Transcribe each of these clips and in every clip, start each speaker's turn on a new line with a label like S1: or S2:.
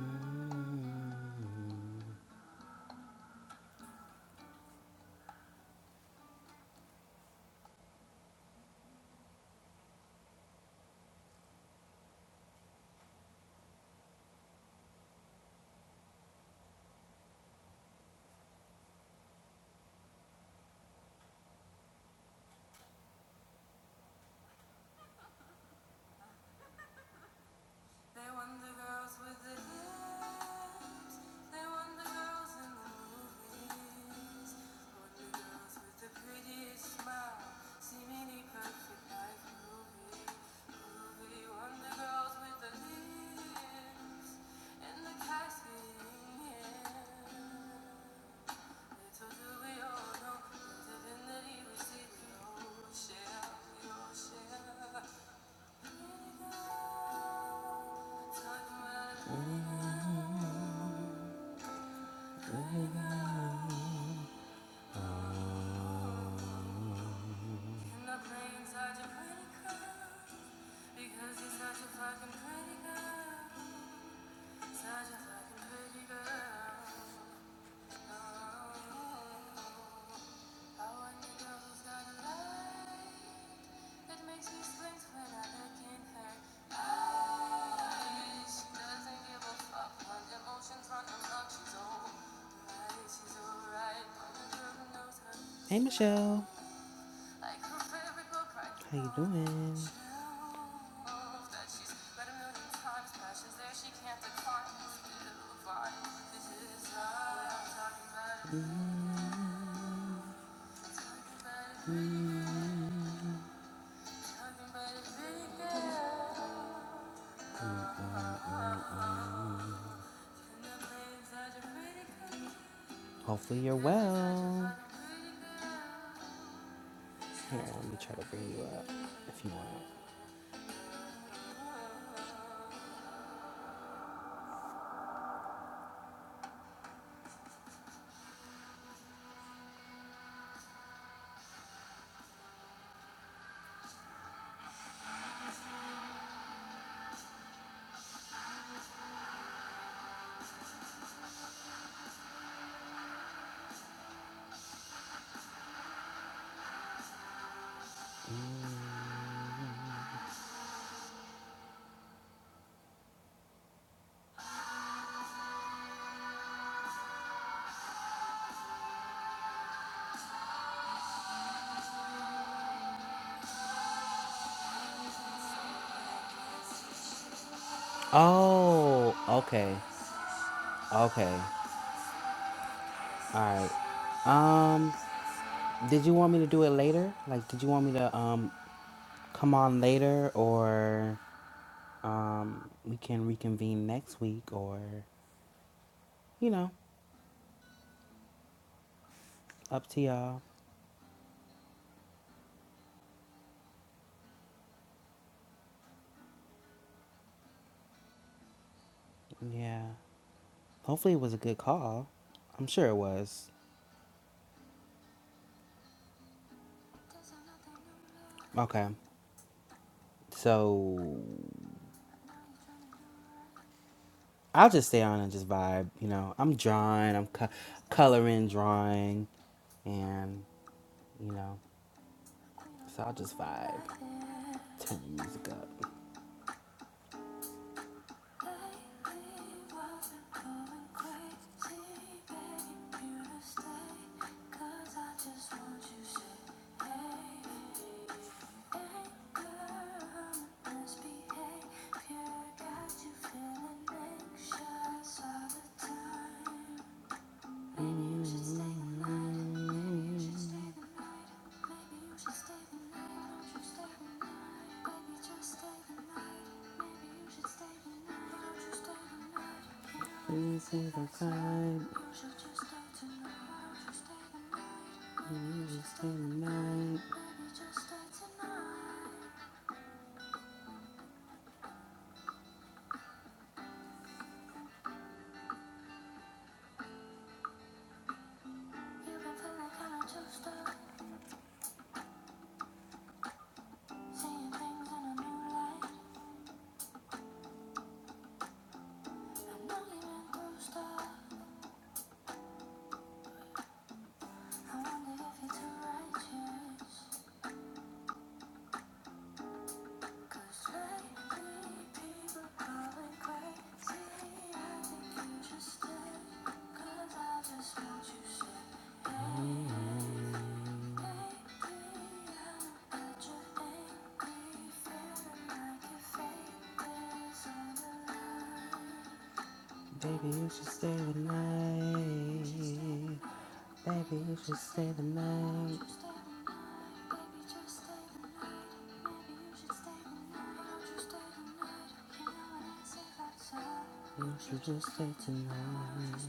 S1: Mm. Hey Michelle, how you doing? Hopefully you're well. Here, let me try to bring you up if you want. Oh, okay, okay, all right. Um, did you want me to do it later? Like, did you want me to um come on later or um, we can reconvene next week or, you know, up to y'all. Yeah. Hopefully it was a good call. I'm sure it was. Okay. So I'll just stay on and just vibe. You know, I'm drawing, I'm co- coloring, drawing, and, you know, so I'll just vibe. Turn the music up. This is the vibe. You should stay the night, baby. You should stay the night, baby. You should stay the night. You should just stay tonight,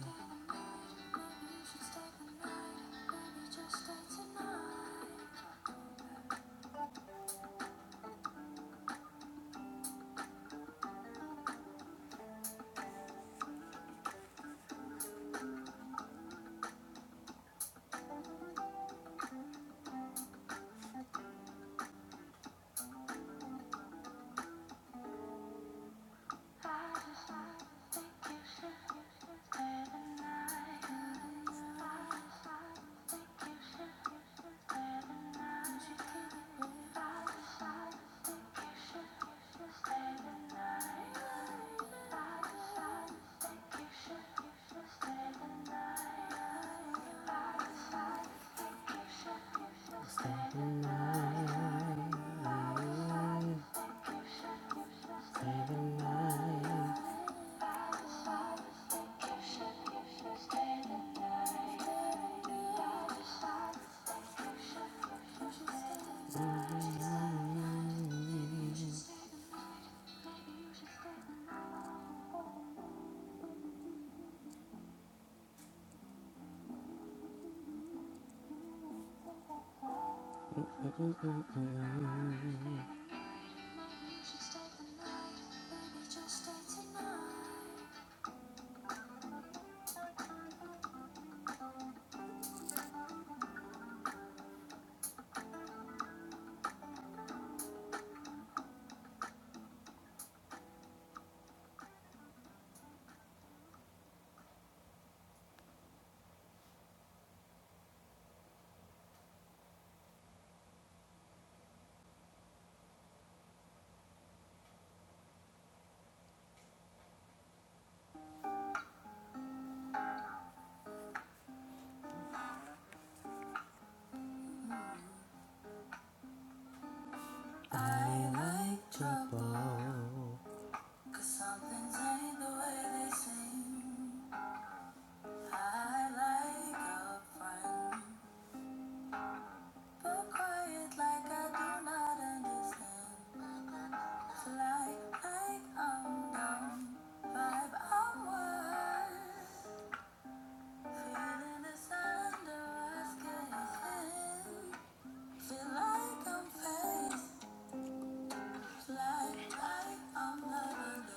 S1: stay the night.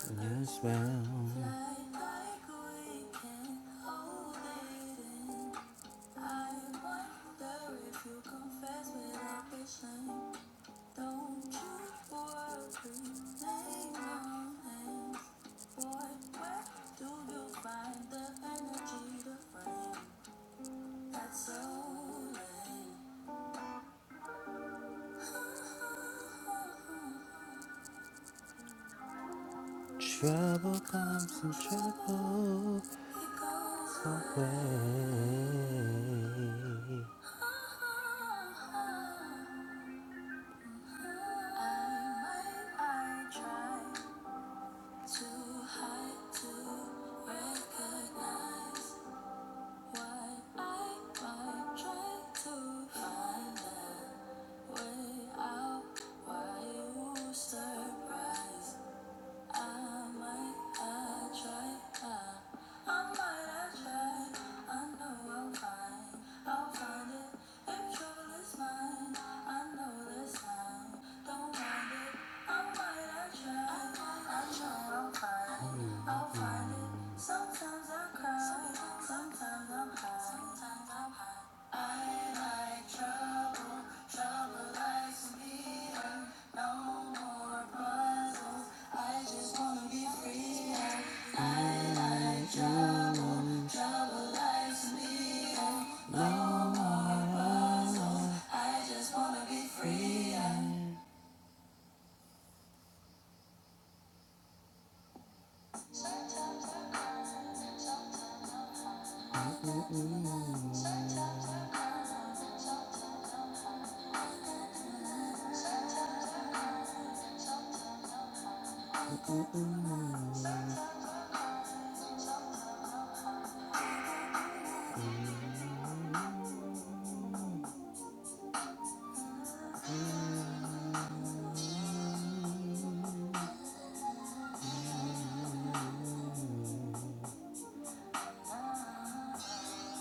S1: Whoa, your spell. Trouble comes in trouble. Away.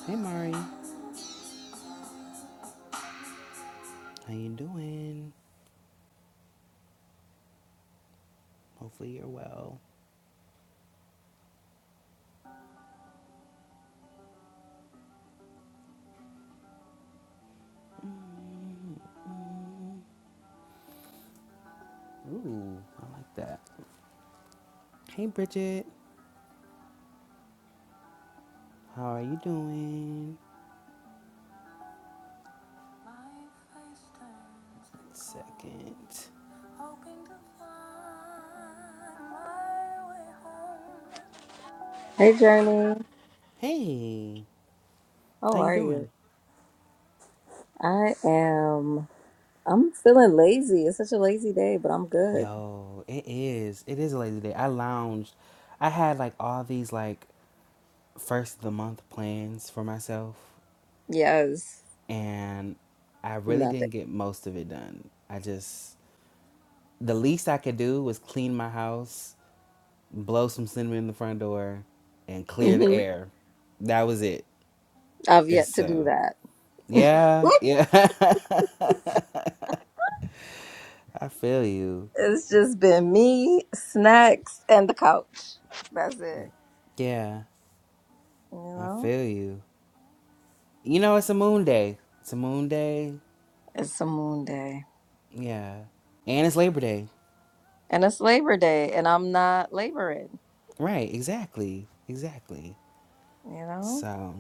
S1: Hey Mari, how you doing? Hopefully you're well. Ooh, I like that. Hey Bridget, how are you doing? Second.
S2: Hey Journey,
S1: Hey, how
S2: how
S1: you
S2: are
S1: doing?
S2: you? I am. I'm feeling lazy. It's such a lazy day, but I'm good.
S1: Yo, it is. It is a lazy day. I lounged. I had like all these like first of the month plans for myself
S2: Yes,
S1: and I really
S2: nothing.
S1: didn't get most of it done. I just the least I could do was clean my house, blow some cinnamon in the front door, and clear the
S2: hmm
S1: air. That was it.
S2: I've
S1: And
S2: yet to do
S1: so
S2: that.
S1: yeah, yeah. I feel you.
S2: it's just been me, snacks, and the couch. That's it.
S1: Yeah,
S2: You
S1: I
S2: know,
S1: feel you. You know it's a moon day. It's a moon day.
S2: it's a moon day,
S1: Yeah. And it's Labor Day.
S2: and it's Labor Day, and I'm not laboring.
S1: Right, exactly. Exactly.
S2: You know,
S1: So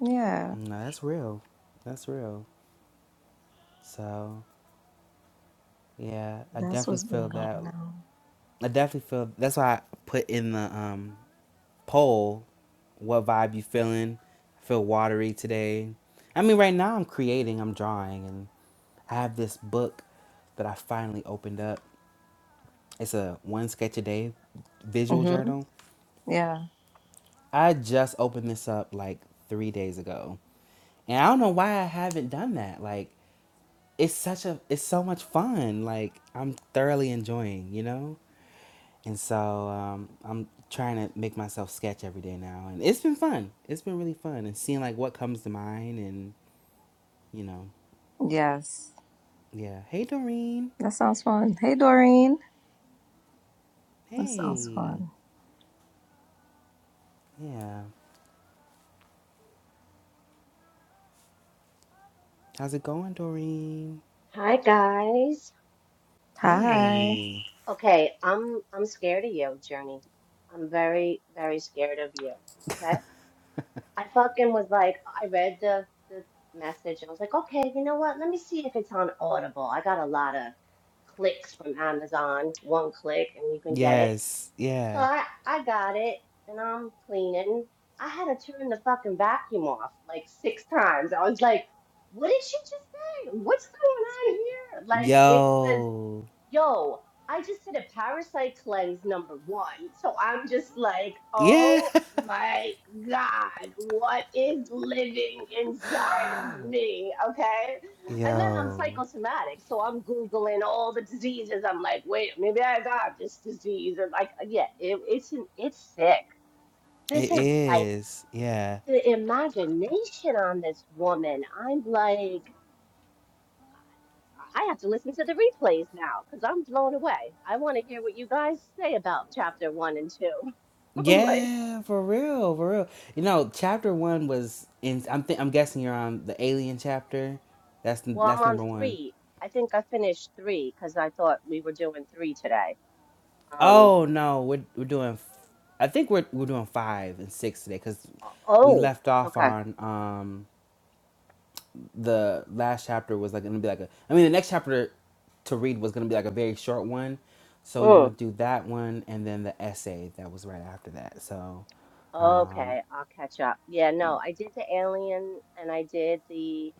S2: yeah,
S1: No, that's real. That's real. So yeah, I
S2: that's
S1: definitely
S2: what's
S1: feel
S2: been
S1: that.
S2: going on.
S1: I definitely feel that's why I put in the um poll what vibe you feeling. I feel watery today. I mean, right now I'm creating, I'm drawing, and I have this book that I finally opened up. It's a one sketch a day visual
S2: Mm-hmm.
S1: journal.
S2: Yeah.
S1: I just opened this up like three days ago. And I don't know why I haven't done that. Like, it's such a it's so much fun like i'm thoroughly enjoying you know and so um, i'm trying to make myself sketch every day now and it's been fun it's been really fun and seeing like what comes to mind and you know
S2: Yes.
S1: yeah hey doreen
S2: That sounds fun. Hey Doreen, that sounds
S1: hey
S2: fun.
S1: yeah how's it going doreen
S3: Hi guys.
S2: Hi.
S1: hey
S3: Okay, I'm I'm scared of you, Journey. I'm very very scared of you. Okay? I fucking was like I read the the message and I was like, "Okay, you know what? Let me see if it's on Audible. I got a lot of clicks from Amazon, one click and you can get it."
S1: yes
S3: So
S1: yeah
S3: I I got it and I'm cleaning. I had to turn the fucking vacuum off like six times. I was like, "What did she just say? What's going on here?" Like it was
S1: yo
S3: Yo, I just did a parasite cleanse number one. So I'm just like,
S1: yeah
S3: oh my God, what is living inside of me? Okay. And then I'm
S1: yo
S3: psychosomatic. So I'm Googling all the diseases. I'm like, wait, maybe I got this disease. And like, uh, yeah, it, it's, an, it's sick.
S1: it
S3: This is like
S1: is yeah
S3: the imagination on this woman. I'm like, I have to listen to the replays now because I'm blown away. I want to hear what you guys say about chapter one and two. I'm like,
S1: Yeah, for real, for real. You know, chapter one was in. I'm th- I'm guessing you're on the alien chapter. That's
S3: well, I'm
S1: that's
S3: on
S1: number one.
S3: three. I think I finished three because I thought we were doing three today. Um,
S1: Oh no, we're we're doing. I think we're we're doing five and six today because we
S3: oh,
S1: left off
S3: okay.
S1: on um the last chapter was like gonna be like a. I mean, the next chapter to read was gonna be like a very short one, so we
S3: Mm,
S1: want to do that one and then the essay that was right after that. So, um,
S3: okay, I'll catch up. Yeah, no, I did the alien and I did the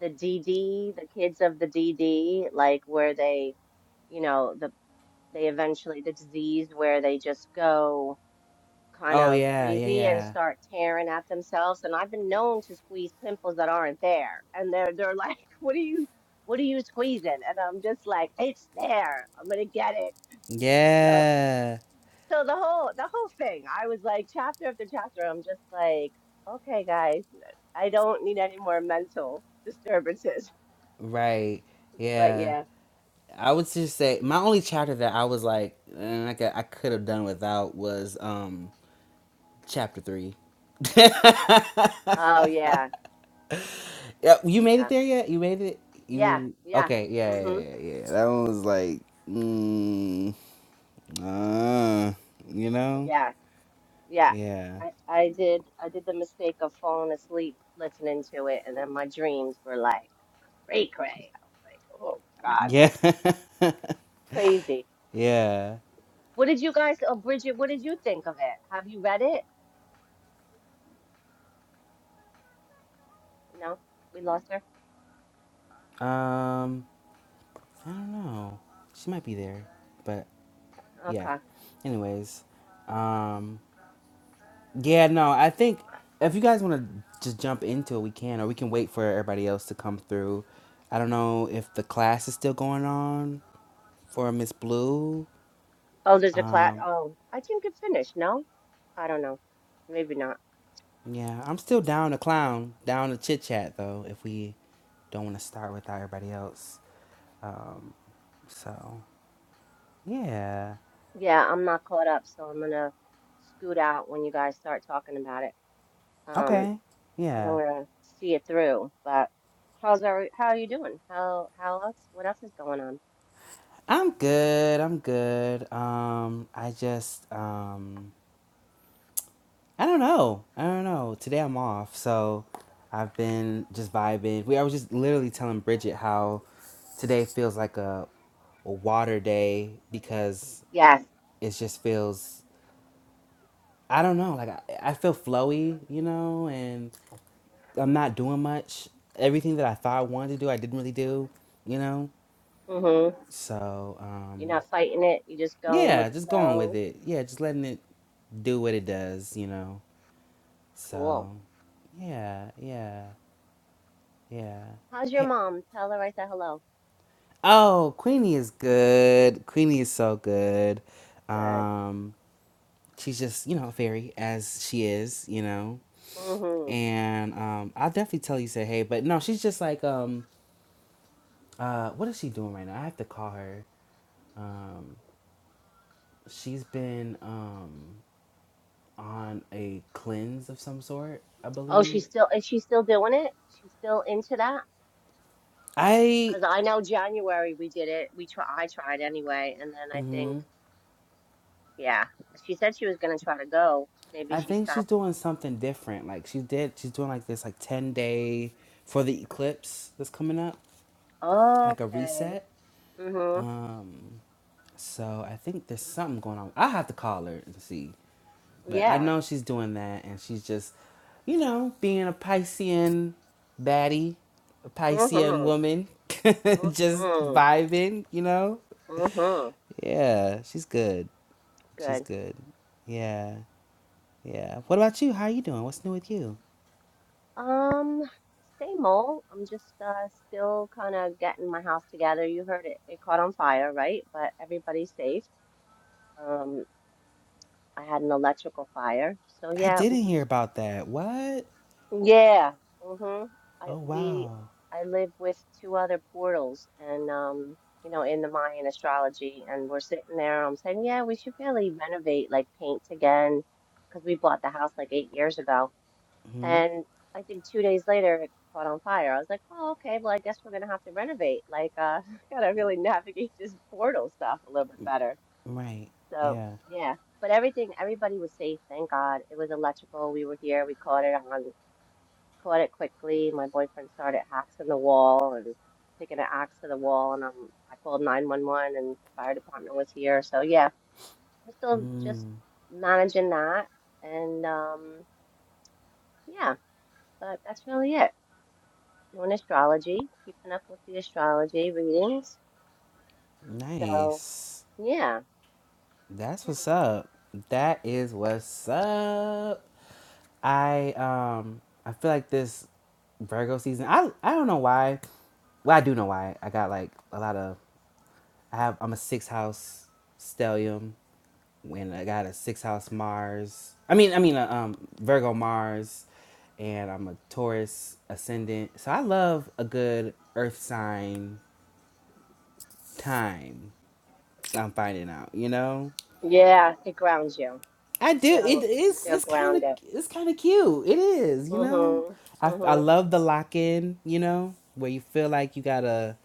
S3: the DD, the kids of the DD, like where they, you know, the they eventually the disease where they just go. kind
S1: oh
S3: of
S1: yeah, yeah,
S3: crazy and start tearing at themselves and I've been known to squeeze pimples that aren't there and they're they're like what are you what are you squeezing and I'm just like it's there I'm gonna get it
S1: yeah,
S3: so
S1: yeah.
S3: so the whole the whole thing I was like chapter after chapter I'm just like okay guys I don't need any more mental disturbances
S1: Right.
S3: but
S1: Yeah.
S3: yeah
S1: I would just say my only chapter that I was like, and I could I could have done without was um chapter three.
S3: oh yeah
S1: Yeah, you made it
S3: yeah
S1: there yet? You made it.
S3: yeah
S1: You
S3: yeah
S1: okay? Yeah, yeah,
S3: mhm
S1: yeah. yeah. yeah. That one was like, mm, uh, you know,
S3: yeah Yeah,
S1: yeah,
S3: I, I did. I did the mistake of falling asleep listening to it, and then my dreams were like cray cray. I was like, oh God,
S1: yeah,
S3: crazy.
S1: yeah.
S3: What did you guys, oh Bridget, what did you think of it? Have you read it? No, we lost her.
S1: Um, I don't know. She might be there, but yeah.
S3: Okay.
S1: Anyways, um, Yeah, no, I think if you guys want to just jump into it, we can, or we can wait for everybody else to come through. I don't know if the class is still going on for Miss Blue.
S3: Oh, there's a class.
S1: Um,
S3: Oh, I think it finished. No, I don't know. Maybe not.
S1: yeah, I'm still down to clown, down to chit chat though. If we don't want to start without everybody else, um, so yeah,
S3: Yeah, I'm not caught up, so I'm gonna scoot out when you guys start talking about it. Um,
S1: okay,
S3: because I'm
S1: yeah,
S3: gonna see it through. But how's our, how are you doing? How how else? What else is going on?
S1: I'm good. I'm good. Um, I just um. I don't know. I don't know. Today I'm off, so I've been just vibing. We I was just literally telling Bridget how today feels like a, a water day because
S3: Yes.
S1: it just feels I don't know, like I, I feel flowy, you know, and I'm not doing much. Everything that I thought I wanted to do, I didn't really do, you know.
S3: Mm-hmm.
S1: So,
S3: You're
S1: um
S3: not fighting it. You're just going
S1: yeah,
S3: with the
S1: just going with
S3: flow.
S1: it. Yeah, just letting it do what it does, you know.
S3: Cool.
S1: So, yeah, yeah. Yeah.
S3: How's your
S1: Hey.
S3: mom? Tell her I said hello.
S1: Oh, Queenie is good. Queenie is so good.
S3: Good.
S1: Um, she's just you know very as she is, you know.
S3: Mm-hmm.
S1: And um, I'll definitely tell you say hey, but no, she's just like um, uh, what is she doing right now? I have to call her. Um, she's been um on a cleanse of some sort, I
S3: Oh,
S1: believe.
S3: she's still is she still doing it? She's still into that?
S1: I.
S3: Because I know January we did it. We try I tried anyway, and then I think
S1: mm-hmm.
S3: yeah, she said she was gonna try to go. Maybe
S1: I
S3: she
S1: think she's
S3: stopped.
S1: doing something different. Like she did, she's doing like this like ten day for the eclipse that's coming up, like a
S3: Okay.
S1: reset.
S3: Mm-hmm.
S1: Um, so I think there's something going on. I'll have to call her and see, but I
S3: Yeah.
S1: know she's doing that, and she's just, you know, being a Piscean baddie, a
S3: Mm-hmm.
S1: Piscean woman, just
S3: hmm
S1: vibing. You know,
S3: hmm
S1: yeah, she's good. She's
S3: Good.
S1: good. Yeah, yeah. What about you? How you doing? What's new with you?
S3: Um, same old. I'm just uh still kind of getting my house together. You heard it. It caught on fire, right? But everybody's safe. Um, I had an electrical fire. So
S1: I
S3: yeah, I'm
S1: didn't hear
S3: just
S1: about that. What?
S3: yeah. hmm I
S1: Oh
S3: we
S1: wow.
S3: I live with two other portals and um You know, in the Mayan astrology, and we're sitting there. I'm saying, yeah, we should really renovate, like paint again, because we bought the house like eight years ago.
S1: Hmm.
S3: And I think two days later, it caught on fire. I was like, oh, okay, well, I guess we're gonna have to renovate. Like, uh, gotta really navigate this portal stuff a little bit better.
S1: Right.
S3: So,
S1: Yeah.
S3: yeah. But everything, everybody was safe, thank God. It was electrical. We were here. We caught it on, caught it quickly. My boyfriend started hacking the wall and taking an axe to the wall, and um, I called 911, and fire department was here. So yeah, we're still just managing that, and um, yeah. But that's really it. doing astrology, keeping up with the astrology readings. So
S1: Nice.
S3: yeah,
S1: That's
S3: yeah,
S1: what's up. That is what's up. I um I feel like this Virgo season. I I don't know why. Well, I do know why. I got like a lot of. I have. I'm a six house stellium. when I got a six house Mars. I mean, I mean, a, um, Virgo Mars, and I'm a Taurus ascendant. So I love a good Earth sign time. I'm finding out, you know.
S3: yeah. It grounds you.
S1: I
S3: You
S1: do. It
S3: feel you
S1: is.
S3: feel
S1: It's kind of.
S3: grounded.
S1: It's kind of cute. It is, you know.
S3: Mhm.
S1: I I
S3: Mhm.
S1: love the lock in, you know, where you feel like you gotta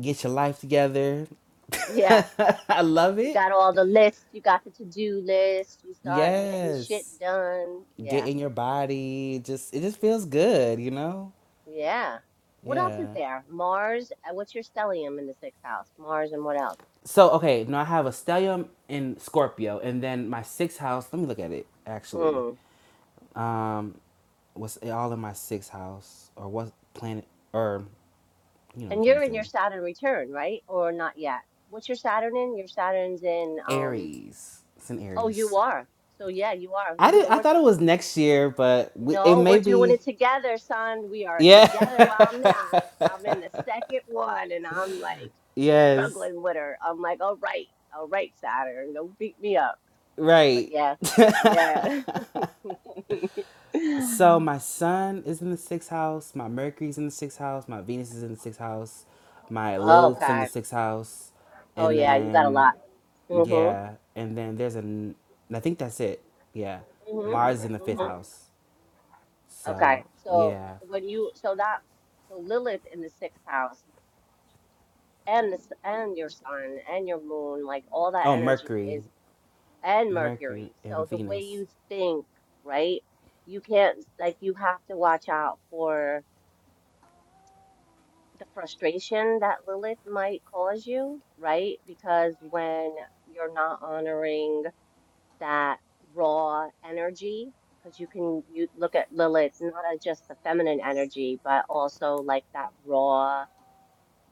S1: get your life together.
S3: Yeah.
S1: I love
S3: You
S1: it.
S3: got all the lists. You got the to do list. You start getting shit
S1: Yes.
S3: done.
S1: get
S3: Yeah.
S1: in your body. Just it just feels good, you know?
S3: Yeah. What else is
S1: Yeah.
S3: there? Mars. uh, What's your stellium in the sixth house? Mars and what else?
S1: So okay, now I have a stellium in Scorpio and then my sixth house, let me look at it actually.
S3: Mm.
S1: Um what's it all in my sixth house or what planet or you know what I'm
S3: And
S1: trying
S3: you're
S1: to
S3: in
S1: say.
S3: your Saturn return, right? Or not yet? What's your Saturn in? Your Saturn's in. um,
S1: Aries. It's in
S3: Oh, you
S1: Aries.
S3: are. So yeah, you are.
S1: I did
S3: We're
S1: I
S3: we're
S1: thought it was next year, but we, it
S3: no, we're
S1: may
S3: doing
S1: be
S3: it together, son. We are together.
S1: yeah.
S3: Well, I'm not. I'm in the second one, and I'm like
S1: yes.
S3: struggling with her. I'm like, all right, all right, Saturn, don't beat me up. But
S1: Right.
S3: yeah, yeah.
S1: So my sun is in the sixth house, my Mercury's in the sixth house, my Venus is in the sixth house, my Lilith's in the
S3: Okay.
S1: sixth house,
S3: Oh
S1: and
S3: yeah, you got a
S1: then
S3: lot. Mhm.
S1: yeah, and then there's an I think that's it. Yeah,
S3: Mhm.
S1: Mars is in the fifth
S3: Mhm.
S1: house.
S3: Okay.
S1: So
S3: So
S1: yeah,
S3: when you so that so Lilith in the sixth house and this and your sun and your moon, like all that
S1: oh
S3: energy
S1: Mercury,
S3: is. and
S1: Mercury
S3: Mercury. So
S1: and
S3: the way
S1: Venus.
S3: you think, right? You can't, like, you have to watch out for the frustration that Lilith might cause you, right? Because when you're not honoring that raw energy, because you can you look at Lilith not as just the feminine energy, but also like that raw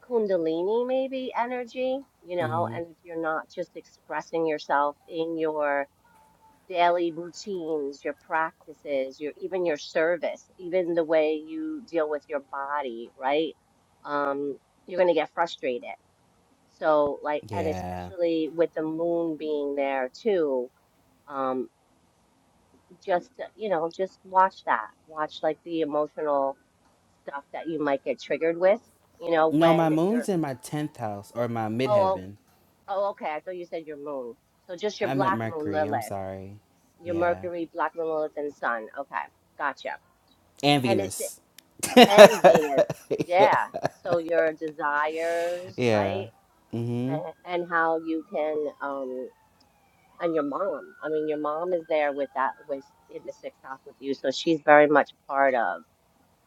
S3: Kundalini maybe energy, you know,
S1: hmm
S3: and if you're not just expressing yourself in your daily routines, your practices, your even your service, even the way you deal with your body, right? Um, you're gonna get frustrated. So like, and
S1: Yeah,
S3: especially with the moon being there too, um, just you know, just watch that. Watch like the emotional stuff that you might get triggered with. You know,
S1: no, my
S3: when you're
S1: moon's in my tenth house or my
S3: oh
S1: midheaven.
S3: oh okay, I thought you said your moon. So just your
S1: I meant
S3: black moon
S1: Mercury. I'm
S3: Lilith,
S1: sorry.
S3: your
S1: Yeah,
S3: Mercury, black moon Lilith, and Sun. Okay, gotcha
S1: and
S3: And it's
S1: Venus.
S3: and Venus, yeah. So your desires,
S1: Yeah.
S3: right? And, and how you can, um, and your mom. I mean, your mom is there with that, with in the sixth house with you, so she's very much part of,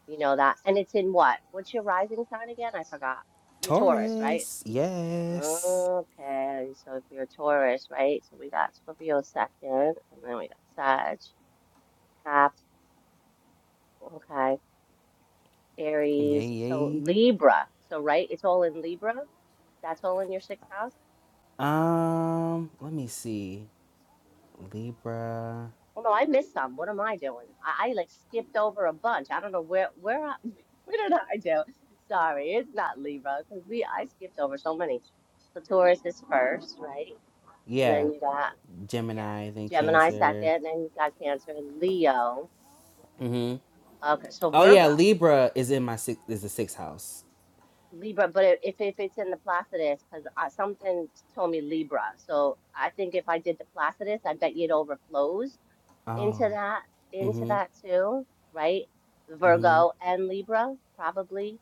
S3: you know, that. And it's in what? What's your rising sign again? I forgot. You're Taurus, right?
S1: Taurus. Yes.
S3: Okay, so if you're a Taurus, right? So we got Scorpio second, and then we got Sag, Cap. Okay.
S1: Yay,
S3: Aries, so
S1: yay.
S3: Libra. So, right, it's all in Libra. That's all in your sixth house.
S1: Um, let me see. Libra.
S3: Well, no, I missed some. What am I doing? I, I like skipped over a bunch. I don't know where where I, what did I do? Sorry, it's not Libra because we I skipped over so many. So Taurus is first, right? And
S1: Yeah.
S3: then you got
S1: Gemini, then
S3: yeah, Gemini second,
S1: Cancer.
S3: and then you got Cancer and Leo.
S1: Mm-hmm.
S3: Okay, so
S1: Oh yeah,
S3: Virgo.
S1: Libra is in my six is the sixth house.
S3: Libra, but if if it's in the Placidus, because something told me Libra, so I think if I did the Placidus, I bet you it overflows into
S1: Oh.
S3: that into
S1: Mm-hmm.
S3: that too, right?
S1: Mm-hmm.
S3: Virgo and Libra probably.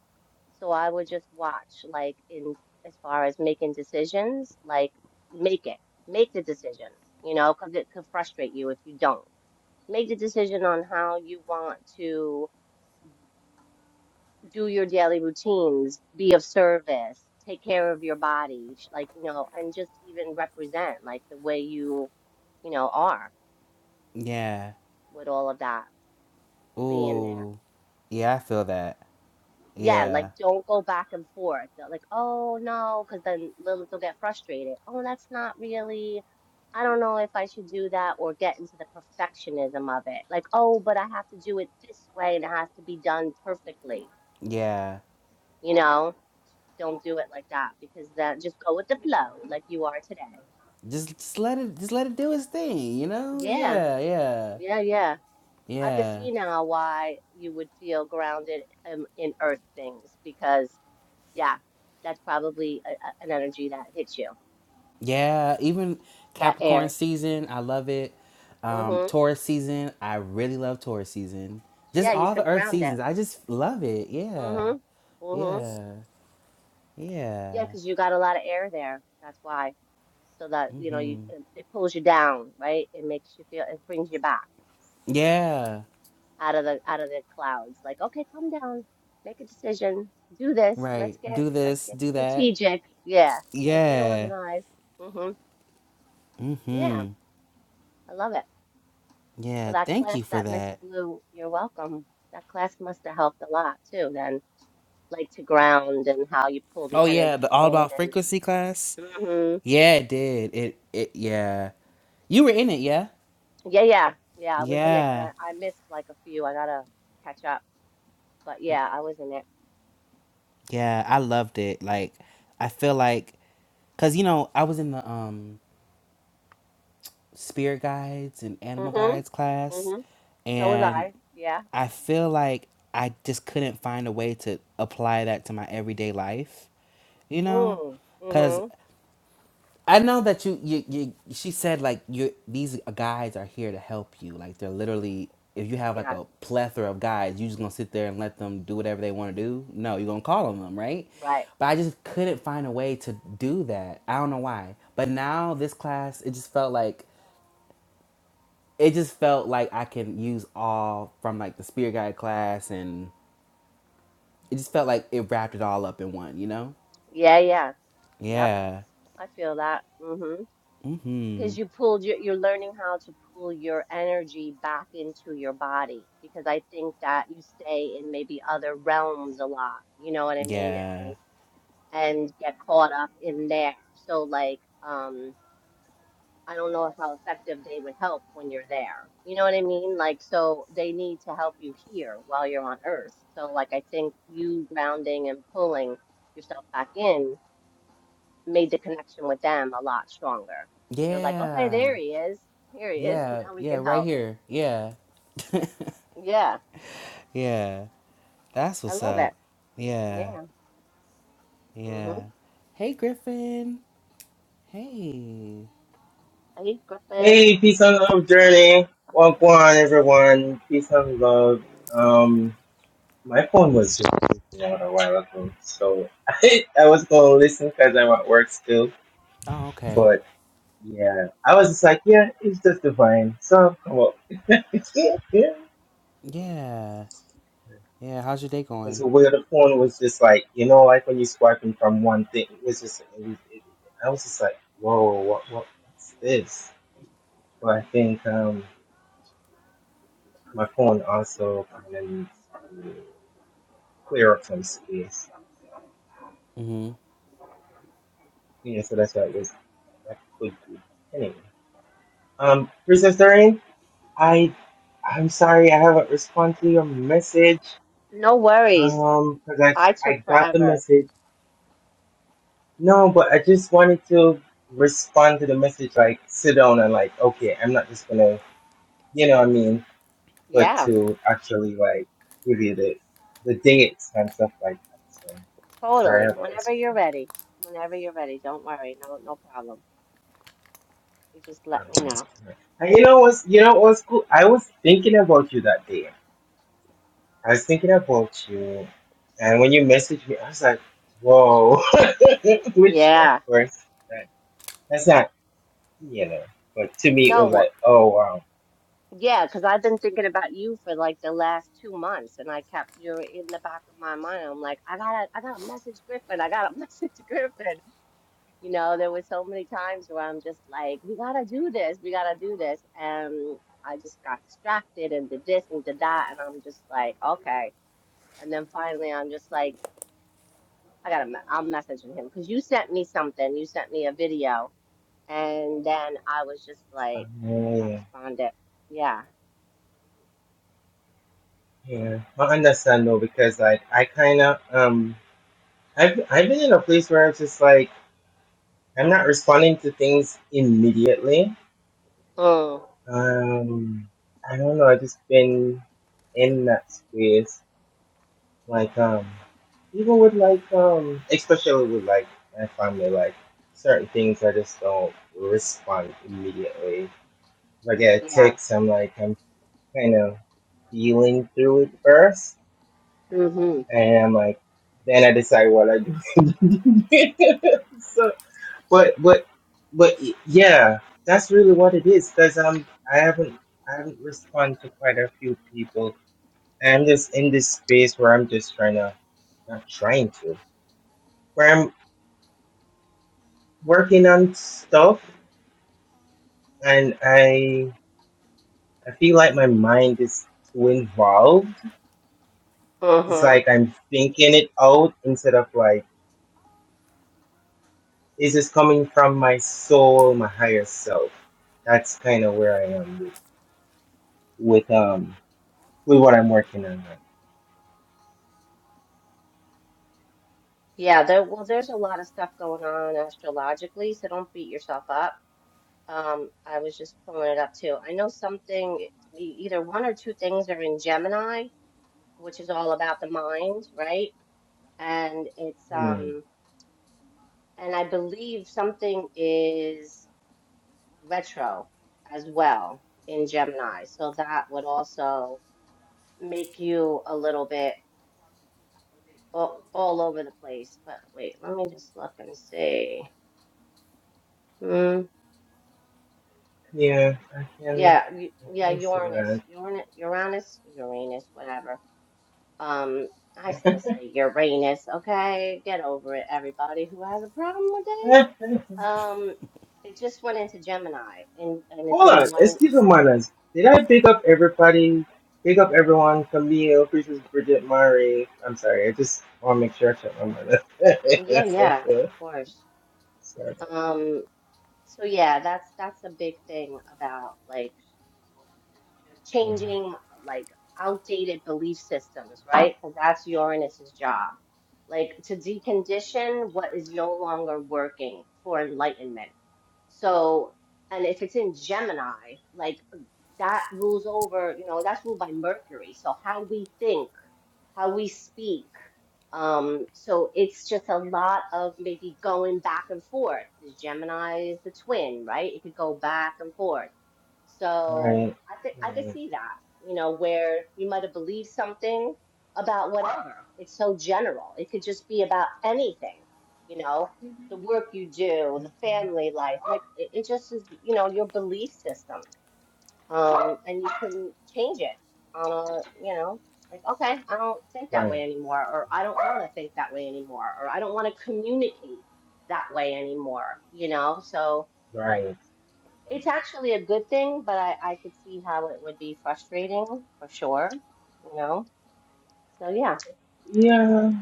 S3: So I would just watch like in as far as making decisions, like make it, make the decision, you know, because it could frustrate you if you don't. Make the decision on how you want to do your daily routines, be of service, take care of your body, sh- like, you know, and just even represent like the way you, you know, are
S1: Yeah.
S3: with all of that being there.
S1: Ooh. Yeah, I feel that.
S3: Yeah, like
S1: Yeah.
S3: don't go back and forth. They're Like, oh no, because then Lilith will get frustrated. Oh, that's not really, I don't know if I should do that or get into the perfectionism of it. Like, oh, but I have to do it this way and it has to be done perfectly,
S1: Yeah.
S3: you know? Don't do it like that because then just go with the flow like you are today.
S1: Just just let it just let it do its thing, you know?
S3: Yeah,
S1: Yeah, yeah.
S3: yeah, yeah. I can
S1: Yeah.
S3: see now why you would feel grounded in, in earth things because, yeah, that's probably a, a- an energy that hits you,
S1: Yeah, even
S3: that
S1: Capricorn
S3: air.
S1: season, I love it. Um,
S3: hmm
S1: Taurus season, I really love Taurus season. Just
S3: Yeah, you
S1: all
S3: feel
S1: the Earth
S3: grounded.
S1: seasons, I just love it. Yeah,
S3: hmm hmm
S1: yeah,
S3: Yeah,
S1: yeah,
S3: because you got a lot of air there. That's why. So that, you know, you it, it pulls you down, right? It makes you feel, it brings you back.
S1: yeah.
S3: out of the out of the clouds. Like, okay, come down, make a decision, do this. Let's
S1: Right.
S3: get
S1: Do
S3: let's
S1: this.
S3: get
S1: Do that.
S3: strategic. Yeah, let's get
S1: Yeah.
S3: organized. hmm Yeah,
S1: Mm-hmm.
S3: I love it. So
S1: Yeah.
S3: that
S1: Thank you
S3: class
S1: for
S3: that Miss
S1: that.
S3: Blue, you're welcome. That class must have helped a lot too. Then, like to ground and how you pull the
S1: Oh yeah,
S3: energy
S1: the all
S3: in
S1: about
S3: and.
S1: frequency class.
S3: hmm
S1: Yeah, it did. It. It. Yeah. You were in it. Yeah.
S3: Yeah, yeah, yeah. I was in it, but
S1: Yeah.
S3: I, I missed like a few. I gotta catch up. But yeah, I was in it.
S1: Yeah, I loved it. Like, I feel like, cause you know, I was in the um spirit guides and animal
S3: hmm
S1: guides class,
S3: hmm So was
S1: and
S3: I. Yeah.
S1: I feel like I just couldn't find a way to apply that to my everyday life. You know,
S3: Mm.
S1: cause
S3: hmm
S1: I know that you, you, you she said like you these guys are here to help you. Like they're literally if you have like
S3: Yeah.
S1: a plethora of guys, you just gonna sit there and let them do whatever they want to do. No, you're gonna call on them, right?
S3: Right.
S1: But I just couldn't find a way to do that. I don't know why. But now this class, it just felt like it just felt like I can use all from like the spirit guide class, and it just felt like it wrapped it all up in one. You know?
S3: Yeah, yeah. Yep.
S1: Yeah.
S3: I feel that. hmm Because
S1: Mhm.
S3: you pulled your, you're learning how to pull your energy back into your body because I think that you stay in maybe other realms a lot. You know what I mean?
S1: Yeah.
S3: And and get caught up in there. So like, um, I don't know how effective they would help when you're there. You know what I mean? Like, so they need to help you here while you're on Earth. So like, I think you grounding and pulling yourself back in made the connection with them a lot stronger. 'Cause They're like, okay,
S1: Yeah.
S3: there he is. Here he is.
S1: Yeah,
S3: Now we
S1: yeah,
S3: can
S1: right
S3: help.
S1: here. Yeah,
S3: Yeah,
S1: yeah. That's
S3: I
S1: what's
S3: love it.
S1: up. Yeah,
S3: Yeah. Mm-hmm.
S1: yeah. Hey, Griffin. Hey.
S3: Hey, Griffin.
S4: Hey, peace and love journey. Wagwan, everyone. Peace and love. Um, my phone was just freaking out a while ago, so I, I was gonna listen because I'm at work still.
S1: Oh, okay.
S4: But yeah, I was just like, yeah, it's just divine. So come up. yeah.
S1: Yeah, yeah. How's your day
S4: It's
S1: going?
S4: where the phone was just like, you know, like when you're swiping from one thing, it was just, it, it, I was just like, whoa, what, what, what's this? But I think um, my phone also kind of needs. clear up some space.
S1: Mm-hmm.
S4: You know, so that's why it was that could be anyway. Um, Princess Doreen, I I'm sorry I haven't responded to your message.
S3: No worries.
S4: Um, because I
S3: I
S4: I
S3: took
S4: got the
S3: forever.
S4: message. No, but I just wanted to respond to the message like sit down and like okay, I'm not just gonna you know what I mean, but
S3: Yeah,
S4: to actually like give you the the dates and stuff like that. So sorry I
S3: totally.
S4: haven't
S3: Whenever you're
S4: responded.
S3: ready. Whenever you're ready. Don't worry. No, no problem. You just let
S4: Claro.
S3: me know.
S4: And you know what's you know what's cool? I was thinking about you that day. I was thinking about you, and when you messaged me, I was like, "Whoa, which of
S3: Yeah.
S4: course that, that's not you know." But to me, it was
S3: No.
S4: like, "Oh wow,
S3: Yeah, because I've been thinking about you for like the last two months, and I kept you're in the back of my mind. I'm like, I gotta, I gotta message Griffin. I gotta message Griffin. You know, there were so many times where I'm just like, we gotta do this, we gotta do this, and I just got distracted and did this and did that, and I'm just like, okay. And then finally, I'm just like, I gotta, me- I'm messaging him because you sent me something. You sent me a video, and then I was just like,
S4: oh,
S3: I responded, yeah.
S4: yeah, yeah." I understand though because like I kind of um I've I've been in a place where I'm just like I'm not responding to things immediately.
S3: Mm.
S4: Um, I don't know. I've just been in that space Like um, even with like um, especially with like my family, like certain things I just don't respond immediately. If I get a
S3: Yeah.
S4: text, I'm like I'm kind of feeling through it first,
S3: hmm
S4: and I'm like then I decide what I do. so, but but but y- yeah, that's really what it is because I'm I haven't I haven't responded to quite a few people. And I'm just in this space where I'm just trying to not trying to. where I'm working on stuff and I I feel like my mind is too involved. It's
S3: hmm
S4: like I'm thinking it out instead of like, is this coming from my soul, my higher self? That's kind of where I am with, with um with what I'm working on. Right.
S3: Yeah, there, well, there's a lot of stuff going on astrologically, so don't beat yourself up. Um, I was just pulling it up too. I know something, e- either one or two things are in Gemini, which is all about the mind, right? And it's
S4: Hmm.
S3: um, and I believe something is retro as well in Gemini, so that would also make you a little bit all, all over the place. But wait, let me just look and see. Mm.
S4: Yeah, I can
S3: Yeah, y-
S4: I
S3: yeah,
S4: can see
S3: Uranus, Uranus, Uranus, Uranus, whatever. Um, I
S4: that.
S3: still say Uranus, okay? Get over it, everybody who has a problem with it. Um, it just went into Gemini and and it's
S4: Hold
S3: in
S4: on,
S3: one
S4: excuse my manners. Did I pick up everybody? Pick up everyone. Camille, Princess Bridget, Murray. I'm sorry. I just want to make sure I check my
S3: yeah, yeah, of
S4: manners.
S3: course.
S4: sorry.
S3: Um, so yeah, that's that's a big thing about like changing like outdated belief systems, right? Because that's Uranus's job. Like to decondition what is no longer working for enlightenment. So, and if it's in Gemini, like that rules over, you know, that's ruled by Mercury. So how we think, how we speak, um, so it's just a lot of maybe going back and forth because Gemini is the twin, right? It could go back and forth. So
S4: Right,
S3: I could I could
S4: right,
S3: see that, you know, where you might have believed something about whatever. It's so general. It could just be about anything, you know, the work you do, the family life. Like it, it just is, you know, your belief system um, and you can change it on a, you know, like, okay, I don't think that
S4: right,
S3: way anymore, or I don't want to think that way anymore, or I don't want to communicate that way anymore, you know? So
S4: right.
S3: it's actually a good thing, but I, I could see how it would be frustrating for sure, you know? So yeah,
S4: Yeah,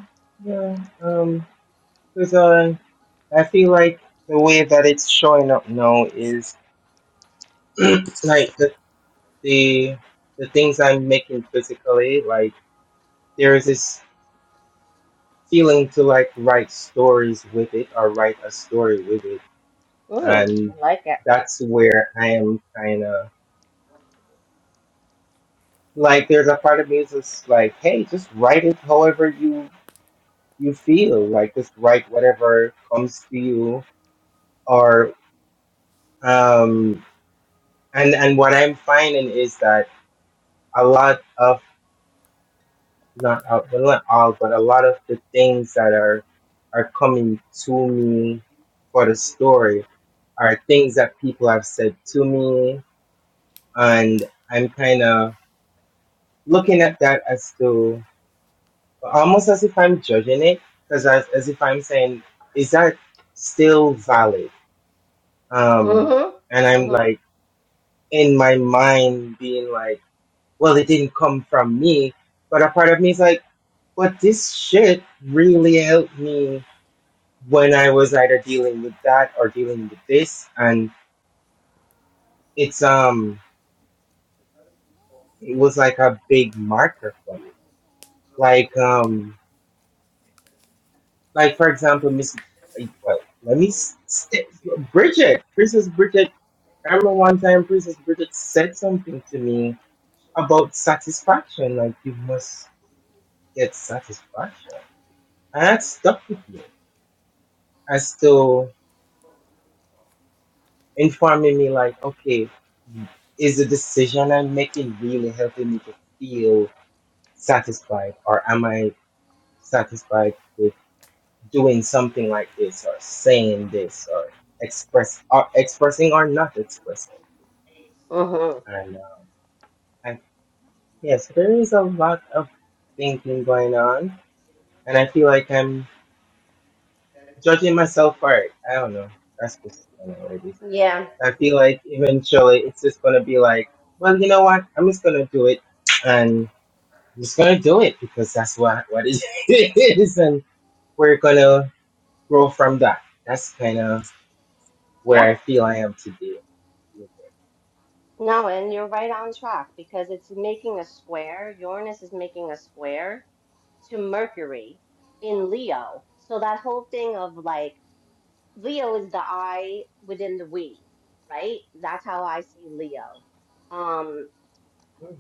S4: yeah. Um, because uh, I feel like the way that it's showing up now is like the the the things I'm making physically. Like there is this. feeling to like write stories with it or write a story with it.
S3: mm,
S4: And
S3: I like it.
S4: that's where I am kind of like, there's a part of me that's like, hey, just write it however you you feel. Like, just write whatever comes to you. Or, um, and and what I'm finding is that a lot of not all- well, not all, but a lot of the things that are are coming to me for the story are things that people have said to me and I'm kind of looking at that as to almost as if I'm judging it, because as, as if I'm saying, is that still valid? Um, and
S3: Mm-hmm.
S4: I'm
S3: Mm-hmm.
S4: like in my mind being like, well, it didn't come from me, but a part of me is like, but this shit really helped me when I was either dealing with that or dealing with this, and it's um, it was like a big marker for me, like um. Like for example, Miss well, let me st- Bridget, Princess Bridget. I remember one time Princess Bridget said something to me about satisfaction. Like you must get satisfaction, and that stuck with me as to informing me like, okay, is the decision I'm making really helping me to feel satisfied, or am I satisfied? with? doing something like this or saying this or express or expressing or not expressing.
S3: Mm-hmm.
S4: And uh, I, yes, there is a lot of thinking going on, and I feel like I'm judging myself for it. I don't know. That's just kind of what it is.
S3: Yeah.
S4: I feel like eventually it's just gonna be like, well, you know what? I'm just gonna do it, and I'm just gonna do it because that's what what it is, and we're gonna grow from that. That's kind of
S3: yeah.
S4: where I feel I am today.
S3: No, and you're right on track because it's making a square. Uranus is making a square to Mercury in Leo. So that whole thing of like Leo is the I within the we, right? That's how I see Leo. Um,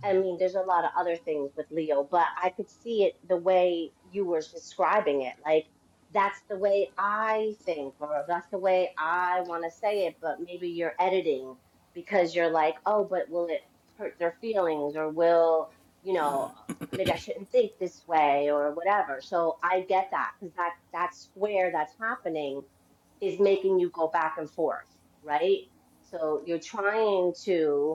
S3: I mean, there's a lot of other things with Leo, but I could see it the way you were describing it. Like, that's the way I think, or that's the way I want to say it, but maybe you're editing because you're like, oh, but will it hurt their feelings, or will, you know, maybe I shouldn't think this way, or whatever. So I get that because that, that square that's happening is making you go back and forth, right? So you're trying to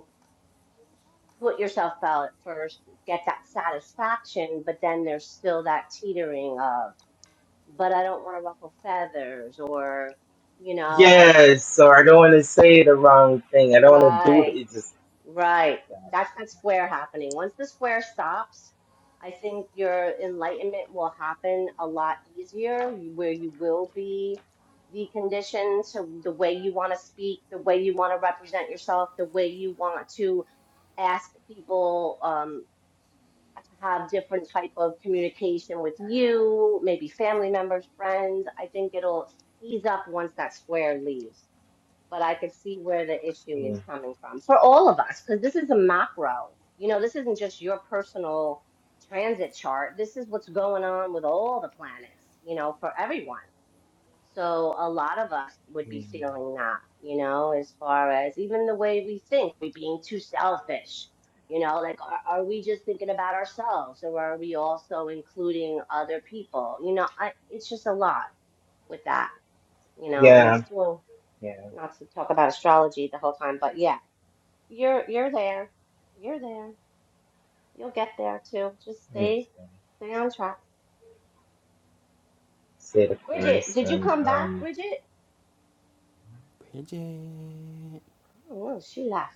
S3: put yourself out first, get that satisfaction, but then there's still that teetering of, but I don't want to ruffle feathers or, you know, I just,
S4: Yes, so I don't want to say the wrong thing. I don't want to do it.
S3: right,
S4: It's just
S3: right.
S4: that.
S3: That's that square happening. Once the square stops, I think your enlightenment will happen a lot easier where you will be the condition to the way you want to speak, the way you want to represent yourself, the way you want to ask people um, to have different type of communication with you, maybe family members, friends. I think it'll ease up once that square leaves. But I could see where the issue is
S4: mm,
S3: coming from for all of us, because this is a macro. You know, this isn't just your personal transit chart. This is what's going on with all the planets, you know, for everyone. So a lot of us would be
S4: mm.
S3: feeling that, you know, as far as even the way we think, we being too selfish, you know, like are, are we just thinking about ourselves or are we also including other people? You know, I, it's just a lot with that, you know, and it's
S4: Yeah,
S3: doing
S4: yeah.
S3: not to talk about astrology the whole time, but yeah, you're you're there, you're there, you'll get there too. Just
S4: I
S3: stay
S4: understand.
S3: stay on track.
S4: Say the
S3: Bridget,
S4: chorus
S3: did you
S4: and
S3: come back,
S4: um.
S3: Bridget? I
S1: Bridget.
S3: don't know. She left.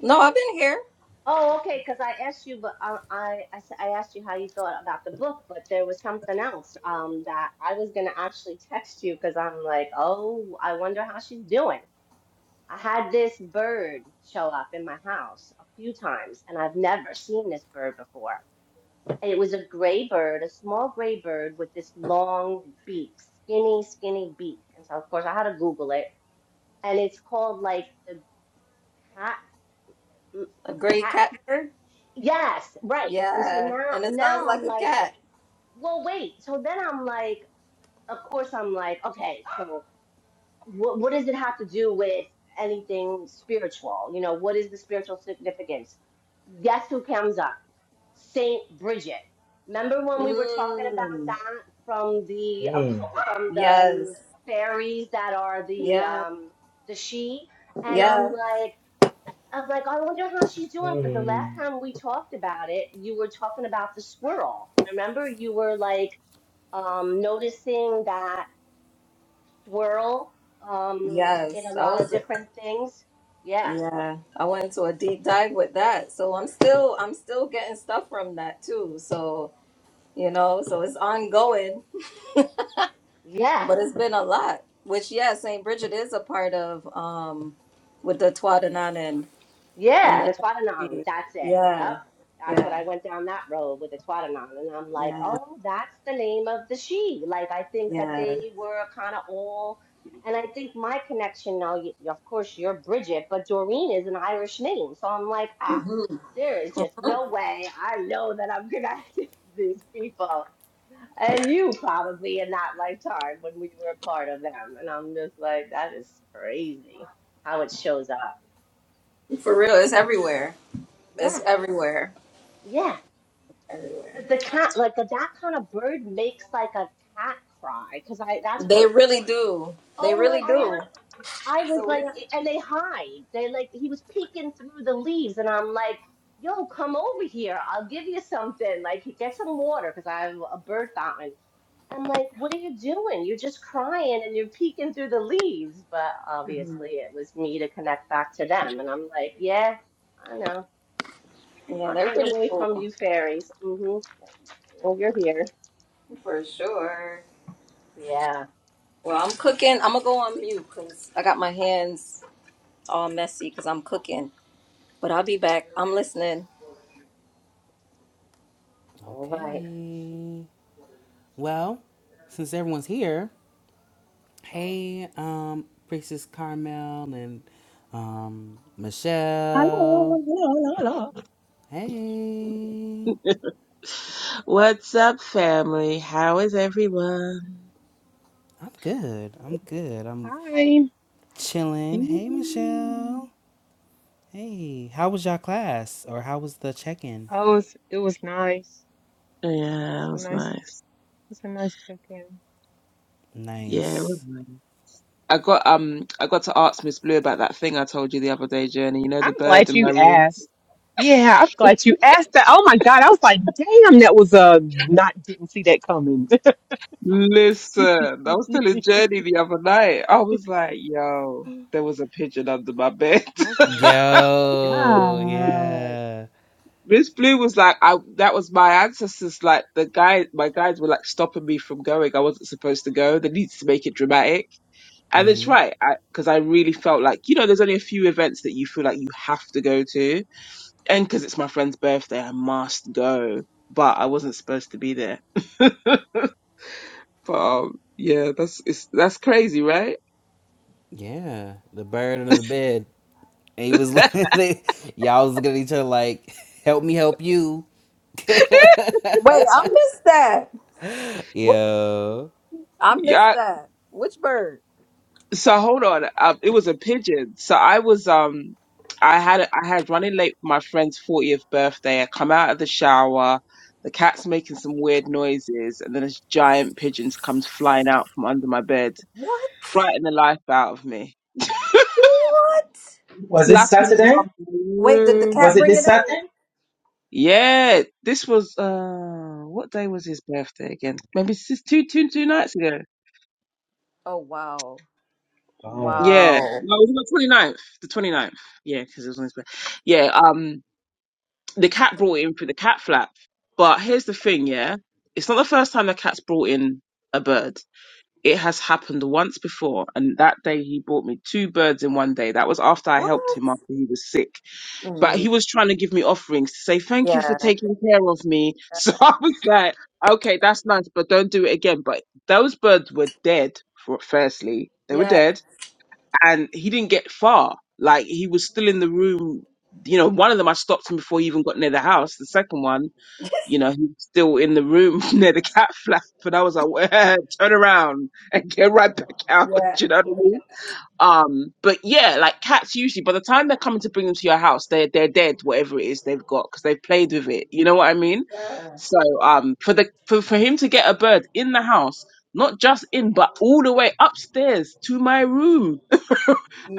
S2: No, I've been here.
S3: Oh, okay, because I asked you, but um, I, I s- I asked you how you thought about the book, but there was something else um that I was gonna actually text you because I'm like, oh, I wonder how she's doing. I had this bird show up in my house a few times, and I've never seen this bird before. And it was a gray bird, a small gray bird with this long beak, skinny, skinny beak. And so, of course, I had to Google it, and it's called like the
S2: A gray
S3: cat
S2: catbird.
S3: Yes, right. And so
S2: Yeah,
S3: now
S2: and it sounds
S3: now
S2: like
S3: I'm
S2: a
S3: like,
S2: cat.
S3: well, wait. So then I'm like, of course I'm like, okay, so what what does it have to do with anything spiritual? You know, what is the spiritual significance? Guess who comes up? Saint Bridget. Remember when we were talking about
S2: Mm.
S3: that from the
S4: Mm,
S3: occult, from the
S2: Yes.
S3: um, fairies that are the
S2: Yeah.
S3: um the she? And I'm
S2: Yeah.
S3: like, I'm like, I wonder how she's doing because the last
S4: mm.
S3: time we talked about it, you were talking about the swirl. Remember, you were like um, noticing that swirl um, in a
S2: Yes. I
S3: lot of
S2: was.
S3: different things. Yeah,
S2: Yeah. I went into a deep dive with that. So I'm still. I'm still getting stuff from that too. So you know. So it's ongoing,
S3: yeah.
S2: but it's been a lot. Which yeah, Saint Bridget is a part of. Um, with the Twadanan and and
S3: Yeah,
S2: the.
S3: the Twatanon. That's it. Yep.
S2: Yeah.
S3: That's what
S2: Yeah.
S3: I went down that road with the Twatanon. And I'm like,
S2: Yeah.
S3: oh, that's the name of the she. Like, I think that
S2: Yeah.
S3: they were kind of all. And I think my connection now, y of course, you're Bridget, but Doreen is an Irish name. So I'm like, ah,
S2: Mhm.
S3: there is just no way I know that I'm connected to these people. And you probably in that lifetime when we were a part of them. And I'm just like, that is crazy how it shows up.
S2: For real, it's everywhere. It's
S3: Yeah.
S2: everywhere.
S3: Yeah.
S2: Everywhere.
S3: Cause the cat, like the, that kind of bird, makes like a cat cry. Cause I, that's
S2: They
S3: what.
S2: really do. They
S3: Oh my
S2: really
S3: god!
S2: do.
S3: I was
S2: So we,
S3: like, and they hide. They like he was peeking through the leaves, and I'm like, yo, come over here. I'll give you something. Like, get some water, cause I have a bird fountain. I'm like, what are you doing? You're just crying and you're peeking through the leaves. But obviously, it was me to connect back to them, and I'm like, yeah, I know. I'm
S2: yeah,
S3: not
S2: they're
S3: getting
S2: pretty
S3: away from
S2: cool
S3: you, fairies. Mm-hmm. Oh, you're here.
S2: for sure.
S3: Yeah.
S2: Well, I'm cooking. I'm gonna go on mute because I got my hands all messy because I'm cooking. But I'll be back. I'm listening.
S3: All right.
S1: Okay. Well, since everyone's here, hey, um, Priestess Carmel and um, Michelle.
S5: Hello, hello, hello,
S1: Hey.
S5: hello. What's up, family? How is everyone?
S1: I'm good. I'm good. I'm
S6: Hi.
S5: Yeah,
S1: Chilling. Hey, Michelle. Hey, how was y'all class? Or how was the check in?
S6: Oh, it was, it was nice. It was
S5: it
S6: a
S5: was
S6: nice,
S5: nice.
S6: it was a nice check-in.
S5: Yeah, it was
S1: Nice.
S5: nice. I got um, I got to ask Miss Blue about that thing I told you the other day, Journey. You know the
S6: I'm
S5: bird
S6: glad
S5: in my
S6: you
S5: room.
S6: asked. Yeah, I'm glad you asked that. Oh my God, I was like, damn, that was uh, not didn't see that coming.
S5: Listen, I was telling Journey the other night. I was like, yo, there was a pigeon under my bed.
S6: Oh my
S1: Yo,
S6: God.
S1: yeah.
S5: Miss Blue was like, I that was my ancestors. Like the guy, my guides were like stopping me from going. I wasn't supposed to go. They needed to make it dramatic, and it's
S1: hmm
S5: right because I, 'cause I really felt like you know, there's only a few events that you feel like you have to go to, and because it's my friend's birthday, I must go. But I wasn't supposed to be there. But um, yeah, that's it's, that's crazy, right?
S1: Yeah, the bird under the bed. And he was, they, y'all was looking at each other like, help me help you.
S2: Wait, I missed that. What?
S1: Yo.
S2: I missed
S5: yeah,
S2: that. Which bird?
S5: So hold on. Um, it was a pigeon. So I was um, I had I had running late for my friend's fortieth birthday. I come out of the shower, the cat's making some weird noises, and then this giant pigeon comes flying out from under my bed,
S2: What?
S5: frightening the life out of me,
S2: What?
S4: Was it
S5: flapping
S4: Saturday?
S5: around the
S2: Wait, did the cat
S4: Was
S5: room.
S4: it
S2: bring
S4: this
S2: it in?
S4: Saturday?
S5: Yeah, this was uh, what day was his birthday again? Maybe it's just two two two nights ago.
S2: Oh wow,
S4: Oh,
S5: Yeah, no, it
S2: wow.
S5: was on the 29th. The 29th. Yeah, because it was on his birthday. Yeah, um. the cat brought it in through the cat flap. But here's the thing, yeah, it's not the first time the cat's brought in a bird. It has happened once before, and that day he brought me two birds in one day. That was after I
S2: What?
S5: helped him after he was sick. But
S2: Mm,
S5: he was trying to give me offerings to say thank you for
S2: yeah.
S5: taking care of me. So I was like, okay, that's nice, but don't do it again. But those birds were dead. For firstly, they were dead and he didn't get far. Like he was still in the room. You know, one of them I stopped him before he even got near the house. The second one, you know, he was still in the room near the cat flap, and I was like, "Turn around and get right back out." Do
S2: Yeah.
S5: You know what I mean? Um, but yeah, like cats usually by the time they're coming to bring them to your house, they're they're dead, whatever it is they've got, because they've played with it. You know what I mean?
S2: Yeah.
S5: So um for the for, for him to get a bird in the house, not just in, but all the way upstairs to my room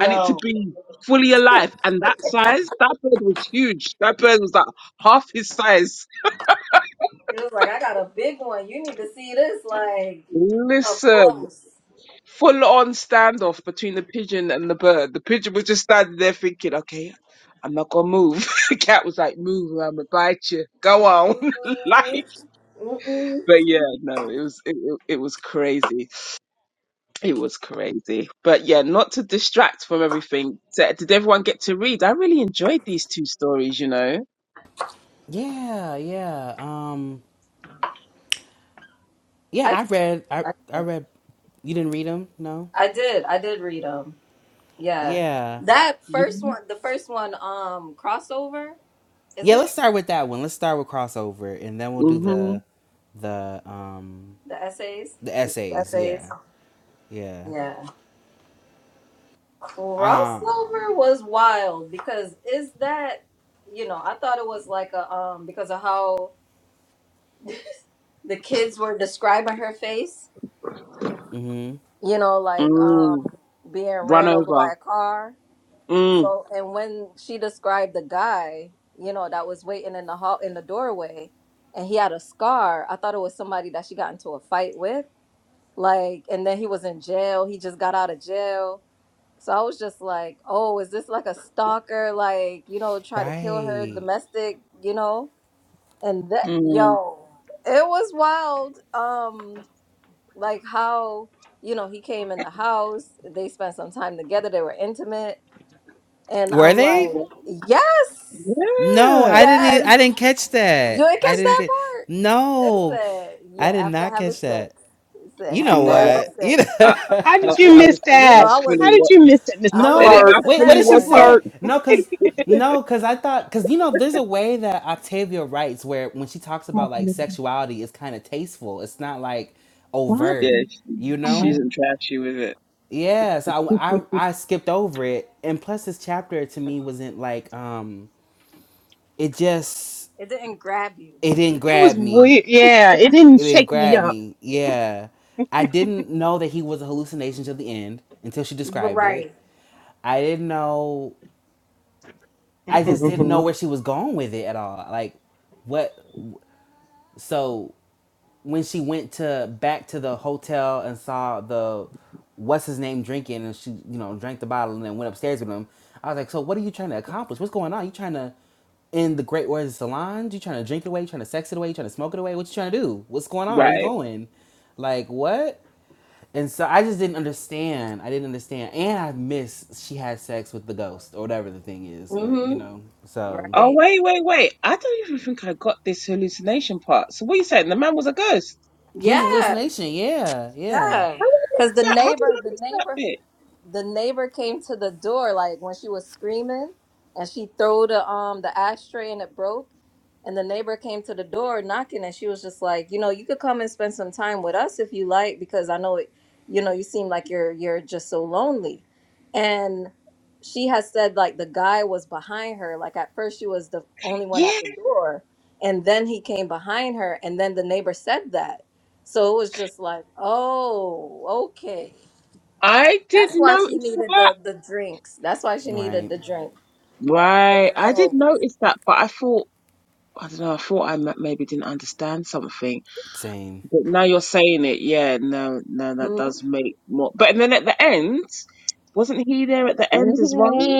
S5: and it to be fully alive and that size, that bird was huge. That bird was like half his size.
S2: It was like, I got a big one. You need to see this like up
S5: Listen.
S2: close.
S5: full on standoff between the pigeon and the bird. The pigeon was just standing there thinking, okay, I'm not gonna move. the cat was like, move, or I'm gonna bite you. Go on. like,
S2: mm Mm-mm.
S5: but yeah, no, it was, it, it it was crazy. It was crazy. But yeah, not to distract from everything. So, did everyone get to read? I really enjoyed these two stories, you know.
S1: Yeah, yeah. Um, yeah,
S2: I,
S1: I read, I,
S2: I
S1: I read, you didn't read them? No?
S2: I did. I did read them. Yeah.
S1: Yeah.
S2: That
S5: Yeah.
S2: first one, the first one, um, crossover, is
S1: Yeah, let's
S2: it?
S1: start with that one. Let's start with crossover, and then we'll do
S5: hmm
S1: the the um
S2: The essays?
S1: the
S2: The two
S1: essays.
S2: essays?
S1: Yeah, yeah.
S2: Yeah. Crossover
S1: Um.
S2: was wild because is that, you know, I thought it was like a, um, because of how the kids were describing her face
S1: hmm
S2: you know, like um
S5: Mm.
S2: being
S5: Run
S2: ran over by
S5: over.
S2: a car.
S5: Mm.
S2: So and when she described the guy, you know, that was waiting in the hall in the doorway and he had a scar, I thought it was somebody that she got into a fight with. Like and then he was in jail. He just got out of jail. So I was just like, Oh, is this like a stalker? Like, you know, try to kill her
S1: Right.
S2: domestic, you know? And that
S5: Mm.
S2: yo, it was wild. Um like how you know he came in the house they spent some time together they were intimate and
S1: Were
S2: i'm
S1: they?
S2: like yes
S1: No,
S5: Yeah.
S1: I didn't. e-
S2: yes
S1: I didn't catch that.
S2: you ain't
S1: I
S2: catch
S1: didn't
S2: that
S1: get.
S2: part it
S1: No,
S2: said
S1: I
S2: yeah
S1: did
S2: after
S1: not
S2: having
S1: catch
S2: sex
S1: that.
S2: it said
S1: You know
S2: after
S5: No,
S2: having
S1: what? You
S2: sex
S1: know.
S5: I, I,
S6: How
S5: I
S6: did you
S5: I
S2: Look,
S6: miss
S5: was
S2: you
S5: I
S2: know
S6: that?
S2: i
S5: was
S6: How
S2: wasn't
S5: fully
S6: did you miss that, Mr.
S2: i
S5: It is.
S2: wasn't
S1: No,
S5: I
S6: Flirt?
S2: missing
S1: wait, what
S5: actually
S2: that
S1: did she
S6: Mr.
S5: woke
S2: one
S5: up.
S1: say?
S6: Flirt,
S1: No, cause no, cause I thought, cause you know, there's a way that Octavia writes where when she talks
S7: What
S1: about like
S7: will
S1: sexuality, it's kind of tasteful. It's not like
S7: be
S5: Yeah,
S1: overt,
S5: she,
S1: you
S5: she's
S1: know?
S5: in trashy with it.
S1: Yeah, so I, I I skipped over it, and plus this chapter to me wasn't like um, it just
S2: it didn't grab you
S1: it didn't
S6: it
S1: grab
S6: was
S1: me.
S6: weird. Yeah,
S2: Yeah.
S6: it didn't
S1: It didn't
S6: shake me
S1: grab
S6: up.
S1: me. Yeah, I didn't know that he was a hallucination till the end until she described it.
S2: right
S1: I didn't know.
S6: Me
S1: I just didn't know where she was going with it at all. Like, what? So when she went to back to the hotel and saw the what's his name drinking, and she you know drank the bottle and then went upstairs with him, I was like, so what are you trying to accomplish? What's going on? You trying to end the great words of Solange? You trying to drink it away? You trying to sex it away? You trying to smoke it away? What you trying to do? What's going on? Where you
S5: Right.
S1: going? Like what? And so I just didn't understand. I didn't understand, and I miss she had sex with the ghost or whatever the thing is, or you
S2: mm-hmm
S1: know. So
S5: Oh
S2: right
S5: wait, wait, wait. I don't even think I got this hallucination part. So what you saying? The man was a ghost.
S1: He was a
S2: yeah
S1: hallucination. Yeah, yeah.
S2: yeah
S5: How did I miss
S2: because the
S5: that? How did
S2: neighbor
S5: I
S2: the
S5: miss that
S2: neighbor.
S5: bit?
S2: the neighbor came to the door like when she was screaming and she threw the um the ashtray and it broke and the neighbor came to the door knocking and she was just like you know you could come and spend some time with us if you like because i know it you know you seem like you're you're just so lonely and she has said like the guy was behind her like at first she was the only one at the
S5: Yeah,
S2: door and then he came behind her and then the neighbor said that so it was just like oh okay
S5: I did
S2: that's why she
S5: notice
S2: needed
S5: that.
S2: the the drinks. That's why she needed
S1: Right.
S2: the drink for the
S5: Right, I did
S2: headache.
S5: notice that, but I thought I don't know. I thought I ma- maybe didn't understand something,
S1: Same.
S5: but now you're saying it. Yeah, no, no, that does
S2: hmm
S5: make more. But then at the end, wasn't he there at the end as well?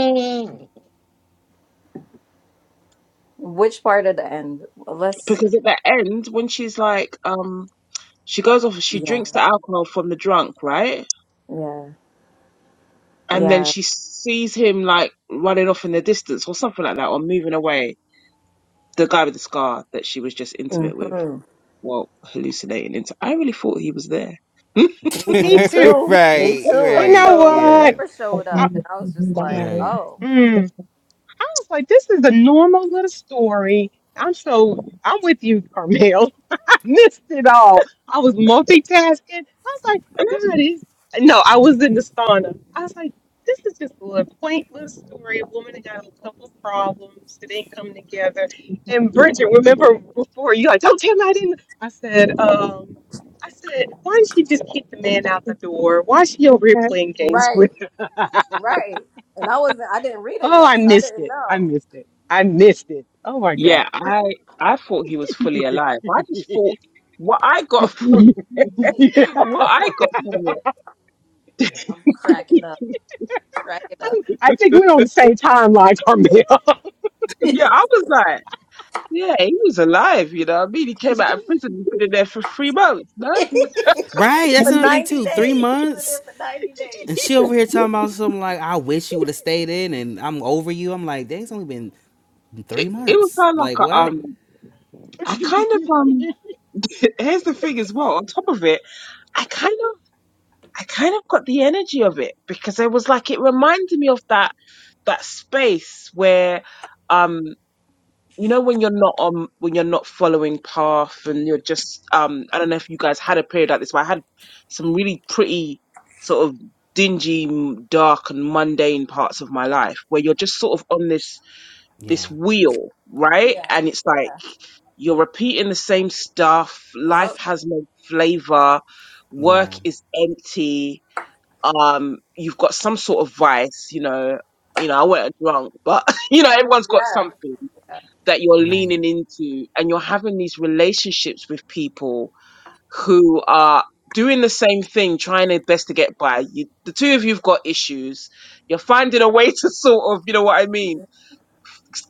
S2: Which part of the end? Well, Let's.
S5: because at the end when she's like um she goes off she
S2: Yeah,
S5: drinks the alcohol from the drunk right
S2: yeah,
S5: and then
S2: yeah.
S5: she sees him like running off in the distance or something like that or moving away the guy with the scar that she was just intimate with
S2: hmm
S5: well hallucinating into i really thought he was there
S2: Me, me
S6: too.
S2: too. Me
S1: right.
S2: too.
S6: You know
S1: Right.
S2: Until the
S1: Yeah.
S6: what?
S2: neighbor showed
S6: I,
S2: up, and I was just
S6: yeah.
S2: like,
S1: Right.
S2: "Oh,
S6: mm. I was like, this is a normal little story. I'm so I'm with you, Carmel. I missed it all. I was multitasking. I was like, God is no, I was in the sauna. I was like, this is just a little quaint little story. A woman that got a couple problems. They ain't coming together. And Bridget, remember before you like, don't tell me I didn't. I said, um, I said, why didn't she just keep the man out the door? Why is she over here playing games with?
S2: right, right." And I wasn't. I didn't read it
S6: Oh, I
S2: yet, so I
S6: missed
S2: didn't
S6: it. I
S2: know.
S6: missed it. I missed it. Oh my God.
S5: yeah i i thought he was fully alive i just thought what i got from
S6: I'm-
S5: what i got from it
S2: I'm cracking up, cracking up.
S6: I think we're on the same timeline, Carmel.
S5: yeah i was like yeah he was alive you know what i mean he came out of prison he's been in there for three months no
S1: Right. That's
S2: for
S1: another thing
S2: ninety
S1: too. Three
S2: days, he was in there
S1: months,
S2: for ninety
S1: and
S2: days.
S1: she over here talking about something like, "I wish you would have stayed in," and I'm over you. I'm like, "Dang, it's only been
S5: it,
S1: three
S5: it was
S1: months.
S5: kind of
S1: Like
S5: like a,
S1: what?
S5: um I kind of um here's the thing as well on top of it I kind of I kind of got the energy of it because it was like it reminded me of that that space where um you know when you're not on when you're not following path and you're just um I don't know if you guys had a period like this but I had some really pretty sort of dingy m- dark and mundane parts of my life where you're just sort of on this this
S1: Yeah.
S5: wheel right
S2: Yeah.
S5: and it's like You're repeating the same stuff.
S2: Yeah.
S5: Life
S2: Yep.
S5: has no flavor. Work
S1: Yeah.
S5: is empty. Um, you've got some sort of vice, you know. You know, I wasn't drunk, but you know, everyone's got
S2: Yeah.
S5: something that you're
S1: Right.
S5: leaning into, and you're having these relationships with people who are doing the same thing, trying their best to get by. You, the two of you've got issues. You're finding a way to sort of, you know what I mean,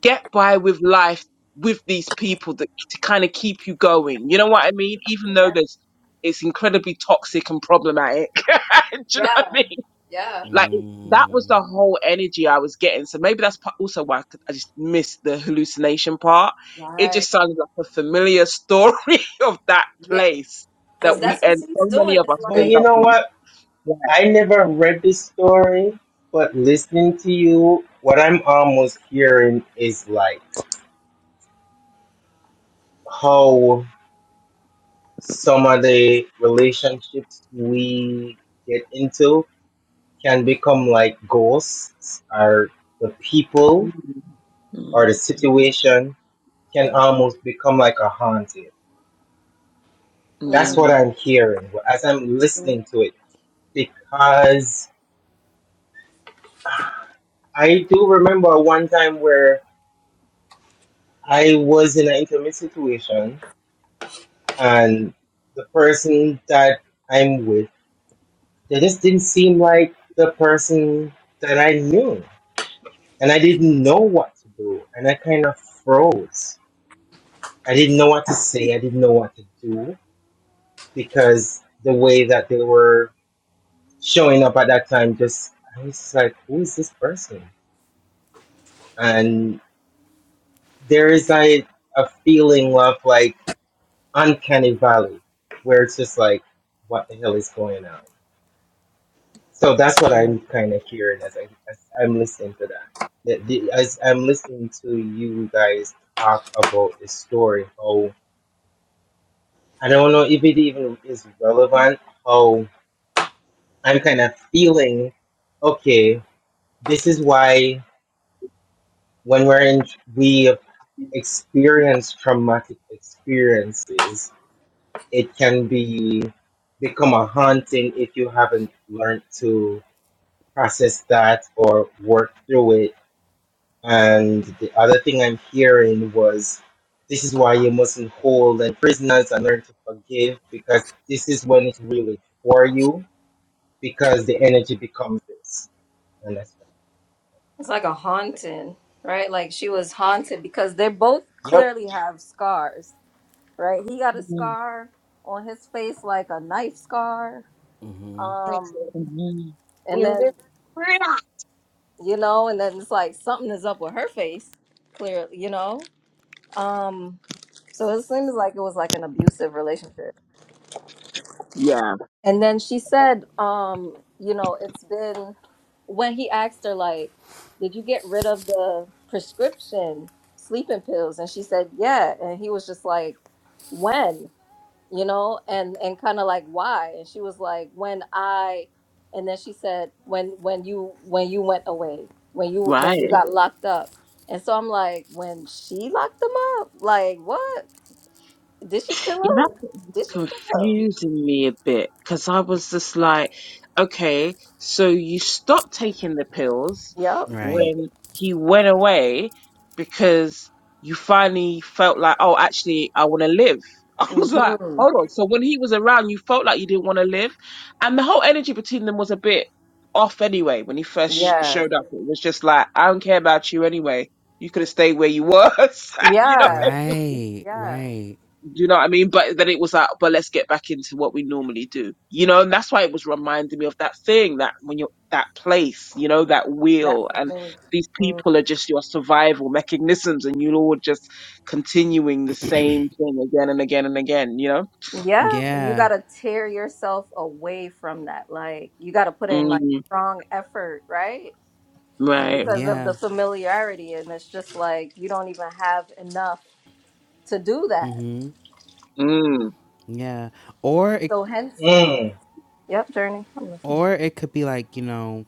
S5: get by with life with these people that to kind of keep you going. You know what I mean? Even though
S2: Yeah.
S5: there's it's incredibly toxic and problematic. Do you know what I
S2: Yeah.
S5: mean?
S2: Yeah.
S5: Like it- that was
S1: Mm,
S5: the whole energy I was getting. So maybe that's pa- also why I, could, I just missed the hallucination part. It
S2: Right.
S5: just sounded like a familiar story of that
S2: Yeah.
S5: place
S2: Because
S5: that we
S2: that's what
S5: end.
S2: she's
S5: So many
S2: doing.
S5: of
S2: It's
S5: us
S4: but
S5: end
S4: you
S2: like,
S5: up
S4: know
S5: in.
S4: what?
S5: Yeah.
S4: I never read this story, but listening to you, what I'm almost hearing is like how some of the relationships we get into can become like ghosts or the people or the situation can almost become like a haunting.
S5: Mm, mm,
S4: That's
S2: mm,
S4: what
S5: mm,
S4: I'm hearing as I'm listening to it because I do remember one time where I was in an intimate situation and the person that I'm with, they just didn't seem like the person that I knew. And I didn't know what to do. And I kind of froze. I didn't know what to say. I didn't know what to do because the way that they were showing up at that time, just I was just like, who is this person? And there is like a feeling of like uncanny valley, where it's just like, what the hell is going on? So that's what
S5: mm,
S4: I'm kind of hearing as, I, as I'm listening to that. The- the- As I'm listening to you guys talk about this story, how I don't know if it even is relevant, how I'm kind of feeling, okay, this is why when we're in, we experience traumatic experiences, it can be become a haunting if you haven't learned to process that or work through it. And the other thing I'm hearing was this is why you mustn't hold and prisoners and learn to forgive because this is when it's really for you because the energy becomes this. And that's
S2: it's like a haunting, right? Like she was haunted because they both
S4: yep.
S2: clearly have scars, right? He got
S5: mm,
S2: a
S5: mm.
S2: scar on his face, like a knife scar. Um,
S5: mm.
S2: and then, you know, and then it's like something is up with her face, clearly, you know? Um, so it seems like it was like an abusive relationship.
S5: Yeah.
S2: And then she said, um, you know, it's been when he asked her, like, did you get rid of the prescription sleeping pills? And she said, yeah. And he was just like, when, you know, and and kind of like why? And she was like, when I, and then she said, when when you when you went away, when you when
S5: Right.
S2: you got locked up. And so I'm like, when she locked him up, like what? Did she kill
S5: Yeah, that
S2: him?
S5: was
S2: Did she kill him?
S5: confusing me a bit because I was just like, okay, so you stopped taking the pills
S2: Yep.
S1: right.
S5: when he went away because you finally felt like, oh, actually, I want to live. I was like,
S2: hmm
S5: hold on. So when he was around, you felt like you didn't want to live. And the whole energy between them was a bit off anyway. When he first sh-
S2: Yeah.
S5: showed up, it was just like, I don't care about you anyway. You could have stayed where you was, you know. what I
S2: Yeah.
S5: mean?
S1: Right.
S2: Yeah.
S1: Right.
S5: Do you know what I mean? But then it was like, but let's get back into what we normally do, you know. And that's why it was reminding me of that thing that when you're that place, you know, that
S2: That
S5: wheel, and
S2: familiar.
S5: these
S2: Mm.
S5: people are just your survival mechanisms, and you're all just continuing the same thing again and again and again, you know.
S2: Yeah. You
S1: Yeah.
S2: gotta tear yourself away from that. Like you gotta put in like
S5: Mm,
S2: strong effort, right?
S5: right.
S2: Because of the
S1: Yeah.
S2: familiarity and it's just like you don't even have enough to do that.
S1: Mhm.
S5: Mm.
S1: Yeah. Or it
S2: So hence
S4: Mm,
S2: Yep, Journey. I'm listening.
S1: or it could be like you know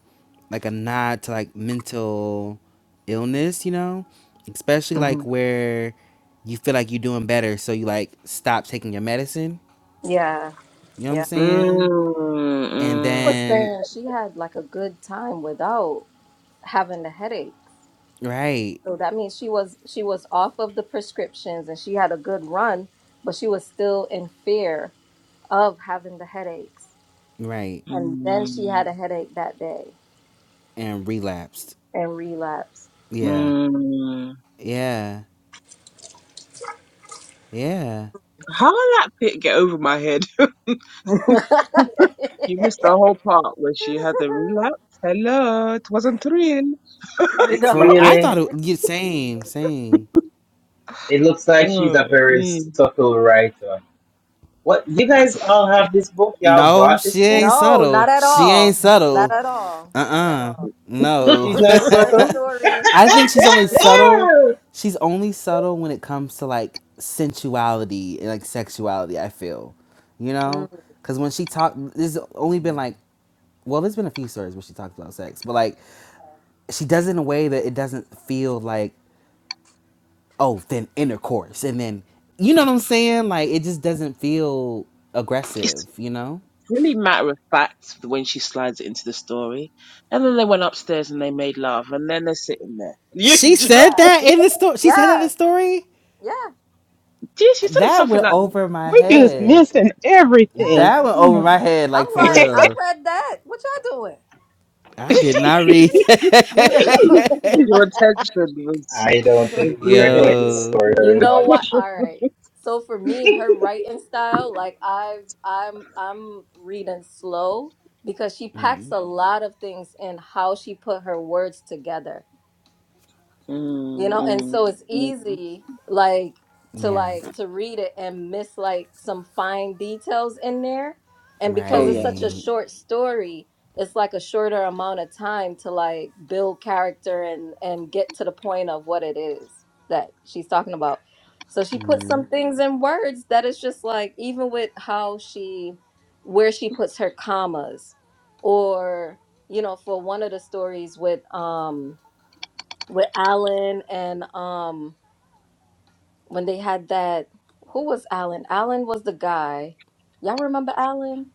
S1: like a nod to like mental illness you know especially
S5: Mm.
S1: like where you feel like you're doing better so you like stop taking your medicine
S2: Yeah,
S1: you know what i'm
S2: yeah.
S1: saying and
S2: I
S5: Mm.
S2: was
S1: then
S2: saying she had like a good time without having the headache.
S1: right
S2: So that means she was she was off of the prescriptions and she had a good run, but she was still in fear of having the headaches.
S1: right
S2: And then she
S5: Mm.
S2: had
S5: Mm.
S2: a headache that day
S1: and relapsed
S2: and relapsed.
S1: yeah
S5: mm.
S1: yeah yeah
S5: How will that pit get over my head?
S2: you
S5: You missed the whole part where she had the relapse. Hello, it wasn't real.
S4: it
S2: know?
S1: for i thought
S4: really,
S1: it yeah, same same
S4: it looks like she's
S5: Mm,
S4: a very
S5: mm.
S4: subtle writer. What you guys all have this book? Y'all
S1: No,
S4: bought this
S1: she
S4: book?
S1: ain't
S2: No, not
S1: subtle.
S2: at
S1: She ain't
S2: all. Not
S1: subtle.
S2: at all. Not at
S1: Uh-uh.
S2: all.
S4: She's
S1: No.
S4: not
S2: Her her
S4: subtle.
S2: stories,
S1: I
S2: her
S1: think she's only
S2: stories.
S1: subtle. She's only subtle when it comes to like sensuality and like sexuality, I feel. You know?
S2: Mm.
S1: Cause when she talked there's only been like well, there's been a few stories where she talked about sex, but like she does it in a way that it doesn't feel like, oh, then intercourse and then you know what I'm saying? Like it just doesn't feel
S5: It's
S1: aggressive, you know?
S5: really matter of fact when she slides it into the story. And then they went upstairs and they made love, and then they're sitting there. You,
S1: She
S5: do you
S1: said
S2: Yeah.
S1: that
S5: know?
S1: in the story. She said that in the
S2: Yeah.
S1: story.
S2: Yeah.
S5: Yeah, she said it
S1: That
S5: something
S1: went
S5: like that.
S1: over my
S6: we just
S1: head.
S6: missing
S2: Yeah.
S6: everything.
S1: That went over
S6: Damn.
S1: my head,
S2: I'm
S1: like for
S2: like, I
S1: real.
S2: read that. What y'all doing?
S1: I
S6: I,
S1: did not read
S2: You
S1: that.
S2: you know.
S5: Your attention was
S4: I don't
S5: was
S4: think Journey liked
S5: dwindling at
S4: this
S5: that
S1: Yo.
S4: story
S2: You
S4: very
S5: point.
S2: know what?
S4: much.
S2: All right. So for me, her writing style, like I've I'm I'm reading slow because she packs a lot of things in how she put her words together you
S5: Mm,
S2: know and
S5: mm,
S2: so it's
S5: mm.
S2: easy like to
S1: Yeah.
S2: like to read it and miss like some fine details in there and because
S5: Oh
S2: it's
S5: yeah.
S2: such a
S1: Right.
S2: short story it's like a shorter amount of time to like build character and and get to the point of what it is that she's talking about so she puts
S1: Mhm.
S2: some things in words that is just like even with how she where she puts her commas or you know for one of the stories with um with Alan and um when they had that who was Alan? Alan was the guy. Y'all remember Alan?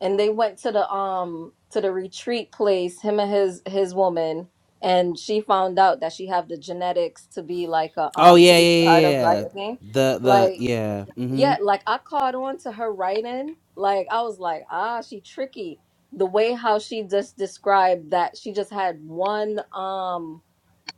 S2: And they went to the um to the retreat place, him and his his woman, and she found out that she have the genetics to be like a
S1: Oh
S2: um to
S1: yeah, yeah,
S2: be a part
S1: yeah,
S2: of like
S1: yeah.
S2: a thing.
S1: The the
S2: Like
S1: yeah. hmm
S2: yeah, like I caught on to her writing. Like I was like, ah, she tricky. The way how she just described that she just had one um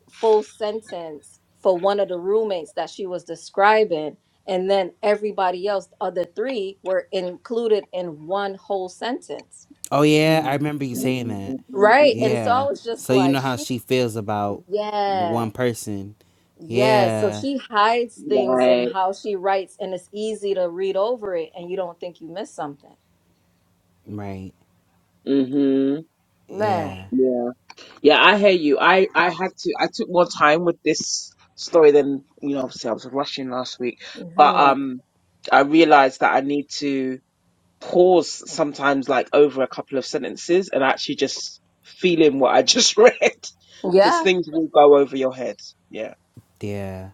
S2: full sentence for one of the roommates that she was describing and then everybody else the other three were included in one whole sentence
S1: Oh yeah,
S5: Mm,
S1: I remember
S5: mm,
S1: you
S2: Y-
S1: saying
S5: mm,
S1: that.
S5: mm, mm,
S2: right
S5: mm.
S2: and so i
S1: Yeah.
S2: was just
S1: So you
S2: like
S1: know how
S2: she
S1: she feels about
S2: yeah
S1: one person.
S2: yeah so
S1: Yeah.
S2: she hides
S5: mm.
S2: things and
S5: Right.
S2: how she writes and it's easy to read over it and you don't think you missed something
S1: Right.
S5: Mhm.
S2: man
S1: Yeah.
S5: Yeah, I hear you. I I had to. I took more time with this story than you know. Obviously, I was rushing last week, but
S2: hmm
S5: um, I realized that I need to pause sometimes, like over a couple of sentences, and actually just feel in what I just read, because
S2: yeah
S5: things will go over your head. Yeah.
S1: Yeah.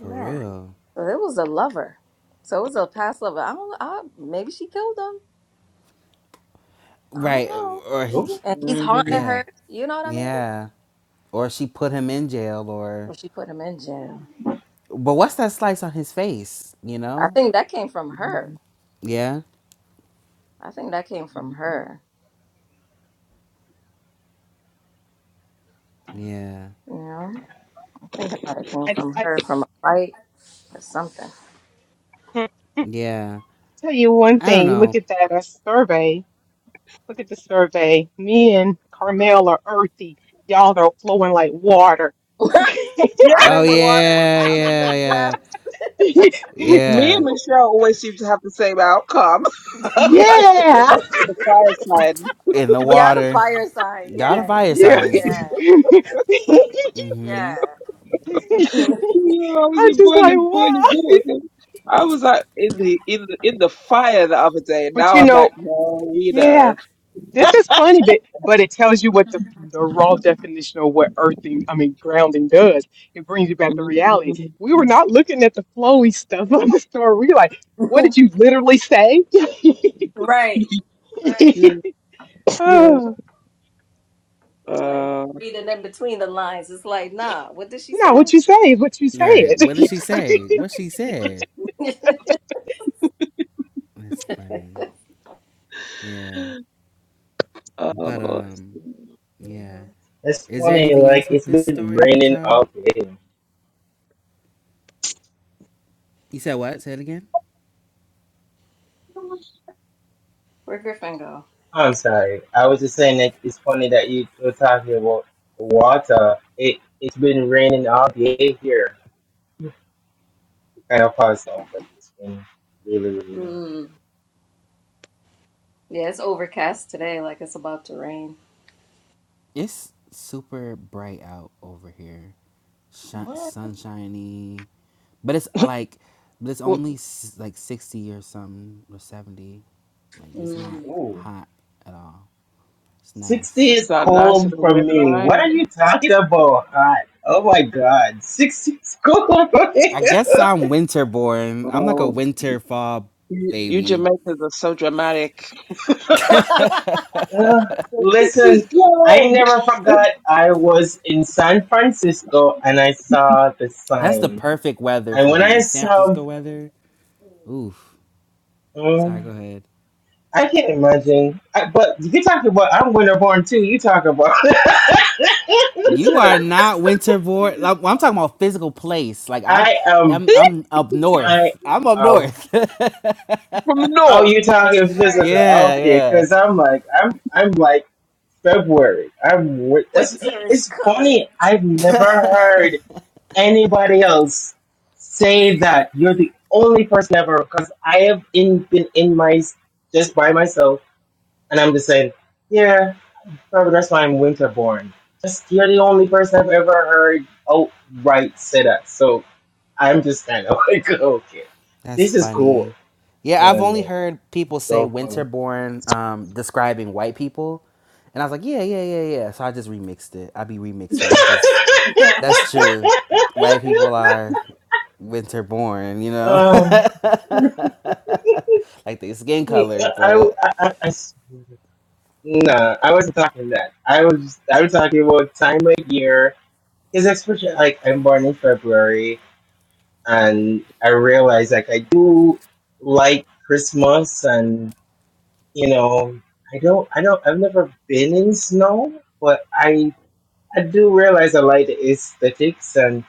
S1: For
S2: man
S1: real.
S2: so it was a lover so it was a past lover i don't i maybe she killed him i don't
S1: Right.
S2: know
S1: Or he,
S4: Ooh,
S2: and he's haunting
S5: Mm.
S1: yeah,
S2: her. You know what I mean?
S1: yeah. Or she put him in jail or
S2: When she put him in jail,
S1: but what's that slice on his face, you
S2: I
S1: know?
S2: think that came from her.
S1: Yeah.
S2: I think that came from her.
S1: Yeah.
S2: You know, I think it might have came from
S6: I
S2: her from a fight or something.
S1: Yeah.
S6: tell you one
S1: I don't
S6: thing, you
S1: know.
S6: look at that uh, survey, Look at the survey. Me and Carmel are earthy. Y'all are flowing like water.
S2: I'm
S5: Yeah,
S1: Oh
S2: in the water.
S1: yeah,
S2: I'm in the
S1: yeah, yeah.
S2: depths.
S6: yeah.
S5: me
S1: Yeah.
S5: and Michelle always seem to have the same outcome. It
S6: Yeah.
S5: must be the fireside.
S1: In the
S2: yeah, the
S1: water.
S2: fireside.
S1: Y'all the
S2: Yeah,
S1: fire signs.
S2: yeah,
S1: Mm-hmm.
S2: yeah.
S5: Yeah, I was
S6: I'm
S5: in
S6: just like,
S5: boiling,
S6: wow.
S5: boiling water. I was like in the in the in the fire the other day.
S6: But
S5: Now
S6: you
S5: I'm
S6: know,
S5: like, no, we the
S6: yeah,
S5: earth.
S6: this is funny, but but it tells you what the, the raw definition of what earthing, I mean, grounding does. It brings you back to reality. We were
S5: Mm.
S6: not looking at the flowy stuff on the store. We were like, what did you literally say?
S2: right, right.
S5: Yeah, yeah.
S6: Oh,
S2: It's Like
S5: Uh,
S2: reading in between the lines, it's like, nah. What did she
S6: no,
S2: say?
S6: what you say what you say
S1: Right.
S6: it.
S1: What did she say? What she said. That's funny. Yeah. But
S5: oh, I
S1: um,
S5: see.
S1: yeah.
S4: that's
S1: Is there
S4: funny.
S1: anything else
S4: Like
S1: with
S4: it's
S1: this
S4: been
S1: story that
S4: raining
S1: y'all
S4: all day.
S1: you said what? Say it again?
S2: Where Griffin go?
S4: I'm sorry. I was just saying that it's funny that you were talking about water. It it's been raining all day here. It kind of caused off like this been Really, really.
S2: Mm. Yeah, it's overcast today, like it's about to rain.
S1: It's super bright out over here, Shi
S2: What?
S1: sunshiny, but it's like, but it's
S5: well,
S1: only s- like sixty or something or seventy. Like it's not
S2: Mm.
S4: Ooh.
S1: hot at all. It's
S4: 60
S1: nice.
S5: it's
S4: is
S5: not nice of
S4: cold for
S5: where
S4: me.
S5: I am.
S4: What are you talking about? Hot. Oh my god. 60 is cold for me.
S1: I guess I'm winter born. I'm like a
S5: Oh,
S1: winter fall
S5: you, you
S1: baby.
S5: Jamaicans are so dramatic.
S4: Ugh.
S5: It's
S4: Listen, I
S5: cold.
S4: never forgot I was in San Francisco and I saw the
S1: That's the
S4: sign.
S1: perfect weather
S4: And
S1: for
S4: when I
S1: me. San
S4: saw,
S1: Francisco weather. Oof. Sorry.
S4: mm,
S1: Go ahead.
S4: I can't imagine. I, but you talk about, I'm winter born too. You talk about.
S1: You
S5: Listen,
S1: are not winterborn. Like, well, I'm talking about physical place. Like I,
S4: I am.
S1: I'm I'm up
S4: I
S1: north. I'm up
S4: um.
S1: north.
S5: from the
S4: Oh,
S5: north.
S4: you talking
S2: Right.
S4: physical?
S1: yeah,
S4: Okay,
S1: yeah.
S4: because I'm like, I'm, I'm like. February. i am wi- that's,
S2: Winter is
S4: it's
S2: coming.
S4: funny. I've never heard anybody else say that. You're the only person ever because I have in, been in my just by myself, and I'm just saying, yeah, probably that's why I'm winter born. Just you're the only person I've ever heard outright say that. So I'm just kind of like, okay,
S1: That's
S4: this is cool.
S1: funny. Yeah,
S4: You know
S1: I've
S4: what I
S1: only
S4: mean?
S1: heard people
S4: It's
S1: say
S4: so funny.
S1: winterborn um, describing white people, and I was like, yeah, yeah, yeah, yeah. So I just remixed it. I be remixing it because that's true. White people are winterborn. You know,
S4: Um.
S1: like their skin
S4: Hey, uh,
S1: color,
S4: I,
S1: but
S4: I, I- I s- no, I wasn't talking that. I was, I was talking about time of year. Because especially like I'm born in February, and I realize like I do like Christmas, and you know, I don't, I don't, I've never been in snow, but I, I do realize I like the aesthetics and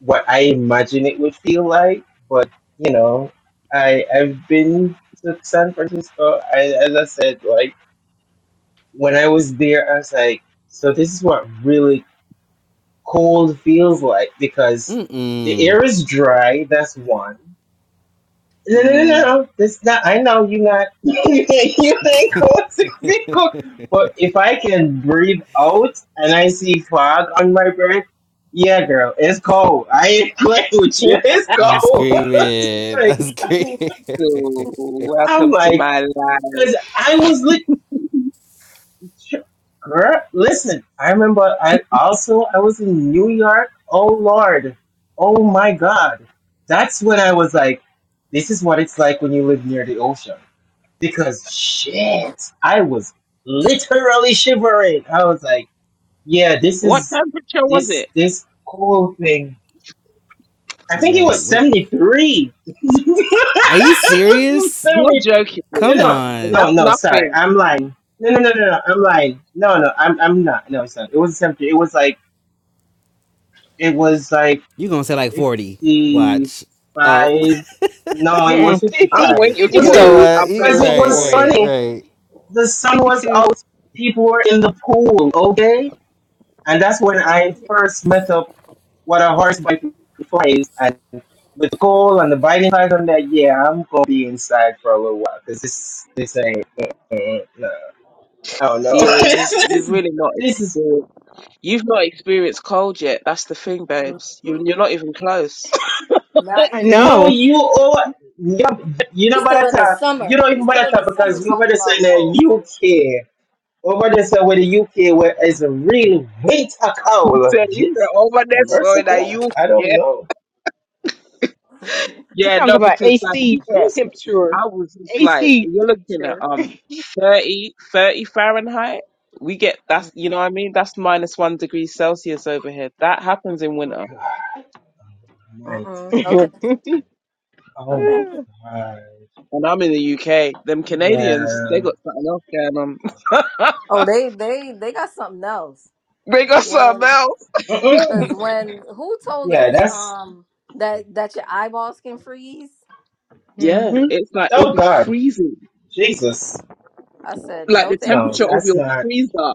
S4: what I imagine it would feel like. But you know, I, I've been to San Francisco. I, as I said, like. when I was there, I was like, so this is what really cold feels like because
S1: mm
S4: the
S1: mm.
S4: air is dry. That's one. No, no, no,
S5: Mm.
S4: no. That's not. I know you not. you ain't cold to be cold. But if I can breathe out and I see fog on my breath, yeah, girl, it's cold. I ain't playing with you. It's
S1: I'm
S4: cold.
S1: screaming.
S4: like,
S1: I'm screaming.
S5: So,
S4: I'm
S5: welcome to
S4: like,
S5: my life.
S4: cause I was lit. Sure. Girl, listen, I remember I also I was in New York. Oh Lord. Oh my God. That's when I was like, this is what it's like when you live near the ocean. Because shit, I was literally shivering. I was like, yeah, this
S5: What
S4: is
S5: temperature was it?
S4: this this cool thing. I think it
S1: Right.
S4: was
S1: What?
S4: 73.
S1: Are you serious?
S4: 73
S5: You're joking
S4: no,
S5: me.
S1: Come
S4: no,
S5: 'Cause
S1: on.
S4: no,
S5: that's
S4: no. Sorry,
S5: nothing.
S4: I'm lying. No, no, no, no, no. I'm lying. No, no, I'm, I'm not. No, it's not. It was seventy. It was like, it was like
S1: You gonna say like forty? Watch. Oh,
S4: fifty-five. No, it was
S6: Mm-mm,
S5: I'm
S4: fifty-five.
S6: 50,
S4: It
S5: waiting
S4: was
S1: you
S5: for
S1: know
S4: it
S5: it.
S6: fifty-two,
S1: what?
S5: I'm
S1: You-
S4: because it
S5: waiting
S1: right,
S4: was
S5: for it.
S1: right,
S4: sunny.
S1: right.
S4: The sun was
S6: fifty-two.
S4: out. People were in the pool. Okay, and that's when I first met up what a horseback before is and with the cold and the biting side on that. Yeah, I'm gonna be inside for a little while because this, this ain't. eh, eh, eh, no. I don't know.
S5: Yeah,
S4: this,
S5: you've you've
S4: is,
S5: really not
S4: this is
S5: experienced. You've not experienced cold yet. That's the thing, babes. You you're not even close.
S2: Not
S6: I
S2: even.
S4: no,
S6: know.
S4: you or you're, you're
S2: You're still
S4: about to
S2: in the
S4: You
S2: summer.
S4: don't even
S2: You're
S4: about to
S2: still in the summer
S4: because you over
S2: talking
S4: there to say
S2: about
S4: that
S2: cold.
S4: you care. Or about to say whether you care where is a real winter cold.
S5: so you said
S4: Jesus,
S5: over there, so
S4: mercy
S5: that
S4: God,
S5: you
S4: I don't
S5: yeah
S4: know.
S6: You're
S5: yeah
S6: talking
S5: no
S6: about
S5: because like
S6: AC
S5: yeah
S4: Jesus,
S6: temperature.
S5: I was just like
S6: AC
S5: you're looking at
S6: temperature.
S5: um 30, 30 Fahrenheit. We get that's you
S2: Mm-mm.
S5: know what I mean. That's minus one degree Celsius over here. That happens in winter.
S4: mighty.
S2: No
S6: hmm
S2: thank, no
S4: Oh
S2: thank you.
S4: God,
S5: And I'm in the UK. Them Canadians, they
S4: yeah,
S5: got something else going
S2: Oh,
S5: on.
S2: they they they got something else.
S5: they got something
S2: When
S5: else.
S4: Mm-mm.
S2: because when who told
S4: yeah.
S2: us
S4: That's
S2: um that that your eyeballs can freeze?
S5: Yeah, it's like it'll
S4: oh
S5: be
S4: God,
S5: freezing,
S4: Jesus.
S2: I said
S5: like
S2: no,
S5: the
S2: thank
S4: No,
S5: temperature
S2: you.
S5: of
S4: that's
S5: your
S4: not.
S5: freezer.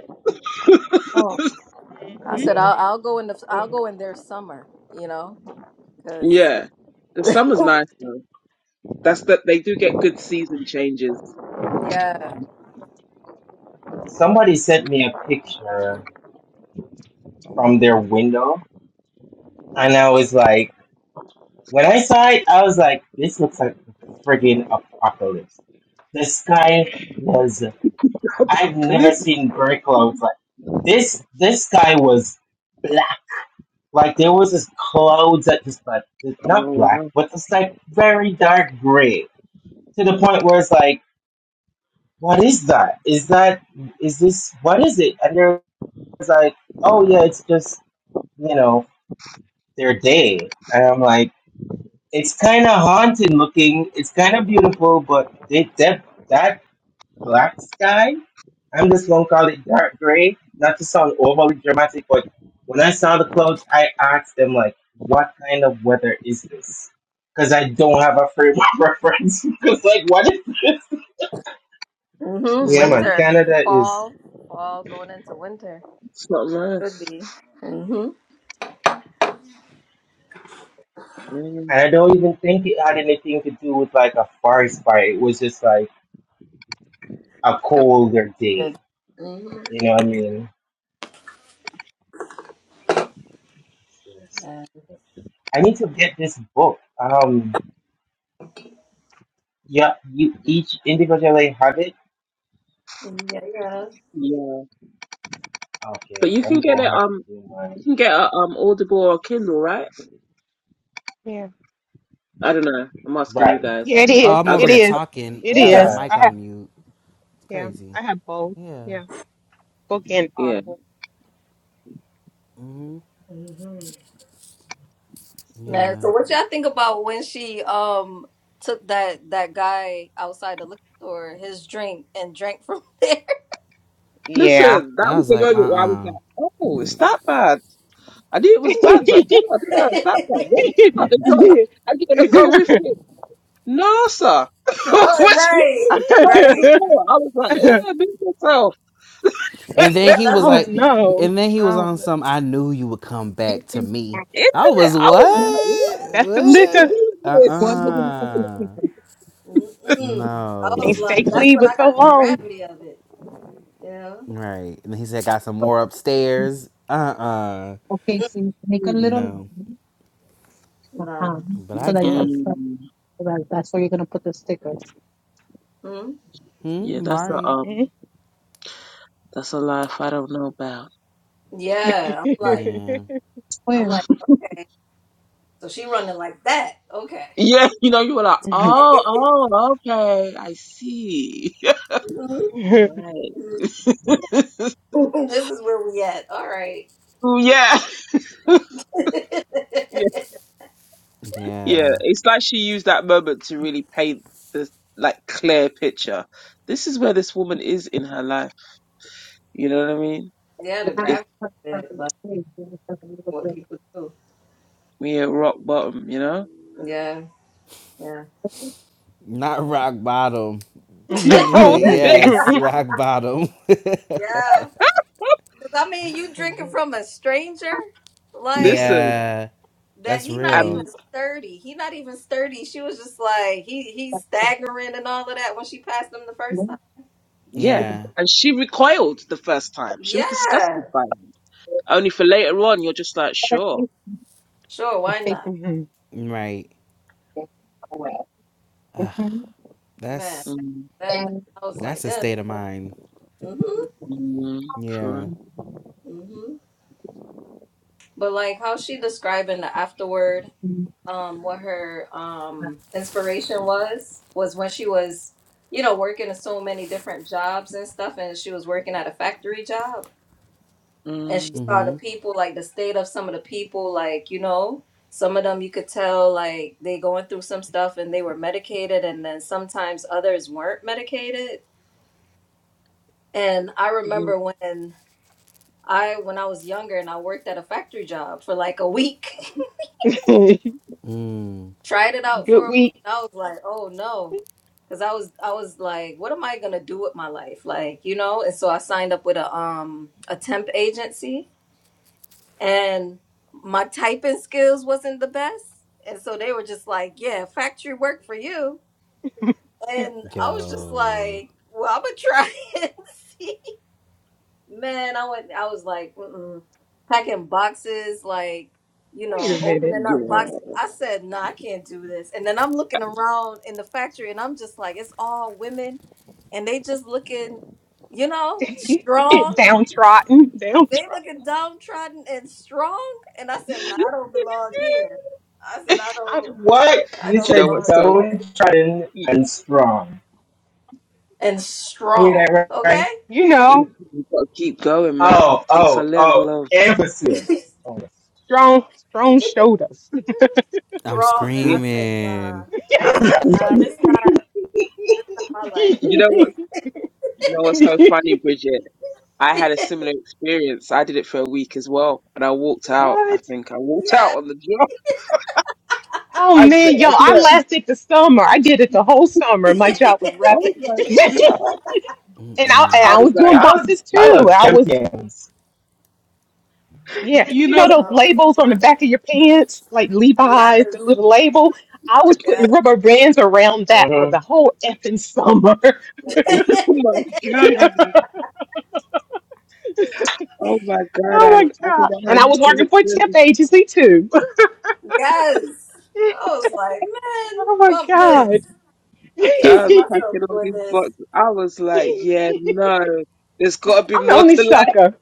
S2: I said I'll I'll go in the I'll go in their summer, you know, because
S5: Yeah, the summer's nice though. That's that they do get good season changes.
S2: yeah,
S4: Somebody sent me a picture from their window and I was like, when I saw it, I was like, this looks like a friggin' apocalypse. The sky was, I've never
S5: Apocalypse.
S4: seen gray clouds like this. This sky was black. Like there was this clouds that just like, not
S5: Oh
S4: black,
S5: wow,
S4: but just like very dark gray to the point where it's like, what is that? Is that, is this, what is it? And there was like, oh yeah, it's just, you know, their day. And I'm like, It's kind of haunted looking. It's kind of beautiful, but they, that that black sky. I'm just gonna call it dark gray. Not to sound overly dramatic, but when I saw the clouds, I asked them like, "What kind of weather is this?" Because I don't have a frame of reference. Because like, what is this?
S2: hmm
S4: Yeah, man,
S5: mm,
S2: winter,
S4: Canada is.
S2: fall, fall going into winter
S5: it's not
S2: could
S5: nice.
S2: be. hmm
S5: Yeah,
S4: And I don't even think it had anything to do with like a forest fire. It was just like a colder day.
S2: Mm-hmm.
S4: You know what I mean?
S2: Yeah.
S4: I need to get this book. Um, yeah, you each individually have it.
S2: yeah.
S5: yeah, but
S4: Okay,
S5: you
S4: I'm
S5: can get
S4: gonna
S5: it.
S4: have to
S5: Um,
S4: do mine.
S5: you can get a um Audible or Kindle, right?
S6: Yeah.
S5: I don't know. I'm asking you
S4: Right.
S5: guys.
S6: Yeah, it
S1: Oh,
S6: is.
S1: I'm
S5: I
S1: over
S6: It
S5: got
S1: here
S5: the
S6: is.
S5: hard.
S1: talking. I
S6: It
S1: got my
S6: is.
S4: Yeah.
S1: mic
S6: I have,
S1: on mute.
S6: yeah,
S1: Crazy.
S6: I have both.
S1: Yeah.
S6: Yeah. Book and
S5: Yeah.
S6: Audible.
S1: hmm
S2: hmm Man,
S1: Yeah.
S2: so what y'all think about when she um took that that guy outside the liquor store his drink and drank from there?
S6: Yeah.
S5: Listen, that
S1: I
S5: was
S1: was
S5: the
S1: like,
S5: moment where I was
S1: uh-uh.
S5: like, oh, it's that bad. I knew it
S6: I
S5: was bad, but God, I didn't
S2: no,
S5: know it's that bad. You're going to pick up the drop and you're going to go with him. No, sir. when she
S2: right,
S5: was fighting
S2: right.
S5: before, I was like, eh, be yourself.
S1: And
S2: Yeah,
S1: then he was
S2: that's where
S6: don't
S1: like,
S6: know.
S1: and then he
S6: I
S1: was
S6: don't know.
S1: on some. I knew you would come back to me.
S5: In
S1: I
S5: it,
S1: was
S5: I was
S1: what?
S5: like, what?
S6: That's the
S5: She be
S6: liquor.
S1: What?
S5: doing this.
S7: the focus
S1: Uh-uh.
S7: people?
S2: Mm-mm. I
S1: No.
S6: Can't
S2: was
S6: stay
S2: like, that's
S6: clean
S2: when
S6: for
S2: I
S6: so
S2: got the
S6: long.
S2: gravity of it. Yeah.
S1: Right. And he said, got some more upstairs. Uh uh
S7: Okay,
S2: Mm.
S7: so make a little
S1: No.
S7: line
S2: Nah.
S7: behind
S1: But I
S7: so that you
S5: Mm,
S7: can
S1: guess.
S7: put-
S5: mm.
S7: so that that's where you're gonna put the sticker.
S2: Hmm?
S1: Hmm?
S5: yeah, that's a,
S1: Mari.
S5: um, that's a life I don't know about.
S2: Yeah. I'm like,
S1: Yeah.
S2: I'm
S7: Where?
S2: like, okay. So she running like that. Okay.
S5: Yeah, you know, you were like, oh, oh, okay, I see.
S2: Mhm.
S5: right.
S2: this is where we at. All right.
S5: Ooh, yeah. Yeah,
S1: Yeah.
S5: it's like she used that moment to really paint this like clear picture. This is where this woman is in her life. You know what I mean?
S2: yeah,
S7: You
S2: the
S7: have to
S5: It's
S2: gravity of
S7: put
S2: it,
S7: the
S2: like
S7: sticker you have to put a little
S2: what
S7: bit of the
S2: people do.
S5: me at rock bottom, you know?
S2: Yeah. Yeah.
S7: sticker.
S1: Not rock bottom.
S2: yeah.
S1: But
S5: Oh yeah.
S1: yes, rock bottom.
S2: 'Cause, I mean, you drinking from a stranger? like.
S5: Listen,
S1: yeah.
S2: that
S1: That's
S2: he not even
S1: real.
S5: um
S2: sturdy. He not even sturdy. She was just like he he's
S7: That's that.
S2: staggering and all of that when she passed him the
S7: You
S2: first
S7: know,
S2: time.
S5: yeah.
S1: Yeah.
S5: And she recoiled the first time. She was disgusted
S2: Yeah,
S5: by him. Only for later on you're just like,
S7: it
S5: sure.
S7: there.
S2: sure, why not,
S1: Right.
S7: Mhm.
S2: man?
S1: That's
S5: Mm,
S2: That, that
S7: And-
S2: I was like,
S1: that's a
S2: yeah,
S1: state of mind.
S2: mm-hmm,
S5: mm, for,
S1: Yeah.
S2: mm-hmm. But like how she describing the afterward,
S7: mm-hmm.
S2: um, what her um inspiration was was when she was, you know, working in so many different jobs and stuff, and she was working at a factory job and she
S5: mm,
S2: saw the
S1: Mm-hmm.
S2: people like the state of some of the people like you know some of them you could tell like they going through some stuff and they were medicated and then sometimes others weren't medicated and i
S5: mm,
S2: remember when i when i was younger and i worked at a factory job for like a week
S1: Mm.
S2: tried it out for
S6: Good
S2: a week
S6: week.
S2: and i was like oh no because i was i was like what am i gonna do with my life like you know and so i signed up with a um a temp agency and my typing skills wasn't the best. And so they were just like, yeah, factory work for you. And I was just
S1: Yo.
S2: like, well, I'm gonna try and see. Man, I went, I was like, mm-mm. packing boxes, like, you
S6: Wait a
S2: know,
S6: minute.
S2: opening up
S5: girl.
S2: boxes. I said, no, nah, I can't do this. And then I'm looking around in the factory and I'm just like, it's all women and they just looking, you know,
S5: Do
S2: strong
S6: downtrodden,
S2: they
S6: downtrodden.
S2: looking downtrodden and strong, and I said, "No, I don't belong here." I said, "I
S6: I
S2: don't,
S6: don't-
S4: What
S2: I
S4: you
S5: you
S2: don't
S5: know
S4: said?
S2: belong
S5: what's so
S4: Don't
S2: here."
S4: try
S5: you,
S4: and strong.
S2: And
S4: I hear that
S2: strong,
S4: right? right?
S2: okay?
S6: You
S5: you-
S6: know,
S5: gotta keep going, man.
S4: Oh,
S5: It takes a
S4: oh, oh.
S5: level of
S4: Emphasis. Oh, yes.
S6: strong, strong
S2: strong.
S6: shoulders.
S1: I'm
S2: I said, "Nah."
S1: screaming.
S2: I said, "Nah, this not, this not my life."
S5: You know what? You know what's so funny, Bridget? I had a similar experience. I did it for a week as well, and I walked out. I
S6: what?
S5: think I walked out
S2: yes.
S5: on the job.
S6: Oh
S5: I said,
S6: man, yo,
S5: I
S6: I
S5: can't.
S6: lasted the summer. I did it the whole summer. My job was rapping.
S5: Oh my
S6: and I
S5: god!
S6: and
S5: I
S6: I
S5: was
S6: was
S5: like,
S6: doing
S4: y'all,
S6: boxes
S4: y'all
S6: too.
S4: are
S6: I was
S4: champions.
S6: Yeah,
S5: you
S6: you
S5: know,
S6: know those
S2: no.
S6: labels on the back of your pants, like
S2: Yes.
S6: Levi's, the little label. I was
S2: Yes.
S6: putting rubber bands around that for
S4: Mhm.
S6: the whole effing summer.
S5: oh
S2: yes.
S5: my god, oh my god!
S6: oh
S5: I
S6: my
S5: I don't
S6: god!
S5: know how
S6: And I
S5: you
S6: was
S5: did
S6: working
S5: it.
S6: for a temp
S5: Bridget.
S6: agency too.
S2: I was like, man,
S6: oh my
S2: bump
S6: god!
S2: this.
S6: I'm
S2: I can't
S5: I
S2: see
S5: was
S2: myself
S5: packing all
S2: doing
S5: these
S2: this.
S5: boxes. I was like, yeah, no, there's got to be
S6: the
S5: more to
S6: only
S5: life.
S6: sucker.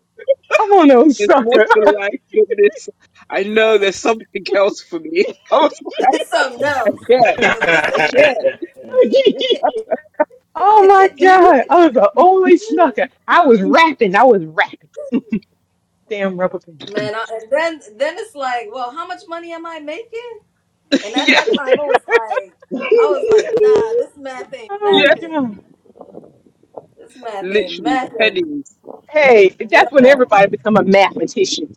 S6: I'm on the only
S5: There's more
S6: sucker.
S5: to life than this. I know there's something else for me. I was like,
S2: It's something else.
S5: yeah,
S2: Cause this
S5: I
S2: ain't it.
S5: can't.
S6: oh my god! I was the only sucker. I was rapping. I was rapping. Damn rubber bands.
S2: Man, I, and then then it's like, well, how much money am I making? And at
S5: yeah.
S2: that time, it was like, I was like, nah, this math ain't
S6: Oh my
S5: Yeah,
S2: mathin'.
S6: god.
S2: This math ain't
S5: literally
S2: mathin'.
S5: pennies.
S6: Hey, that's when
S2: Yeah,
S6: everybody become a mathematician.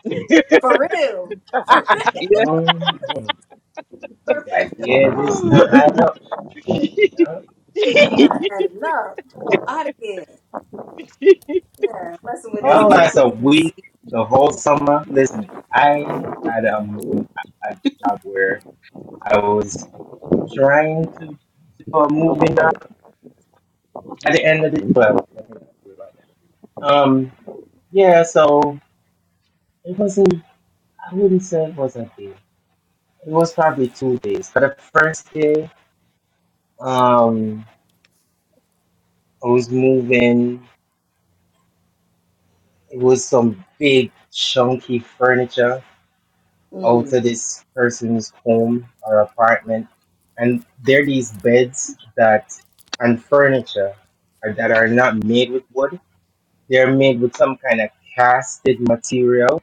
S2: for real, for real,
S5: Yeah.
S4: Um, it's
S2: for real.
S4: like,
S2: It's
S4: yeah, this not add up. No.
S2: not adding up. I'm out of here. Yeah, messing with this
S4: Y'all
S2: temp
S4: last a
S6: oh.
S4: week,
S2: agency.
S4: the whole summer. Listen, I had a, a job where I was trying to to a moving job by the end of the well. like Um, yeah. So it wasn't. I wouldn't say it was a day. It was probably two days. But the first day, um, I was moving. It was some big chunky furniture Out to
S2: Mm.
S4: this person's home or apartment. And there are these beds that and furniture are- that are not made with wood. They're made with some kind of casted material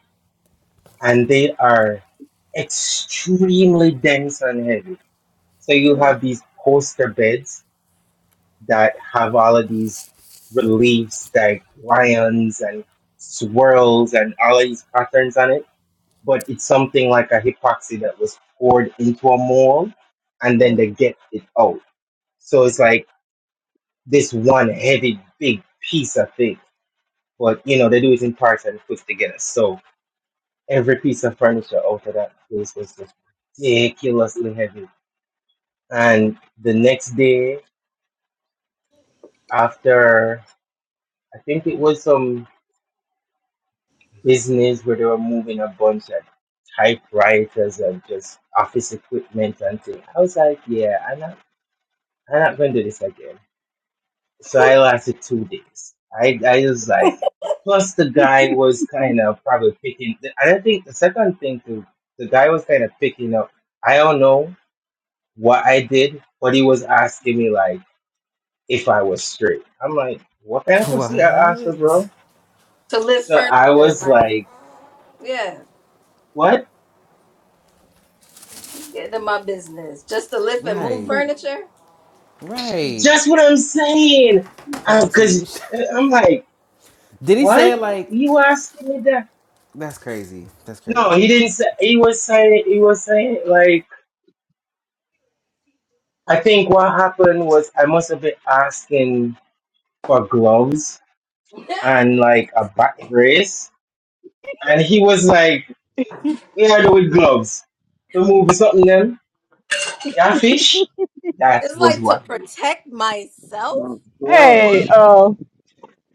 S4: and they are extremely dense and heavy. So you
S2: Mm.
S4: have these poster beds that have all of these reliefs like lions and swirls and all of these patterns on it but it's something like a epoxy that was poured into a mold and then
S2: Mm.
S4: they get it out. So it's like this one heavy big piece of thing. But you know, they do it in parts and put together. So every piece of furniture out of that place was just ridiculously heavy. And the next day after I think it was some business where they were moving a bunch of typewriters and just office equipment and things. I was like, yeah, I know I'm not gonna do this again. So I lasted two days. I I was like, plus the guy was kind of probably picking. I don't think the second thing too. The guy was kind of picking up. I don't know what I did, but he was asking me like if I was straight. I'm like, what kind of pussy I asked for,
S1: What?
S4: bro?
S2: To lift
S4: So I
S2: furniture,
S4: was
S2: right?
S4: like,
S2: Yeah,
S4: what?
S2: get in my business just to lift and move
S1: Right.
S5: Oh
S2: furniture.
S1: Right.
S4: Just what I'm saying.
S1: Come
S4: Um,
S1: on, so you
S4: cause
S1: should.
S4: uh, I'm like,
S1: Did he
S4: what?
S1: say it like
S4: You asking me that?
S1: that's crazy? That's crazy.
S4: No, he didn't say. He was saying. He was saying like. I think what happened was I must have been asking for gloves and like a back brace, and he was like, "Yeah, do with gloves. The movie something them. Yeah, fish." That
S2: It's
S4: was
S2: like to
S4: what he was
S2: protect myself.
S5: my
S2: Like
S6: Hey,
S5: gosh.
S2: what?
S6: uh,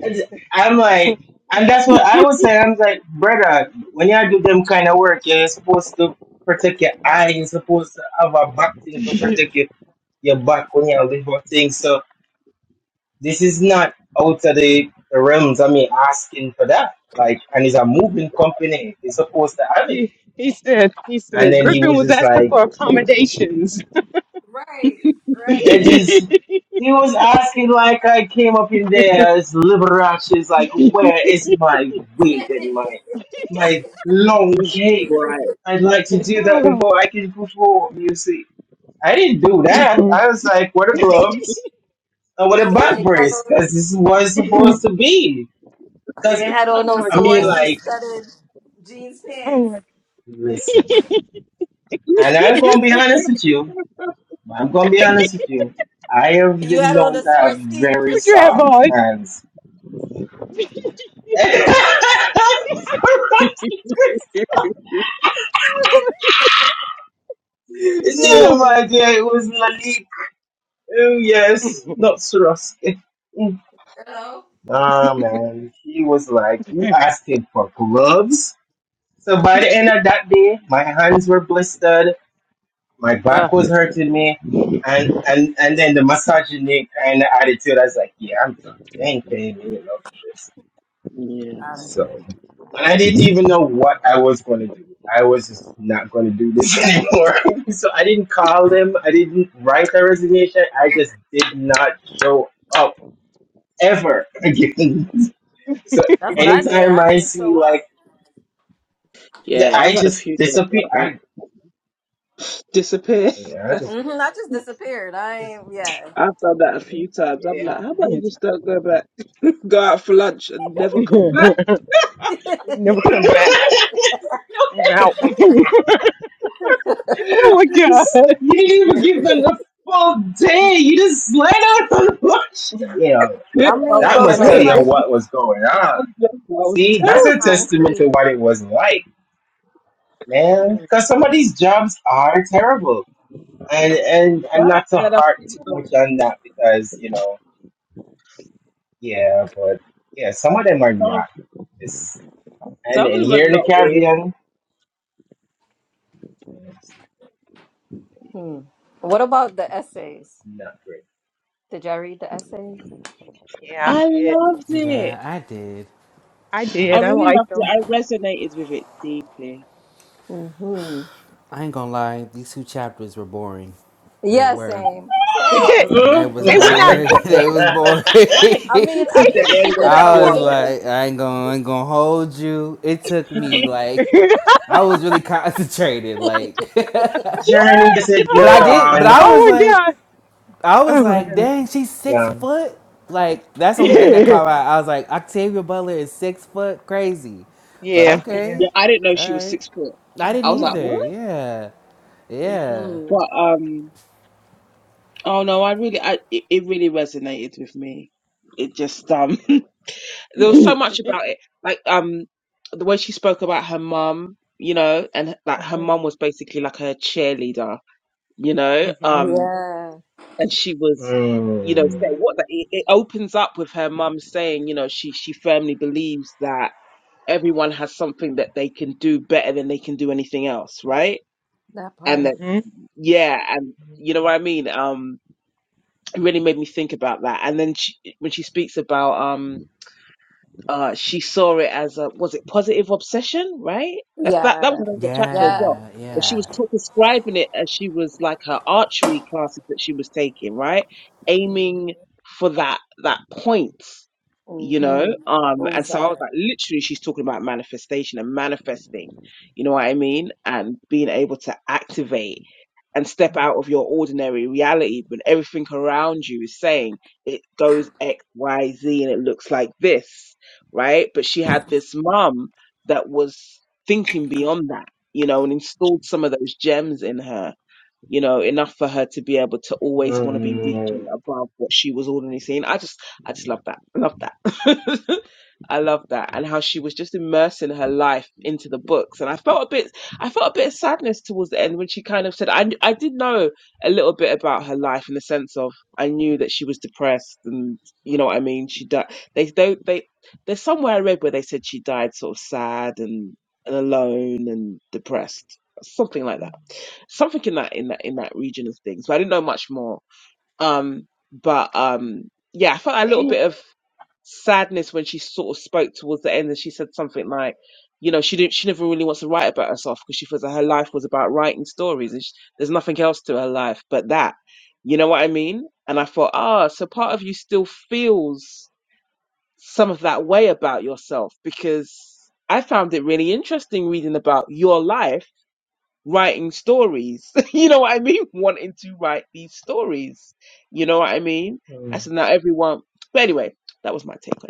S4: saying. And I'm like, and that's what I was saying. I'm like, brother, when you do them kind of work, yeah, you're supposed to protect your eye. You're supposed to have a back thing to protect
S6: he,
S4: your, your back when you do things. So, This is not out of the, the realms of me asking for that. Like, and it's a moving company. It's supposed to have it.
S6: he said he
S4: And
S6: said
S4: then he
S6: Griffin
S4: was
S6: was
S4: just
S6: asking
S4: like,
S6: for accommodations.
S2: Right, right.
S4: it is, he was asking like I came up in there as Liberace's like, where is my wig and my my long
S5: Jesus
S4: cape?
S5: Christ.
S4: I'd like to do that
S6: oh.
S4: before I can perform music. I didn't do that. I was like, what are gloves? And what a
S2: you,
S4: butt
S2: ain't had
S4: brace,
S2: on,
S4: because this was supposed to be.
S2: you
S4: Because,
S2: ain't had on
S6: Oh
S2: no
S6: my
S4: I mean,
S6: god.
S2: Swarovski
S4: like,
S2: studded jeans pants.
S6: Oh my
S4: listen. And I'm
S5: yeah.
S4: gonna be honest with you. I'm gonna
S6: god.
S4: be honest with you. I have
S2: You
S4: been
S2: had on
S4: known
S2: the
S4: to have
S2: Swarovski
S4: very
S6: Would you have
S2: crystals.
S4: soft
S6: boys?
S4: hands. no, my dear, it was Lalik. Oh yes, not Swarovski. Mm.
S2: Hello.
S4: Nah, man, he was like, you asked him for gloves. So by the end of that day, my hands were blistered. my
S6: Oh.
S4: back was hurting me, and and and then the misogyny kind of attitude. I was like, yeah, I'm done. They ain't paying me enough for this.
S2: Out of there.
S4: So, and I didn't even know what I was going to do. I was just not going to do this anymore. so I didn't call them. I didn't write a resignation. I just did not show up ever again. so
S2: That's what I did.
S4: anytime
S2: I
S4: I
S2: didn't
S4: see
S2: show
S4: like,
S2: up.
S5: Yeah,
S4: I
S5: I've had a
S4: just
S5: few jobs
S4: disappear.
S5: like that.
S4: I
S5: Disappear.
S4: yeah, I just.
S5: I've
S2: hmm I just disappeared. I ain't. Yeah.
S5: done that a few times. I'm like,
S6: Yeah,
S5: how
S6: I
S5: about you
S6: hit
S5: just don't go back? Go out for lunch and never come back?
S6: you. Never come back.
S4: just
S6: I'm out. oh
S4: You
S6: my god.
S4: didn't even give them the full day. You just let out on lunch. You know,
S2: I
S5: I've
S2: mean,
S4: that
S5: done
S2: and
S4: must
S5: that.
S2: it's
S4: tell you
S2: like
S4: what was going
S5: When I
S4: on.
S5: was younger, I was
S4: See,
S2: it's the
S4: that's a
S5: terrible.
S4: testament to
S2: concrete.
S4: what it was like, man. Because some of these jobs are terrible. And and and
S5: That
S4: not to
S5: and I
S4: harp
S5: think
S4: too
S5: um,
S4: much on that because, you know, yeah, but yeah, some of them are
S5: some,
S4: not. It's, and
S5: some of
S4: and
S5: them are
S4: here in the
S5: not it.
S4: Caribbean, it's
S2: hmm What about the essays?
S4: not great.
S2: Did y'all read the essays?
S6: Yeah, I
S5: I
S6: did.
S5: loved it.
S1: Yeah, I did.
S6: I
S5: I
S6: did. I
S1: Um,
S5: really
S6: liked
S5: loved it.
S6: them.
S5: I resonated with it deeply.
S2: hmm
S1: I ain't gonna lie, these two chapters were boring. They
S2: Yeah,
S1: were.
S2: same. Same.
S1: They was
S6: they were not.
S2: Same.
S1: boring. they was
S4: Mm-mm.
S1: boring.
S6: I mean.
S2: I mean, I
S5: that
S2: think
S5: lady
S2: she could
S5: was
S1: I
S2: have
S1: was
S2: arranged.
S5: adorable.
S1: like, I ain't gonna, I ain't gonna hold you. It took me like, I was really concentrated, like, but
S4: Journey just said get
S1: I
S6: Ah,
S1: did. But
S4: on.
S1: I was
S6: oh my
S1: like.
S6: god.
S1: I was
S6: Oh my
S1: like,
S6: god.
S1: dang, she's six
S4: Yeah.
S1: foot. Like that's the only thing that caught my. eye. I was like, Octavia Butler is six foot, crazy.
S6: Yeah.
S1: But
S6: Yeah. Yeah.
S1: okay,
S5: Yeah, I didn't know
S1: all
S5: she was
S1: right.
S5: six foot.
S1: I didn't
S5: I was like,
S2: Mm-hmm.
S5: what?
S1: either. Yeah, yeah,
S2: Mm-hmm.
S5: But um, oh no, I really, I it, it really resonated with me. It just um, there was so much about it, like um, the way she spoke about her mum, you know, and like her
S2: hmm
S5: mum was basically like her cheerleader, you know,
S6: mhm.
S5: um,
S2: Yeah.
S5: and she was. You know,
S4: Mm,
S5: so what the, it, it opens up with her mum saying, you know, she she firmly believes that everyone has something that they can do better than they can do anything else, right?
S2: That
S5: and
S2: part.
S5: then
S6: Mhm.
S5: yeah and you know what i mean um it really made me think about that and then she, when she speaks about um uh she saw it as a was it positive obsession right that's that that was
S2: Yeah.
S5: another chapter as
S2: Yeah.
S5: well
S1: yeah,
S5: but she
S2: Yeah.
S1: yeah,
S5: was t- describing it as she was like her archery classes that she was taking right
S2: Mm-hmm.
S5: aiming for that that point you know
S2: Mm-hmm.
S5: um and so i was
S2: Bullseye.
S5: like literally she's talking about manifestation and manifesting you know what i mean and being able to activate and step out of your ordinary reality when everything around you is saying it goes X, Y, Z and it looks like this, right? But she had this mum that was thinking beyond that, you know, and installed some of those gems in her you know, enough for her to be able to always want to be reaching
S4: mm,
S5: above what she was already seeing. I just, I just love that. I love that. I love that. And how she was just immersing her life into the books. And I felt a bit, I felt a bit of sadness towards the end when she kind of said, I, I did know a little bit about her life in the sense of I knew that she was depressed and you know what I mean? She died. They, they, they, there's somewhere I read where they said she died sort of sad and, and alone and depressed, something like that something in that in that in that region of things. But I didn't know much more. Um, but um, yeah, I felt a little
S6: Hey.
S5: bit of sadness when she sort of spoke towards the end, and she said something like, you know, she didn't, she never really wants to write about herself because she feels that her life was about writing stories, and she, there's nothing else to her life but that. You know what I mean? And I thought, ah, so part of you still feels some of that way about yourself because I found it really interesting reading about your life writing stories. you know what I mean? Wanting to write these stories. You know what I mean?
S4: mm.
S5: That's not everyone. But anyway, that was my take on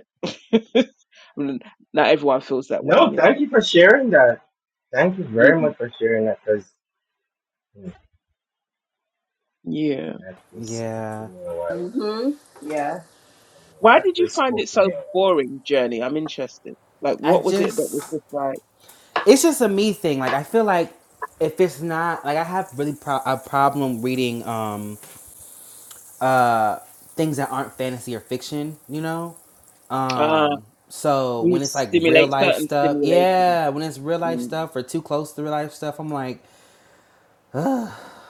S5: it. I mean, not everyone feels that way,
S4: No,
S5: you know.
S4: thank you for sharing that. Thank you very
S5: Mhm.
S4: much for sharing that because
S5: Yeah.
S4: that just spoke to
S1: yeah.
S4: me a while ago.
S2: Mm-hmm. Yeah.
S4: I mean,
S5: Why
S2: yeah.
S4: that
S5: did you
S4: just
S5: find
S4: spoke
S5: it
S4: to me
S5: so
S4: a
S5: boring, Journey? I'm interested. Like,
S1: I
S5: what was it that was
S1: just,
S5: just like,
S1: it's just a me thing. Like I feel like if it's not like I have really pro- a problem reading. um uh, things that aren't fantasy or fiction, you know?
S5: ah,
S1: Um, so
S5: you
S1: when it's like real
S5: stimulate
S1: life
S5: certain
S1: stuff,
S5: stimulation?
S1: yeah, when it's real life
S5: Mm.
S1: stuff or too close to real life stuff, I'm like,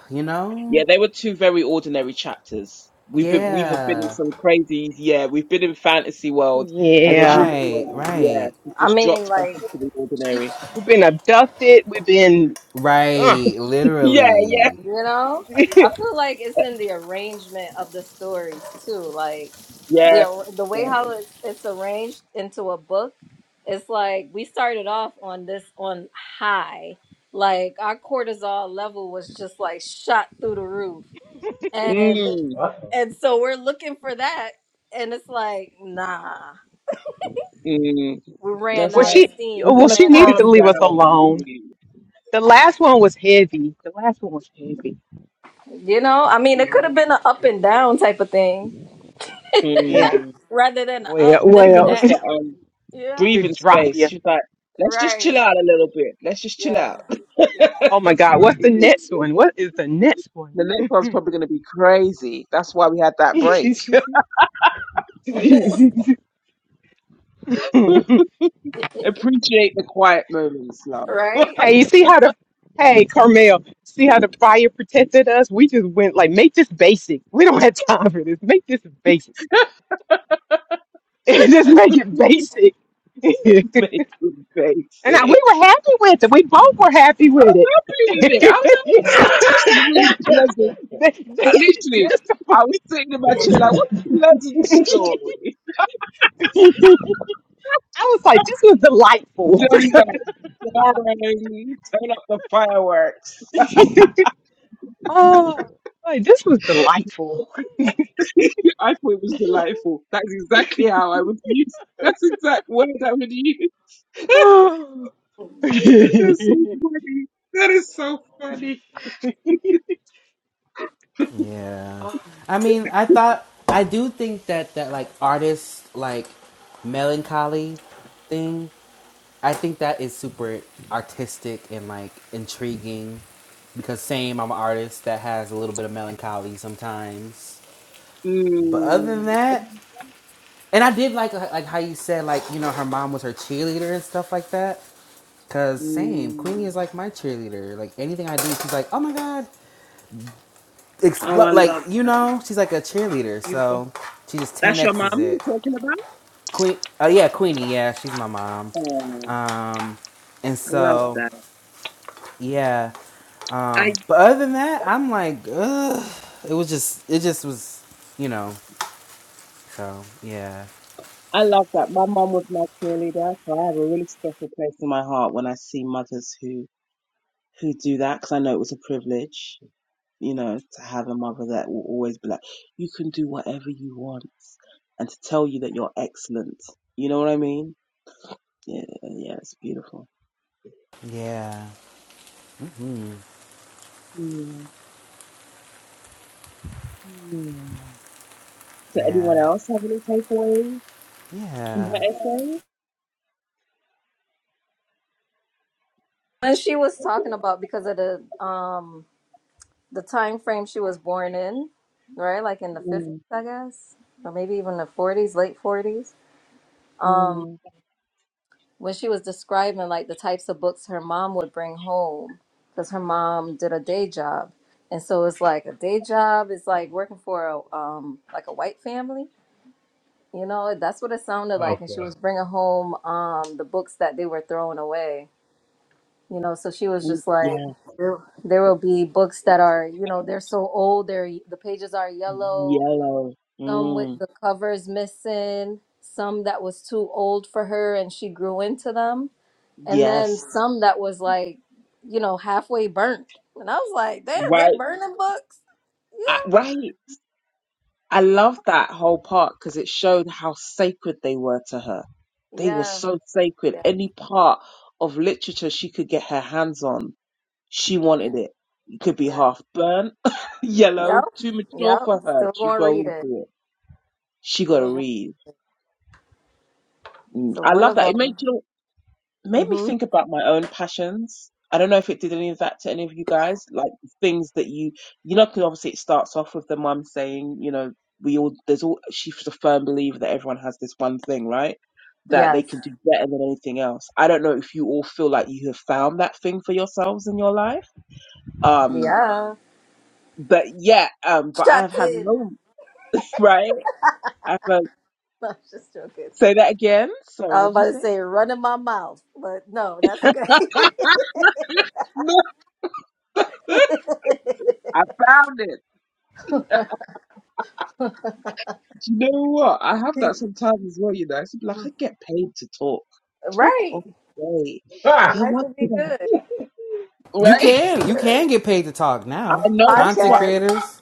S1: you
S5: Yeah,
S1: know,
S5: they were two very ordinary chapters. We've been we have been in
S1: yeah,
S5: some crazy yeah, we've been in fantasy world and then she
S6: Yeah.
S5: just
S1: right,
S5: went yeah,
S1: right,
S5: she
S2: I
S5: just
S2: mean,
S5: dropped back
S2: like,
S5: into the ordinary.
S6: We've been abducted. We've been. Uh.
S1: right,
S5: Yeah, yeah.
S1: literally,
S2: You know, I feel like it's in the arrangement of the stories too. Like the
S5: Yes.
S2: ar- the way
S5: Yeah.
S2: how it's it's arranged into a book. It's like we started off on this on high. Like our cortisol level was just like shot through the roof, and
S5: Mm,
S4: while ago.
S2: and so we're looking for that, and it's like nah,
S5: mm.
S2: we ran
S5: That's it.
S6: well,
S2: out of
S6: she.
S2: steam.
S5: We're
S2: We
S6: Well,
S5: gonna
S6: she
S2: ran out
S6: needed
S2: of
S6: to
S5: calm
S6: leave
S5: down
S6: us
S2: steam.
S5: and
S6: alone.
S5: breathe.
S6: The last one was heavy. The last one was heavy.
S2: You know, I mean,
S6: We
S2: it
S6: were
S2: could have
S6: in.
S2: been an up and down type of thing
S6: Yeah.
S5: Mm.
S2: rather than a up
S6: Well,
S5: She's
S2: than a
S5: giving
S6: well,
S5: us the
S2: down.
S5: um
S2: Yeah.
S6: They
S5: breathing
S6: drop
S5: space.
S6: you.
S5: She's like, let's just chill
S2: Right.
S5: out a little bit. Let's just chill
S2: Yeah.
S5: out.
S6: Oh my God,
S5: Like,
S6: what's the next one? What is the next one?
S5: the next one's probably gonna be crazy. That's why we had that break.
S6: hey,
S5: Appreciate the quiet moments, love.
S2: Right.
S6: you see how the hey Carmel, see how the fire protected us? We just went like make this basic. We don't have time for this. Make this basic stuff. just make it basic. and
S5: Make them basic.
S6: I, we were happy with it. We both were happy with
S5: I'm
S6: it.
S5: Happy with it. I was like, what's,
S6: yeah.
S5: this is really pleasant. I literally,
S6: Just
S5: I was sitting in my chair like, what a pleasant story.
S6: I was like, this was delightful.
S5: Johnny like, boring. Turn up the fireworks.
S6: oh, like this was delightful.
S5: I thought it was delightful. That's exactly how I would use. That's the exact word I would use.
S6: oh,
S5: That's so funny. That is so funny.
S1: yeah.
S6: oh,
S1: I mean, I thought I do think that that like artist like melancholy thing I think that is super artistic and like intriguing because same, I'm an artist that has a little bit of melancholy sometimes. But other than
S5: Mm,
S1: that, and I did like uh, like how you said like you know her mom was her cheerleader and stuff like that. Cause same,
S5: mm.
S1: Queenie is like my cheerleader. Like anything I do, she's like, oh my god,
S5: Oh,
S1: Expl-
S5: I
S1: like
S5: love
S1: you
S5: that.
S1: know, she's like a
S6: it's
S1: cheerleader.
S6: beautiful.
S1: So she just
S5: That's your mom
S1: 10x's it.
S5: you're talking about?
S1: Queen, oh yeah, Queenie, yeah, she's my mom.
S5: Oh,
S1: Um, and
S5: I love
S1: so
S5: that.
S1: yeah.
S5: I
S1: Um, but other than that, I'm like, ugh. It was just, it just was, you know. So yeah,
S5: I love that. My mom was my cheerleader, so I have a really special place in my heart when I see mothers who who do that because I know it was a privilege, you know, to have a mother that will always be like, "You can do whatever you want," and to tell you that you're excellent. You know what I mean? Yeah, yeah, it's beautiful.
S1: yeah,
S5: Mm. Mm. So,
S1: yeah,
S5: anyone else have any takeaways from
S1: yeah.
S5: her essay?
S2: And she was talking about because of the um the time frame she was born in, right? Like in the fifties,
S5: Mm.
S2: I guess, or maybe even the forties, late forties. Um,
S5: Mm.
S2: when she was describing like the types of books her mom would bring home, because her mom did a day job, and so it's like a day job is like working for a um like a white family. You know, that's what it sounded
S4: Uh-oh.
S2: like. And she
S4: Okay.
S2: was bringing home um, the books that they were throwing away. You know, so she was
S5: Mm.
S2: just
S5: Yeah.
S2: like, there, there will be books that are, you know, they're so old, they're, the pages are yellow,
S5: Yellow.
S2: some with
S5: Mm,
S2: the covers missing, some that was too old for her and she grew into them. And then
S5: yes.
S2: some that was like, you know, halfway burnt. And I was like, damn, they
S5: Right.
S2: burning books?
S5: I,
S2: Yeah.
S5: right. I love that whole part because it showed how sacred they were to her. They were
S2: Yeah.
S5: so sacred.
S2: Yeah.
S5: Any part of literature she could get her hands on, she wanted it. It could be
S2: Yeah.
S5: half burnt, yellow,
S2: Yep.
S5: too mature
S2: Yep.
S5: for her
S2: Still
S5: to
S2: going to
S5: grow
S2: read it.
S5: into it. She got to
S2: Still going.
S5: read. Mm,
S2: So
S5: I
S2: one
S5: love
S2: of
S5: that. It made
S2: them.
S5: you. made me
S2: Mm-hmm.
S5: think about my own passions. I don't know if it did any of that to any of you guys, like things that you, you know, 'cause obviously it starts off with the mum saying, you know, we all, there's all, she's a firm believer that everyone has this one thing, right? That they
S2: Yes.
S5: can do better than anything else. I don't know if you all feel like you have found that thing for yourselves in your life. Um,
S2: Yeah.
S5: but yeah, um, but I
S2: Shut
S5: have had
S2: in.
S5: moments, right? I've, uh,
S2: I'm just joking.
S5: say that again. Sorry,
S2: I was
S5: what did
S2: about
S5: you
S2: to
S5: say?
S2: say run in my mouth, but no, that's okay.
S5: I found it. Do you know what? I have that sometimes as well, you know. It's like I get paid to talk. Talk
S2: right.
S5: all day.
S4: Ah!
S5: You're
S2: Life will be
S5: welcome.
S2: good.
S1: You
S2: Life
S5: Right?
S2: will be
S1: can, you
S2: Good.
S1: can get paid to talk
S5: I
S1: now.
S5: know that's
S1: Content
S5: what
S2: Podcast.
S1: creators,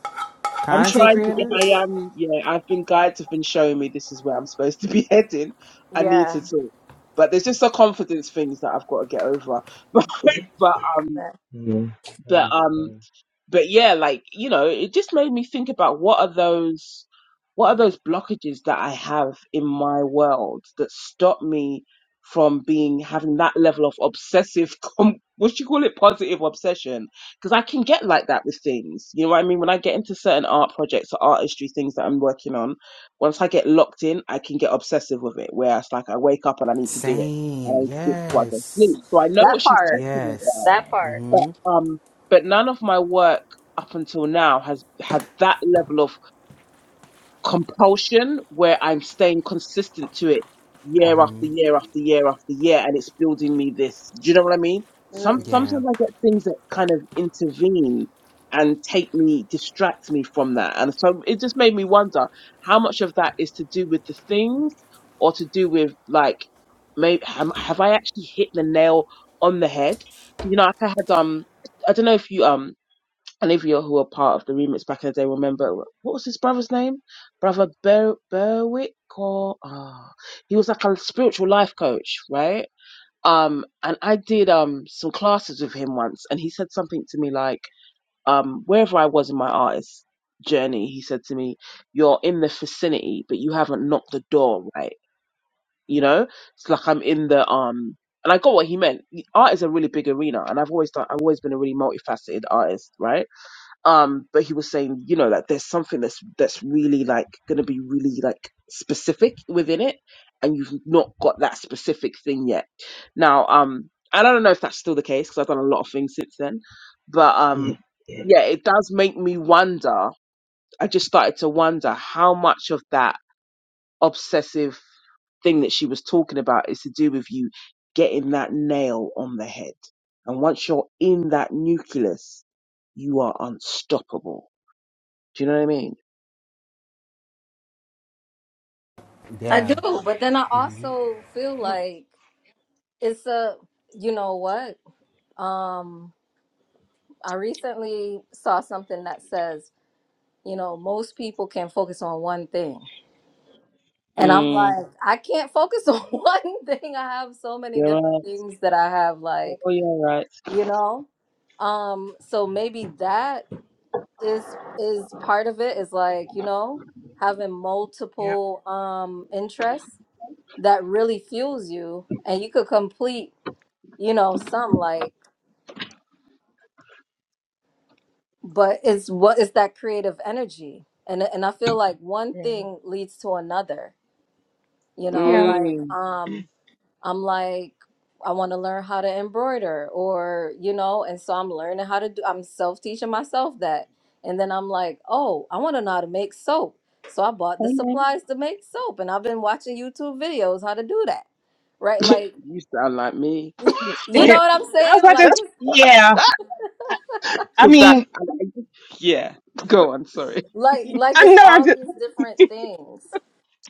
S5: I'm
S1: content
S2: Yeah.
S5: trying to get.
S1: creators.
S5: I am, yeah, I've been guides have been showing me this is where I'm supposed to be heading. I need to
S2: Yeah.
S5: talk. But there's just the confidence things that I've got to get over. But but um
S2: That,
S4: Mm,
S5: but um
S4: understand.
S5: but yeah, like, you know, it just made me think about what are those, what are those blockages that I have in my world that stop me from being, having that level of obsessive, com- what you call it, positive obsession? Because I can get like that with things. You know what I mean? When I get into certain art projects or artistry things that I'm working on, once I get locked in, I can get obsessive with it, where it's like I wake up and I need to do it. I
S1: Same.
S5: need to do it before I go to
S1: Yes.
S5: sleep. So I know what
S2: that
S5: she's
S2: part.
S5: talking about
S1: Yes.
S2: That part.
S5: but
S1: Mhm.
S5: um but none of my work up until now has had that level of compulsion where I'm staying consistent to it
S2: Got
S5: year after year after year after year, and it's building me this. Do you know what I mean?
S2: it.
S5: Some
S2: Mm.
S5: sometimes
S1: Yeah.
S5: I get things that kind of intervene and take me, distract me from that, and so it just made me wonder how much of that is to do with the things or to do with like, maybe have, have I actually hit the nail on the head? You know, like I had um, I don't know if you um and if you're who were part of the remix back in the day, remember what was his brother's name? Brother Ber- Berwick or ah, he was like a spiritual life coach, right? Um, and I did um some classes with him once, and he said something to me like, um, wherever I was in my artist journey, he said to me, "You're in the vicinity, but you haven't knocked the door, right? You know, it's like I'm in the um." And I got what he meant. Art is a really big arena, and I've always done, I've always been a really multifaceted artist, right? um but he was saying you know like there's something that's that's really like going to be really like specific within it and you've not got that specific thing yet now um and i don't know if that's still the case because i've done a lot of things since then but um yeah it does make me wonder i just started to wonder how much of that obsessive thing that she was talking about is to do with you getting that nail on the head and once you're in that nucleus you are unstoppable do you know what I mean?
S2: I
S1: Yeah.
S2: do, but then I also feel
S6: Yep,
S2: like it's a you know what? Um I recently saw something that says, you know, most people can focus on one thing. And I'm like, I can't focus on one thing. I have so many different things that I have like, you know. Um so maybe that is is part of it is like, you know, having
S6: yep,
S2: multiple um interests that really fuels you and you could complete, you know, some like but it's what is that creative energy and and i feel like one
S6: yeah,
S2: thing leads to another you know
S6: yeah.
S2: like
S5: Mm.
S2: um i'm like i want to learn how to embroider or you know and so i'm learning how to do i'm self-teaching myself that and then i'm like oh i want to know how to make soap so i bought the
S5: Amen.
S2: supplies to make soap and i've been watching youtube videos how to do that right like
S5: you sound like me.
S2: y- you know
S6: yeah.
S2: what i'm
S6: I was
S2: saying
S6: like,
S2: like
S6: this,
S2: it's
S6: yeah. I, I
S5: Cause that,
S6: mean,
S5: yeah.
S6: s-
S5: Go on,
S6: s-
S5: sorry.
S2: like like
S6: I
S2: it's
S6: know. I
S2: all
S6: just,
S2: these different things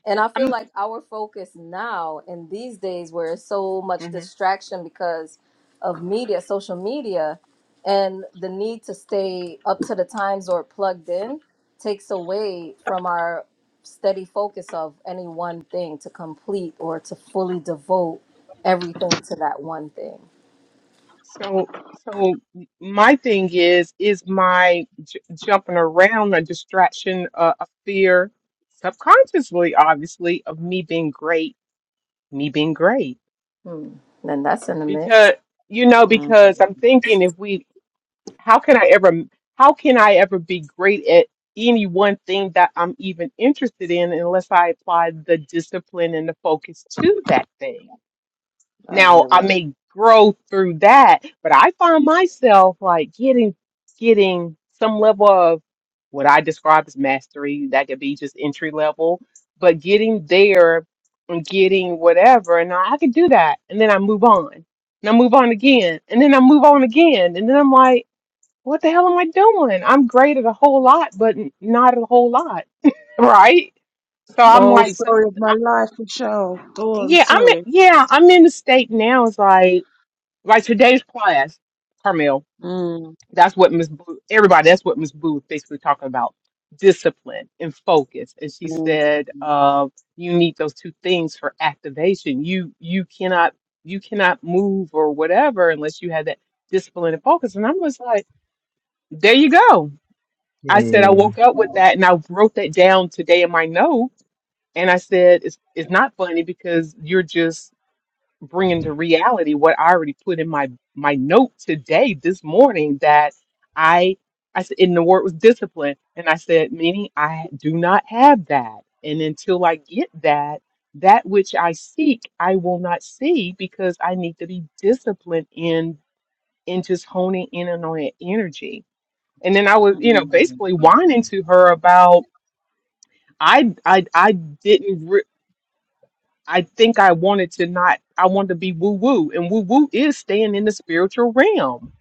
S2: And I
S6: I'm.
S2: feel like our focus now in these days where it's so much
S6: mhm.
S2: distraction because of media, social media, and the need to stay up to the times or plugged in takes away from our steady focus of any one thing to complete or to fully devote everything to that one thing.
S6: So, so my thing is, is my j- jumping around a distraction, uh, a fear, subconsciously, obviously, of me being great me being great
S2: Hmm. Then that's in the mix.
S6: because you know
S5: Mm,
S6: because i'm thinking if we how can i ever how can i ever be great at any one thing that i'm even interested in unless i apply the discipline and the focus to that thing
S5: I
S6: now
S5: hear
S6: I
S5: that.
S6: may grow through that, but I find myself like getting getting some level of what I describe as mastery. That could be just entry level, but getting there and getting whatever, and I, I can do that, and then I move on, and I move on again, and then I move on again, and then I'm like, what the hell am I doing? I'm great at a whole lot, but n- not at a whole lot, right? So I'm
S5: Oh,
S6: like, so,
S5: story of my
S6: I,
S5: life, Michelle. Go on,
S6: yeah, I'm
S5: sorry.
S6: yeah, I'm in the state now. It's like like today's class, Carmel,
S5: Mm,
S6: that's what Miss Blue, everybody, that's what Miss Blue was basically talking about discipline and focus. And she
S5: mm.
S6: said, uh, you need those two things for activation. You, you cannot, you cannot move or whatever unless you have that discipline and focus. And I was like, there you go. I said, I
S4: Hmm.
S6: woke up with
S5: mm.
S6: that and I wrote that down today in my note. And I said, it's, it's not funny because you're just Bring into reality what I already put in my my note today, this morning, that I I said, and the word was discipline, and I said, meaning I do not have that, and until I get that, that which I seek, I will not see because I need to be disciplined in in just honing in on that energy. And then I was, you know, basically whining to her about I I I didn't. I think I wanted to not, I wanted to be woo woo. And woo woo is staying in the spiritual realm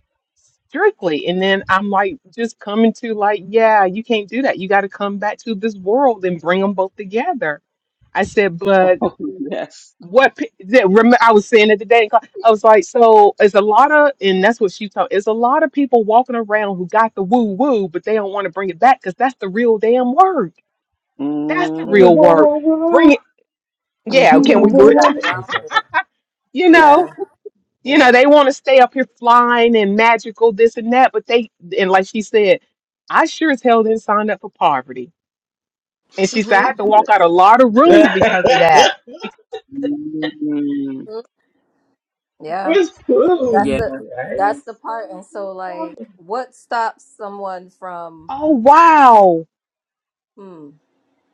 S6: strictly. And then I'm like, just coming to like, yeah, you can't do that. You got to come back to this world and bring them both together. I said, but
S5: Oh, yes.
S6: what p- that remember I was saying it today. in class, I was like, so it's a lot of, and that's what she told. It's a lot of people walking around who got the woo woo, but they don't want to bring it back because that's the real damn work. That's the
S5: Mm.
S4: Whoa,
S6: real work.
S4: whoa,
S6: Bring
S4: whoa.
S6: it. Yeah.
S2: Mm-hmm.
S6: Can
S4: Whoa,
S6: we?
S4: whoa,
S2: Because you got
S4: whoa.
S2: to
S4: I'm
S2: ground
S4: sorry.
S2: it.
S6: You know.
S2: Yeah.
S6: you know,
S2: Yeah.
S6: they want to stay up here flying and magical, this and that. But they, and like she said, I sure as hell didn't sign up for poverty. And she said, I had
S2: hmm
S6: to walk out a lot of rooms because of that. Because,
S5: Mm.
S2: Yeah.
S4: Where's
S2: That's
S4: food?
S2: the
S4: I
S2: that's
S4: just.
S2: the part. And so like what stops someone from
S6: oh, wow.
S2: hmm.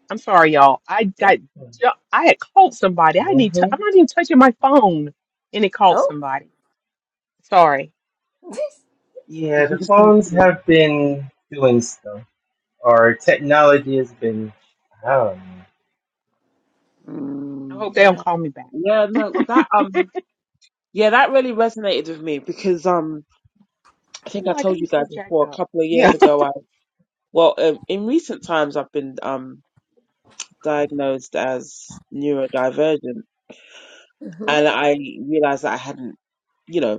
S6: I'm sorry, y'all. I
S2: Yeah.
S6: got, ju- I had called somebody. I need
S4: Mm-hmm.
S6: to, I'm not even touching my phone. And it called
S2: Oh.
S6: somebody. Sorry.
S4: Yeah, the phones have been doing stuff. Our technology has been, I don't
S6: I
S5: Mm.
S6: hope they don't
S2: yeah.
S6: call me back.
S5: Yeah, no, that um, yeah, that really resonated with me because um, I think
S6: I'm
S5: I
S6: like,
S5: told
S6: I'm
S5: you guys
S6: so jacked
S5: before a
S6: up.
S5: couple of
S6: Yeah.
S5: years ago. I well, um, in recent times, I've been um diagnosed as neurodivergent,
S2: hmm
S5: and I realized that I hadn't. you know.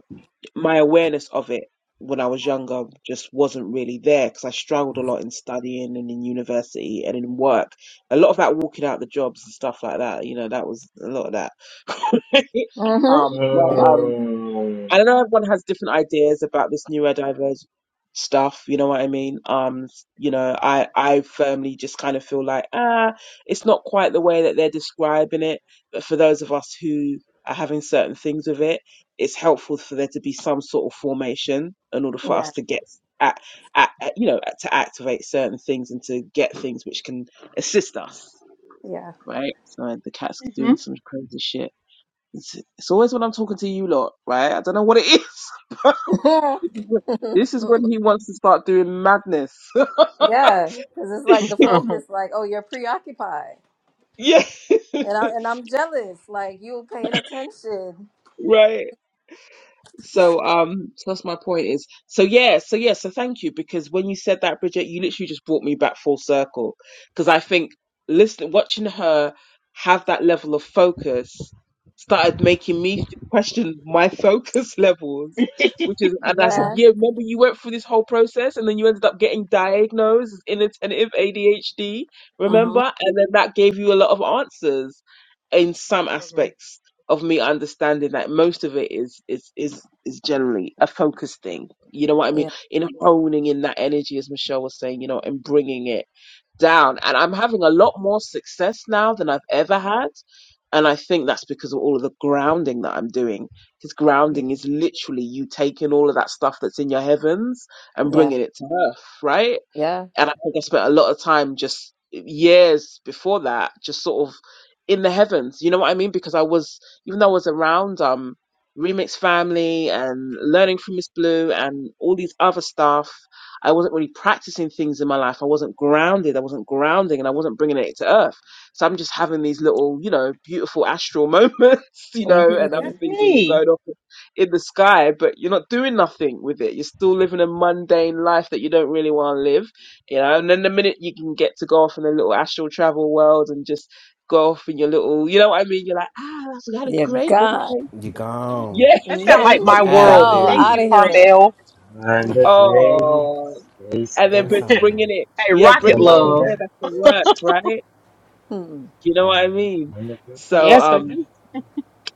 S5: my awareness of it when I was younger just wasn't really there because I struggled a lot in studying and in university and in work. A lot of that walking out the jobs and stuff like that, you know, that was a lot of that.
S2: hmm
S5: um, but um,
S4: know. Mm,
S5: I don't know everyone has different ideas about this neurodivergent stuff. You know what I mean? Um, you know, I I firmly just kind of feel like ah, it's not quite the way that they're describing it. But for those of us who are having certain things with it, it's helpful for there to be some sort of formation in order for
S2: Yeah.
S5: us to get at, at, at you know to activate certain things and to get things which can assist us.
S2: Yeah.
S5: Right? So the cat's
S6: hmm
S5: doing some crazy shit. It's, it's always when I'm talking to you lot, right? I don't know what it is. but this is when this is when he wants to start doing madness.
S2: yeah. Cause it's like the focus, like, oh, you're preoccupied.
S5: yeah,
S2: And I and I'm jealous. Like you paying attention.
S5: right. So um so that's my point is so yeah, so yeah, so thank you because when you said that, Bridget, you literally just brought me back full circle. Because I think listening watching her have that level of focus started making me th- question my focus levels. Which is and I said,
S6: yeah.
S2: man,
S5: Yeah, remember you went through this whole process and then you ended up getting diagnosed as inattentive ADHD,
S2: hmm
S5: remember? And then that gave you a lot of answers in some
S6: hmm
S5: aspects of me understanding that most of it is is is is generally a focus thing. You know what I mean?
S2: Yeah.
S5: In honing in that energy, as Michelle was saying, you know, and bringing it down. And I'm having a lot more success now than I've ever had. And I think that's because of all of the grounding that I'm doing. Because
S6: Yeah.
S5: grounding is literally you taking all of that stuff that's in your heavens and
S2: Yeah.
S5: bringing it to earth, right?
S2: Yeah.
S5: And I think I spent a lot of time just eh, years before that, just sort of in the heavens. You know what I mean? Because I was, even though I was around um, Remix Family and learning from Miss Blue and all these other stuff, I wasn't really practicing things in my life. I wasn't grounded. I wasn't grounding and I wasn't bringing it to earth. So I'm just having these little, you know, beautiful astral moments, you know, and other
S2: hmm
S6: That's
S5: things where you're
S6: me.
S5: going off in the sky, but you're not doing nothing with it. You're still living a mundane life that you don't really want to live you know. And then the minute you can get to go off in a little astral travel world and just go off in your little, you know what I mean? You're like, ah, that's I had a
S2: Yeah.
S5: great
S2: God.
S5: meditation.
S1: You gone.
S5: Yeah.
S6: That sounds like
S1: You
S5: and
S6: my
S5: then,
S2: hmm Go
S1: out of
S6: world.
S1: there.
S6: Thank
S2: out
S6: you,
S2: of here.
S6: Carmel.
S4: on the great
S5: oh,
S4: space
S5: and then
S1: That's
S5: br-
S1: so
S6: hey,
S4: coaster.
S1: real.
S5: bringing it, yeah,
S6: Rocket
S4: Come
S5: bringing it to
S4: on
S6: Love.
S5: here,
S4: now.
S5: that's the work, right?
S2: hmm
S5: You know what I mean?
S4: On the great
S5: So,
S6: Yes, I
S4: space
S5: um,
S6: do.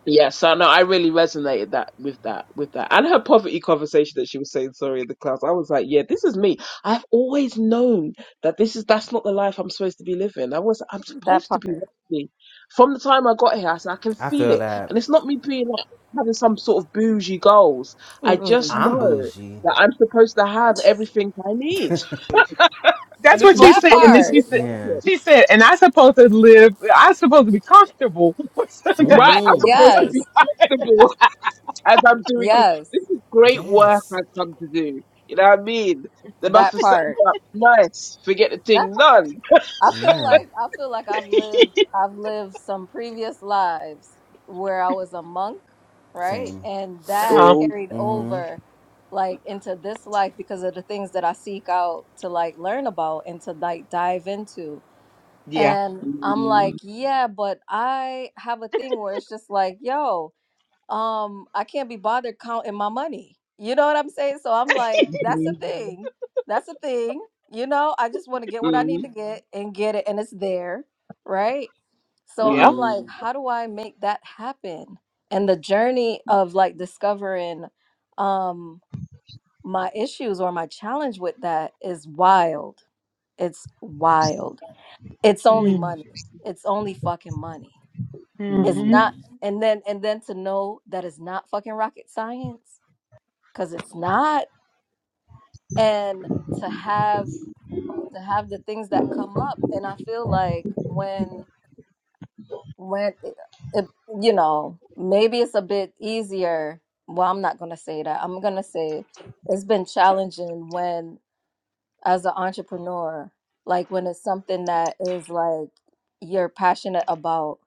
S5: Yeah, so no, I really resonated that with that with that, and her poverty conversation that she was saying sorry in the class. I was like, yeah, this is me. I've always known that this is that's not the life I'm supposed to be living. I was I'm
S2: That
S5: supposed to be
S2: part.
S5: wealthy. From the time I got here, I said I can
S1: I
S5: feel
S1: feel
S5: it,
S1: that.
S5: and it's not me being like having some sort of bougie goals. I
S2: Mm-mm.
S5: just
S1: I'm
S5: know
S1: bougie.
S5: that I'm supposed to have everything I need,
S4: coaster.
S5: and
S6: That's
S5: it's
S6: what she
S5: not
S2: That
S6: said.
S5: supposed
S6: And
S5: to
S6: then
S5: be
S2: part.
S6: she
S5: a
S6: said,
S1: Yeah.
S5: problem.
S6: she said, and I supposed to live, I supposed to be comfortable.
S5: Right? I'm
S1: hmm
S5: supposed to
S2: Yes.
S5: be comfortable. as I'm doing this.
S2: Yes.
S5: This is great work
S1: Yes.
S5: I've come to do. You know what I mean? They must
S2: That
S5: have set me
S2: part.
S5: up nice. Forget the
S2: That
S5: thing,
S2: part.
S5: none.
S2: I feel
S1: Yeah.
S2: like I feel like I've lived
S6: uh-huh.
S2: I've lived some previous lives where I was a monk, right?
S1: Same.
S2: And that
S5: Oh.
S2: carried over like into this life because of the things that I seek out to like learn about and to like dive into.
S6: Yeah.
S2: And I'm like,
S5: Mm,
S2: yeah, but I have a thing where it's just like, yo, um i can't be bothered counting my money you know what i'm saying so i'm like that's a
S5: hmm,
S2: Mhm. thing that's a thing you know i just want to get what i need
S5: mm,
S2: to get and get it and it's there right so
S6: Yeah.
S2: i'm like
S5: mm,
S2: how do i make that happen and the journey of like discovering um my issues or my challenge with that is wild it's wild it's only
S5: mm,
S2: money it's only fucking money it's
S6: Mm-hmm.
S2: not,
S5: mm.
S2: and then and then to know that it's not fucking rocket science because it's not, and to have to have the things that come up, and I feel like when when it, it, you know maybe it's a bit easier. Well, I'm not gonna say that. I'm gonna say it's been challenging when as an entrepreneur, like when it's something that is like you're passionate about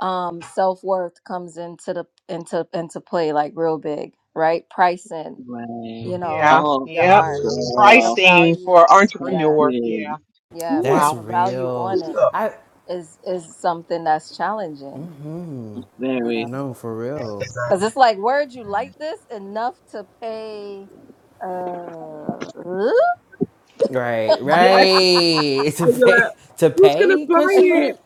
S2: um self-worth comes into the into into play like real big right pricing
S5: Right.
S2: you know
S6: Yeah.
S5: Oh,
S2: your
S6: Yep.
S2: art putting a
S5: God.
S6: Pricing
S2: value
S6: for
S2: yeah
S6: entrepreneur.
S5: Practice.
S6: Yeah.
S2: yeah
S5: Ooh,
S2: putting
S1: That's
S6: Wow.
S2: a value
S1: real.
S2: on it
S1: I
S2: is is something that's challenging you know
S5: very.
S1: no for real.
S2: because it's like where'd you like this enough to pay
S1: Right.
S5: Yes.
S2: uh
S1: Right. to
S5: Then you're like,
S1: pay. To
S5: who's going to
S1: pay?
S5: buy
S1: Question
S5: it?
S1: mark.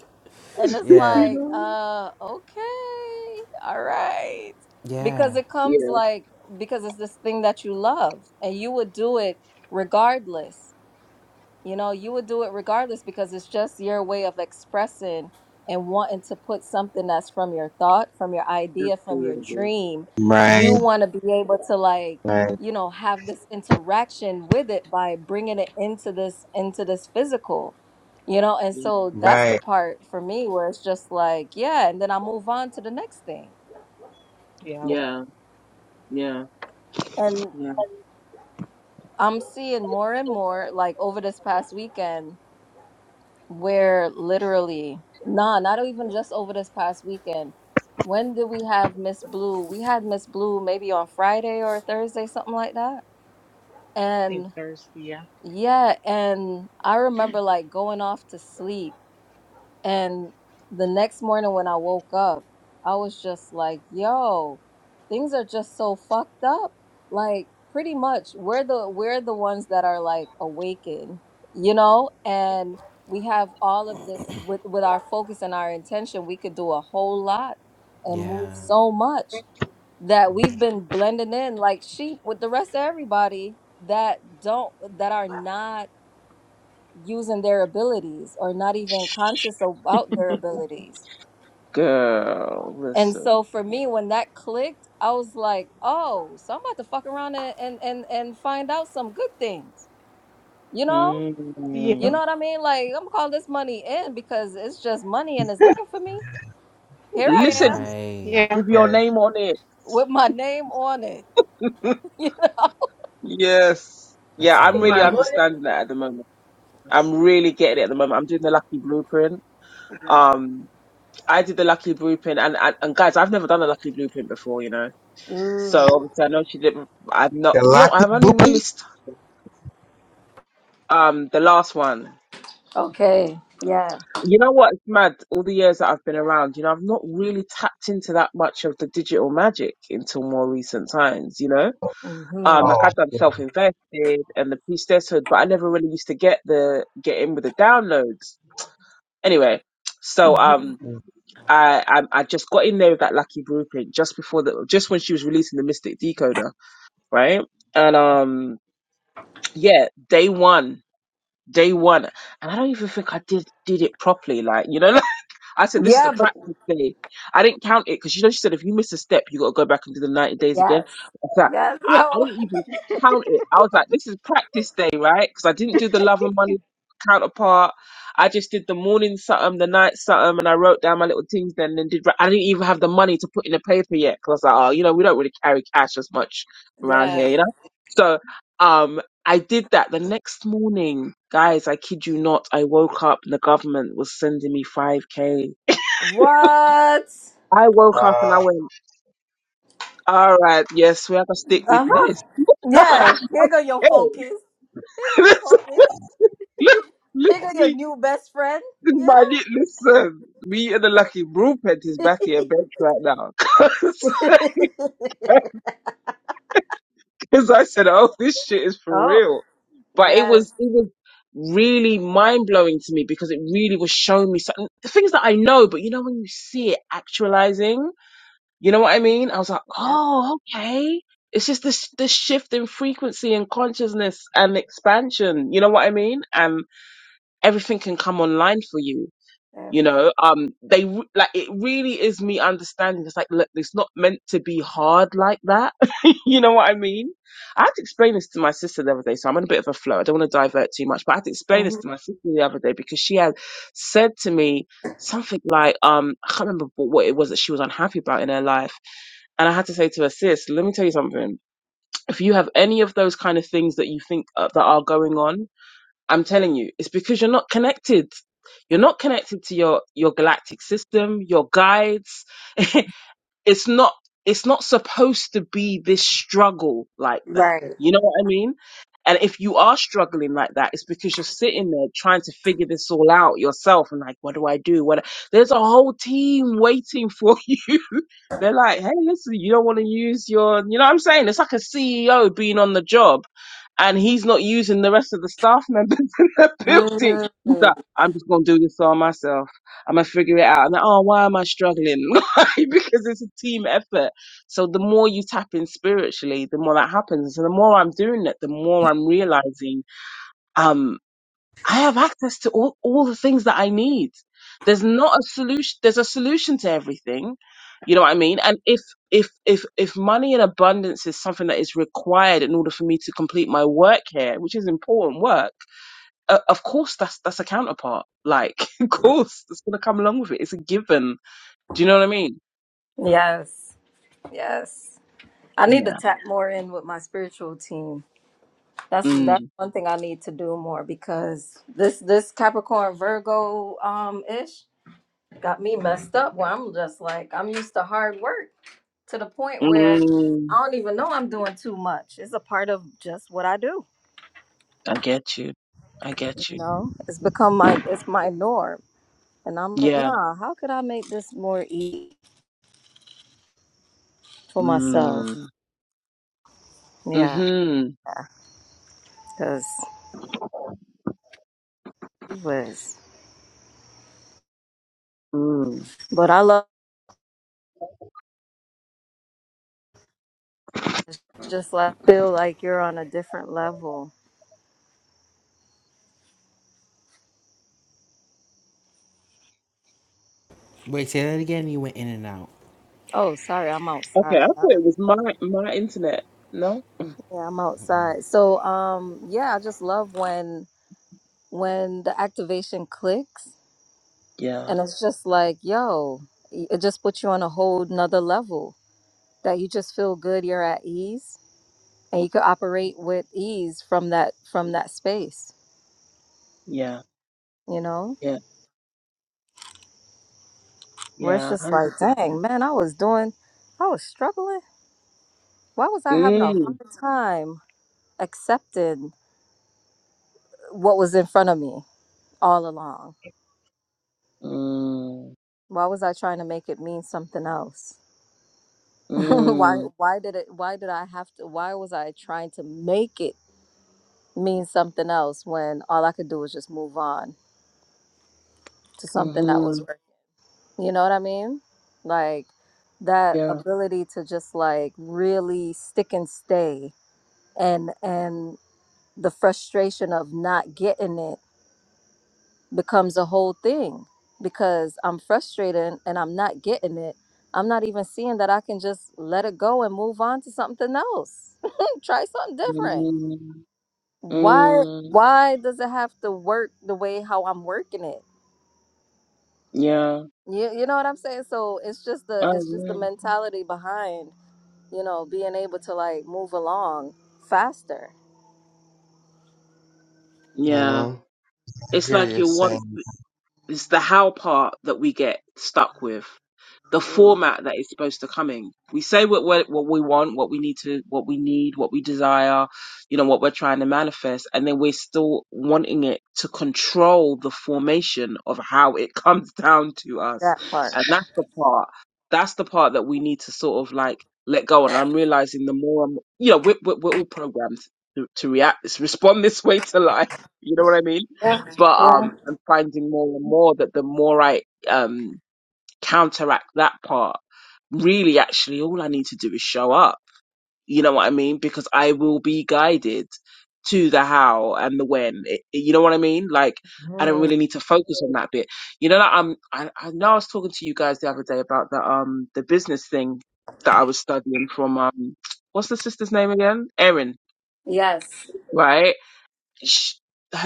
S2: And it's
S1: Yeah.
S5: you
S2: like,
S5: know?
S2: uh, okay, all right. Because
S1: Yeah.
S2: it comes
S5: Yeah,
S2: like, because it's this thing that you love and you would do it regardless you know you would do it regardless because it's just your way of expressing and wanting to put something that's from your thought from your idea from your
S5: absolutely.
S2: dream
S4: Right,
S2: you want to be able to like
S4: right,
S2: you know have this interaction with it by bringing it into this into this physical you know and
S5: Yeah,
S2: so that's the
S4: right.
S2: part for me where it's just like yeah and then i move on to the next thing
S6: Yeah.
S5: yeah, yeah,
S2: and
S5: yeah.
S2: i'm seeing more and more like over this past weekend where literally, nah, not even just over this past weekend. When did we have Miss Blue? We had Miss Blue maybe on Friday or Thursday, something like that.
S6: I Think
S2: And
S6: thirsty. Yeah.
S2: yeah, and I remember like going off to sleep and the next morning when I woke up, I was just like, yo, things are just so fucked up. Like pretty much we're the we're the ones that are like awakened, you know? And we have all of this with with our focus and our intention, we could do a whole lot and move
S1: Yeah.
S2: so much that we've been blending in like sheep with the rest of everybody that don't that are not using their abilities or not even conscious about their abilities.
S5: Girl,
S2: And
S5: listen.
S2: so for me, when that clicked, I was like, oh, so I'm about to fuck around and and and, and find out some good things. You know? You
S6: Yeah.
S2: know
S5: Mm.
S2: what I mean? Like I'm gonna call this money in because it's just money and it's looking for me. Here I am
S5: Listen
S1: Right.
S6: Yeah.
S5: with your
S4: Yeah.
S5: name on it.
S2: with my name on it.
S5: Yes.
S1: That's
S5: Yeah,
S1: so
S5: I'm
S4: In
S5: really
S4: my
S1: real.
S4: morning.
S5: understanding that at the moment. I'm really getting it at the moment. I'm doing the lucky blueprint. Um, I did the lucky blueprint, and, and and guys, I've never done a lucky blueprint before, you know.
S2: Mm,
S5: So obviously, I know she didn't. I've not. You know,
S4: Galactic
S5: I've only
S4: Booby?
S5: really st- um the last one.
S2: okay. Yeah.
S5: You know what? It's mad. All the years that I've been around, you know, I've not really tapped into that much of the digital magic until more recent times. You know
S2: hmm
S5: Um, like
S4: Oh,
S5: I've done
S4: yeah.
S5: self invested and the priestesshood, but I never really used to get the get in with the downloads. Anyway, so
S2: hmm
S5: um, I, I I just got in there with that lucky blueprint just before the just when she was releasing the Mystic Decoder, right? And um yeah, day one, day one, and I don't even think I did did it properly. Like you know, I said, this is a
S2: Yeah, but
S5: practice day. I didn't count it because you know she said if you miss a step, you got to go back and do the 90 days again.
S2: yes.
S5: I, was like,
S2: Yes,
S5: I, I
S2: yo.
S5: didn't even count it. I was like, this is practice day, right? Because I didn't do the love and money counterpart. I just did the morning something, the night something, and I wrote down my little things. Then and did. I didn't even have the money to put in the paper yet because I was like, oh, you know, we don't really carry cash as much around here,
S2: Yeah.
S5: you know. So. um. I did that the next morning, guys. I kid you not. I woke up and the government was sending me 5k.
S2: What?
S5: I woke up and I
S4: uh,
S5: went, all right, yes, we have to stick with
S2: Uh-huh.
S5: this.
S2: Yeah,
S5: hey,
S2: here go your focus. Here go your
S5: listen,
S2: focus.
S5: listen,
S2: Here go your
S5: listen,
S2: new best friend. You
S5: listen, Me and the lucky brewpet is
S2: know.
S5: batty and bench right now. Because I said, oh, this shit is for
S2: oh
S5: real. But it
S2: yes,
S5: was, it was really mind blowing to me because it really was showing me something, things that I know, but you know, when you see it actualizing, you know what I mean? I was like,
S2: yeah,
S5: oh, okay. It's just this, this shift in frequency and consciousness and expansion. You know what I mean? And everything can come online for you you
S2: everything.
S5: know um they re- like it really is me understanding it's like look it's not meant to be hard like that you know what i mean i had to explain this to my sister the other day so i'm in a bit of a flow i don't want to divert too much but i had to explain
S2: hmm
S5: this to my sister the other day because she had said to me something like um i can't remember what what it was that she was unhappy about in her life and I had to say to her, sis, let me tell you something. If you have any of those kind of things that you think uh, that are going on, I'm telling you, it's because you're not connected. You're not connected to your your galactic system, your guides. it's not it's not supposed to be this struggle like that
S2: Right.
S5: you know what i mean and if you are struggling like that it's because you're sitting there trying to figure this all out yourself and like what do i do what there's a whole team waiting for you they're like hey listen you don't want to use your you know what i'm saying it's like a ceo being on the job and he's not using the rest of the staff members in the building he's
S2: Mm.
S5: like i'm just gonna do this all myself i'm gonna figure it out and oh why am i struggling Right? because it's a team effort. So the more you tap in spiritually, the more that happens. And the more I'm doing it, the more I'm realizing um I have access to all, all the things that I need. There's not a solution there's a solution to everything. You know what I mean? And if if if if money in abundance is something that is required in order for me to complete my work here, which is important work, uh, of course that's that's a counterpart. Like, of course, it's gonna come along with it. It's a given. Do you know what I mean?
S2: Yes, yes. I need to
S5: Yeah.
S2: tap more in with my spiritual team. That's
S5: Mm.
S2: that's one thing I need to do more because this this Capricorn Virgo um ish got me messed up where I'm just like I'm used to hard work. to the point where
S5: Mm,
S2: I don't even know I'm doing too much. It's a part of just what I do.
S5: I get you. I get
S2: You
S5: you.
S2: know, it's become my it's my norm, and I'm like,
S5: Yeah.
S2: nah. How could I make this more easy for myself?
S5: Mm.
S2: Yeah,
S5: Mm-hmm.
S2: because it was.
S5: Mm.
S2: But I love just like feel like you're on a different level.
S1: Wait, say that again. You went in and out.
S2: Oh, sorry, I'm
S5: Okay,
S2: outside.
S5: I thought it was my my internet. No?
S2: Yeah, I'm outside. So, um, yeah, I just love when when the activation clicks,
S5: Yeah,
S2: and it's just like, yo, it just puts you on a whole nother level that you just feel good you're at ease and you could operate with ease from that from that space
S5: yeah,
S2: you know
S5: yeah,
S2: where it's
S5: yeah, one
S2: just like
S5: hundred
S2: dang
S5: percent.
S2: man i was doing i was struggling why was i having a
S5: Mm.
S2: hard time accepting what was in front of me all along
S5: Mm.
S2: why was i trying to make it mean something else why
S5: Mm.
S2: why did it why did i have to why was i trying to make it mean something else when all i could do was just move on to something that
S5: Mm-hmm.
S2: was right You know what I mean? Like that
S5: Yeah.
S2: ability to just like really stick and stay and and the frustration of not getting it becomes a whole thing because I'm frustrated and I'm not getting it. I'm not even seeing that I can just let it go and move on to something else. Try something different.
S5: Mm.
S2: Why
S5: Mm.
S2: why does it have to work the way how I'm working it?
S5: Yeah.
S2: You, you know what I'm saying? So it's just the
S5: Oh
S2: it's just the
S5: yeah.
S2: mentality behind you know, being able to like move along faster.
S4: you
S5: Yeah.
S4: know, I
S5: It's
S4: hear
S5: like
S4: you
S5: you
S4: saying,
S5: want it's the how part that we get stuck with. the
S2: Mm,
S5: format that is supposed to come in. We say what we're, what we want, what we need to, what we need, what we desire, you know, what we're trying to manifest, and then we're still wanting it to control the formation of how it comes down to us,
S2: that part.
S5: and that's the part. That's the part that we need to sort of like let go. And I'm realizing the more I'm, you know, we're we're, we're all programmed to, to react, respond this way to life. You know what I mean?
S2: Yeah.
S5: But um, I'm finding more and more that the more I um counteract that part really actually all I need to do is show up. You know what I mean? Because I will be guided to the how and the when. It- you know what I mean? Like I don't
S2: Mhm.
S5: really need to focus on that bit. You know, like, I'm, I, I know I was talking to you guys the other day about the um the business thing that I was studying from um what's the sister's name again? Erin,
S2: Yes.
S5: right? sh-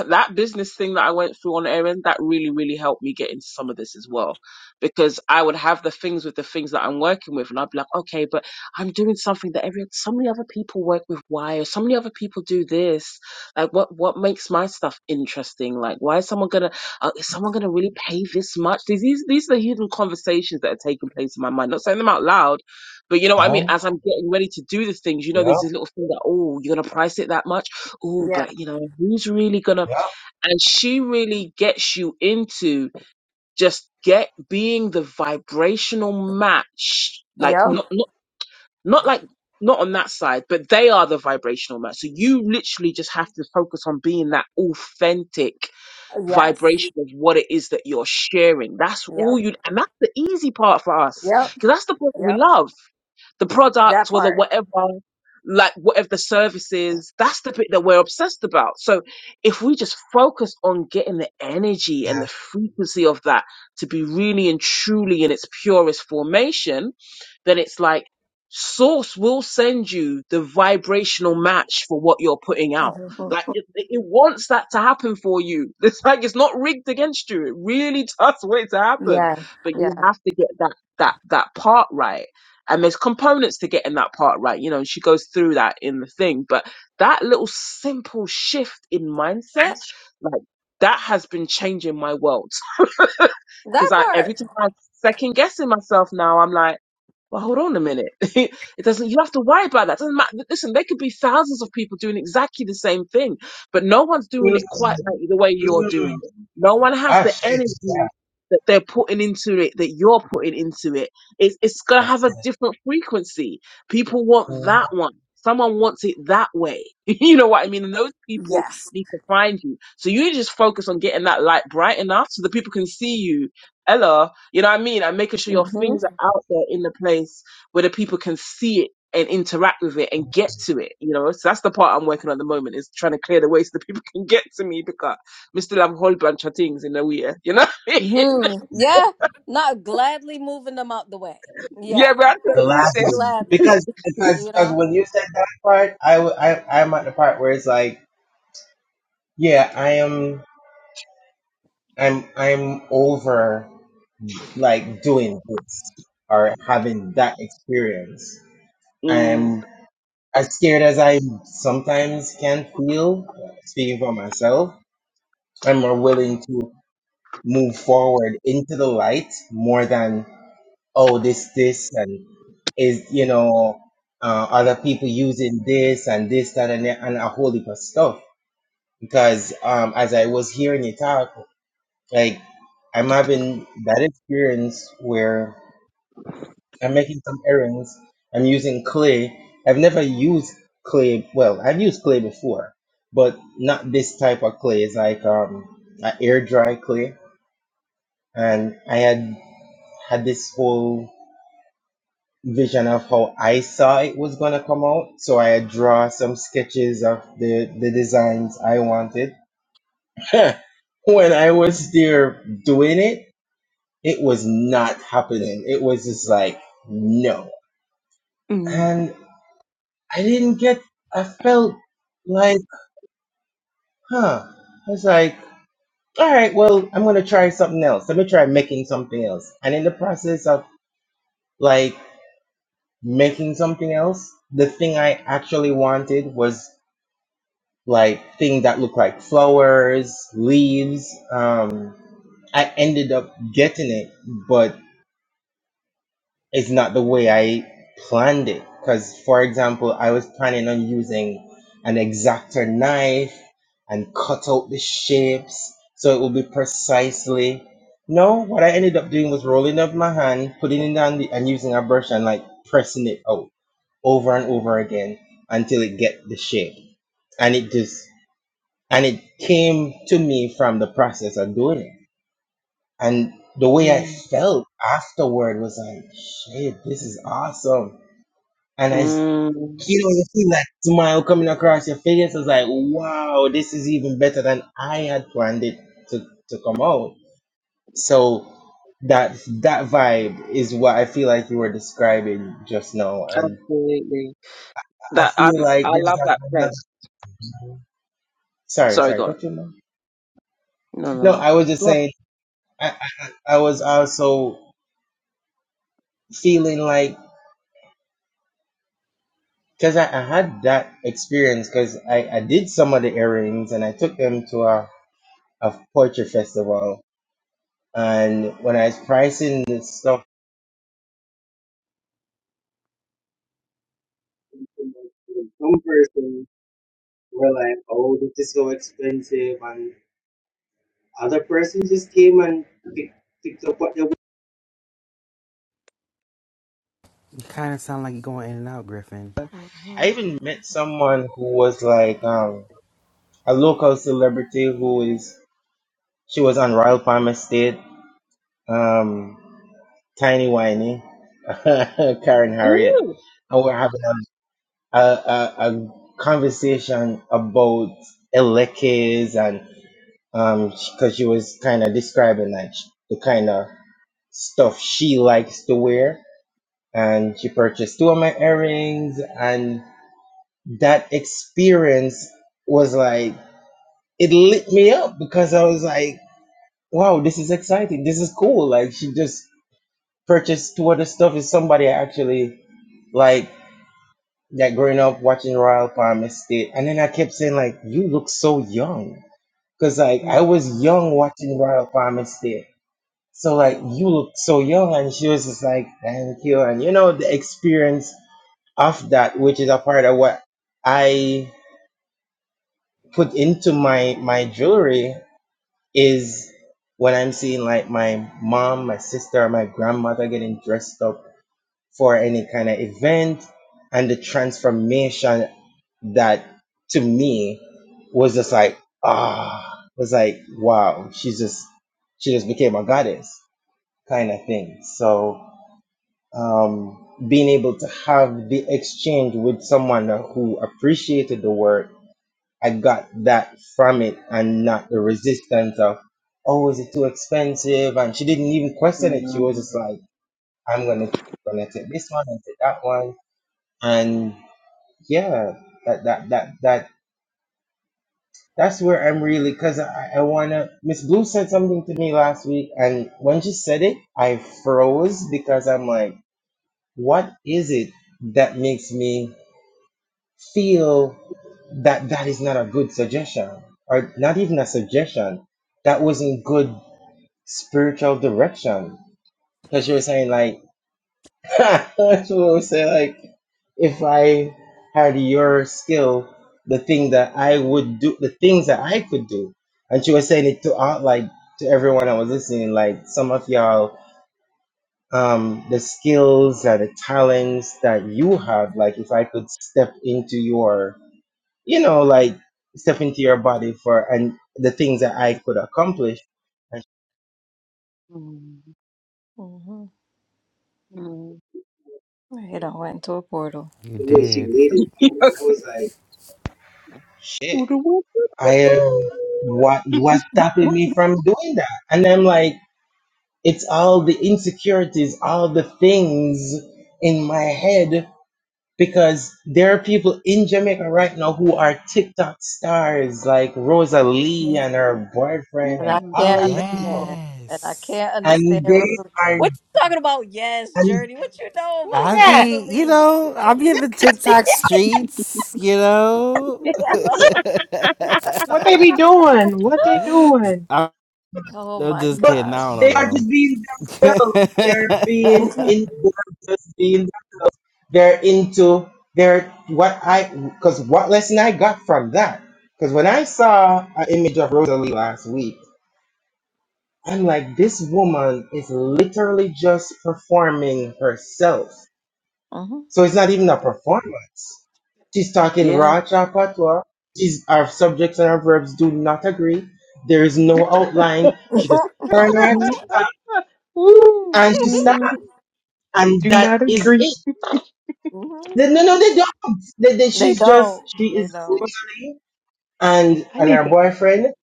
S5: that business thing that I went through on Erin, that really, really helped me get into some of this as well. Because I would have the things with the things that I'm working with, and I'd be like, okay, but I'm doing something that every so many other people work with why, or so many other people do this. Like, what what makes my stuff interesting? Like, why is someone gonna uh, is someone gonna really pay this much? These these these are the hidden conversations that are taking place in my mind. Not saying them out loud, but you know what
S4: yeah,
S5: I mean. As I'm getting ready to do the things, you know,
S4: yeah,
S5: there's this little thing that oh, you're gonna price it that much oh,
S2: Yeah.
S5: but you know, who's really gonna?
S4: yeah,
S5: And she really gets you into just get being the vibrational match, like
S2: Yep.
S5: not not not like not on that side, but they are the vibrational match. So you literally just have to focus on being that authentic
S2: Yes.
S5: vibration of what it is that you're sharing. That's all
S2: Yep.
S5: you, and that's the easy part for us
S2: Yep.
S5: because that's the part we
S2: Yep.
S5: love the product
S2: That
S5: or the
S2: part.
S5: whatever, like whatever the service is, that's the bit that we're obsessed about. So if we just focus on getting the energy and
S4: yeah.
S5: the frequency of that to be really and truly in its purest formation, then it's like source will send you the vibrational match for what you're putting out.
S2: Mhm.
S5: Like it, it it wants that to happen for you. It's like it's not rigged against you. It really does want it to happen,
S2: Yeah.
S5: but
S2: Yeah.
S5: you have to get that that that part right and there's components to getting that part right you know and she goes through that in the thing but that little simple shift in mindset like that has been changing my world because
S2: That
S5: i every
S2: part.
S5: time i'm second guessing myself now i'm like well, hold on a minute. it doesn't. You have to worry about that. Doesn't matter. Listen, there could be thousands of people doing exactly the same thing, but no one's doing
S4: Mm,
S5: it quite like the way you're
S4: mm,
S5: doing it. No one has
S4: I
S5: the
S4: shake
S5: energy that they're putting into it that you're putting into it. It's it's gonna have a
S4: it.
S5: different frequency. People want that one. Someone wants it that way. you know what I mean? And those people
S2: Yes.
S5: need to find you. So you just focus on getting that light bright enough so that people can see you. Hello, you know what I mean? And making sure your
S2: Mhm.
S5: things are out there in the place where the people can see it and interact with it and get to it. You know, so that's the part I'm working on at the moment is trying to clear the way so that people can get to me because we still have a whole bunch of things in the way. You know? what I mean?
S2: Mhm. Yeah. Not gladly moving them out the way.
S5: yeah,
S2: Yeah.
S5: but I'm trying
S4: The
S5: to move there.
S2: Gladly.
S4: Because because
S2: You
S4: because
S2: know.
S4: when you said that part, I w- I am at the part where it's like, yeah, I am I'm I'm over like doing this or having that experience.
S5: Mm,
S4: I'm as scared as I sometimes can feel, speaking for myself, I'm more willing to move forward into the light more than oh this this and is you know uh, other people using this and this that and that and a whole heap of stuff because um as I was hearing you talk like I'm having that experience where I'm making some errands I'm using clay I've never used clay well I've used clay before but not this type of clay it's like um a air dry clay and I had had this whole vision of how I saw it was gonna come out. So I draw some sketches of the the designs I wanted. when I was there doing it, it was not happening. It was just like no,
S5: mm,
S4: and I didn't get. I felt like huh. I was like. All right, well, I'm gonna try something else. Let me try making something else. And in the process of like making something else, the thing I actually wanted was like things that look like flowers, leaves. Um, I ended up getting it, but it's not the way I planned it. Because, for example, I was planning on using an exactor knife and cut out the shapes so it will be precisely. No, what I ended up doing was rolling up my hand, putting it on the, and using a brush and like pressing it out over and over again until it get the shape and it just and it came to me from the process of doing it and the way i
S5: mm,
S4: felt afterward was like shit this is awesome and i s-
S5: mm,
S4: you know you see that smile coming across your face i was like wow this is even better than i had planned it to, to come out so that that vibe is what i feel like you were describing just now and
S5: absolutely.
S4: i
S5: That
S4: feel
S5: um, I
S4: like there's
S5: love that
S4: not
S5: place.
S4: another sorry
S5: Sorry,
S4: sorry
S5: go on.
S4: got you mom
S5: No, no,
S4: no
S5: no.
S4: i was just
S5: Go
S4: saying
S5: on.
S4: I, I, I was also feeling like because I, I had that experience because I, I did some of the earrings and I took them to a, a portrait festival and when I was pricing the stuff some person were like oh this is so expensive and other person just came and picked, picked up what they wa-
S1: You kind of sound like you're going in and out, Griffin.
S4: I
S2: Mhm.
S4: even met someone who was like um a local celebrity who is she was on Royal Palm Estate um Tiny Whiny, Karen Harriet,
S5: Ooh.
S4: and we're having a, a, a, a conversation about elekes and um because she was kind of describing like sh- the kind of stuff she likes to wear, and she purchased two of my earrings, and that experience was like it lit me up because I was like, wow, this is exciting, this is cool. Like she just purchased two other stuff is somebody I actually like that growing up watching Royal Palm Estate, and then I kept saying like, "You look so young," because like
S5: Mm,
S4: I was young watching Royal Palm Estate. So like, you look so young, and she was just like, "Thank you," and you know the experience of that, which is a part of what I put into my my jewelry, is when I'm seeing like my mom, my sister, or my grandmother getting dressed up for any kind of event and the transformation that to me was just like ah was like wow she's just she just became a goddess kind of thing so um being able to have the exchange with someone who appreciated the work i got that from it and not the resistance of oh is it too expensive and she didn't even question it she was
S5: mm,
S4: just like i'm gonna gonna take this one and take that one and yeah that that that that that's where i'm really because i, I want to miss blue said something to me last week and when she said it i froze because i'm like what is it that makes me feel that that is not a good suggestion or not even a suggestion that wasn't good spiritual direction because you were saying like That's what I would say. Like, if I had your skill, the thing that I would do, the things that I could do, and she was saying it to out like to everyone I was listening. Like some of y'all, um, the skills and the talents that you have. Like, if I could step into your, you know, like step into your body for and the things that I could accomplish, and
S5: mm,
S2: Mhm.
S5: mm.
S2: Right. I went into a portal.
S1: You
S4: the way she
S1: did.
S4: laid it out,
S5: Yeah.
S4: I was like, shit.
S5: the world.
S4: I am what what's stopping me from doing that? And I'm like, it's all the insecurities, all the things in my head because there are people in Jamaica right now who are TikTok stars like Rosalie and her
S5: Yeah.
S4: boyfriend
S2: And
S4: and
S2: I
S4: all
S2: can't
S4: these people.
S2: understand. And I
S1: Yes.
S2: can't understand
S4: And they
S2: Rosalie.
S4: are
S2: What you talking about? Yes,
S4: and
S2: Journey. What you know
S6: Who is
S1: I
S2: about
S6: that?
S1: be, you
S2: Rosalie?
S1: know, I be in the TikTok streets, you know.
S6: What they be doing? What they doing?
S2: Oh
S1: I'm
S2: my
S1: just
S4: But
S1: kidding.
S2: gosh.
S1: I don't
S4: they are
S1: know
S4: just being themselves. They're
S1: though.
S4: being
S2: hmm
S4: in. They're just being themselves. They're into their what I because what lesson I got from that. Because when I saw an image of Rosalie last week, I'm like, this woman is literally just performing herself.
S2: hmm
S4: So it's not even a performance. She's talking
S5: Yeah.
S4: raw chapatwa. She's our subjects and our verbs do not agree. There is no outline. She just turn her
S5: Mhm.
S6: Ooh,
S4: and she sat,
S5: No,
S6: they
S4: and
S6: do
S4: that
S6: not
S4: is
S6: agree.
S4: it. They, no, no, they don't. They, they,
S2: They
S4: she's just
S2: don't.
S4: she
S2: They
S4: is
S2: don't.
S4: Rosalie, and
S6: I
S4: and
S6: need
S4: her
S6: to.
S4: boyfriend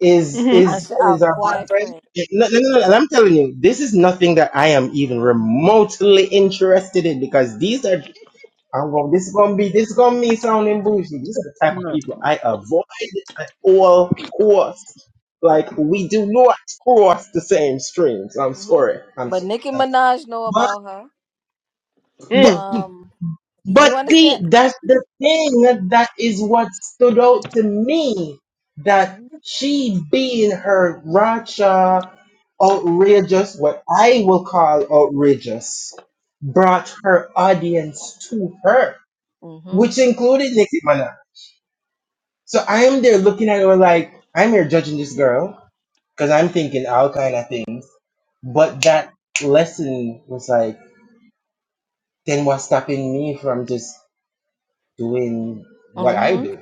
S4: is
S2: I
S4: is
S2: should
S4: is
S2: have
S4: her boyfriend.
S2: boyfriend.
S4: No, no, no, no, and I'm telling you, this is nothing that I am even remotely interested in because these are.
S6: Mm-hmm.
S4: I'm going, this is gonna be this is gonna be sounding bougie. These are the type of
S5: no,
S4: people I avoid at all costs. Like we do not cross the same streams. I'm
S2: hmm
S4: sorry. I'm
S2: But
S4: sorry.
S2: Nicki
S4: I'm
S2: Minaj know
S4: sorry.
S2: about her.
S4: But
S6: Mm.
S2: Um,
S4: But
S2: You understand?
S4: see, that's the thing that is what stood out to me. That
S2: hmm
S4: she being her Racha outrageous, what I will call outrageous, brought her audience to her,
S2: hmm
S4: which included Nicki Minaj. So I am there looking at her like, I'm here judging this girl, because I'm thinking all kind of things. But that lesson was like, then what's stopping me from just doing what I
S2: hmm
S4: do?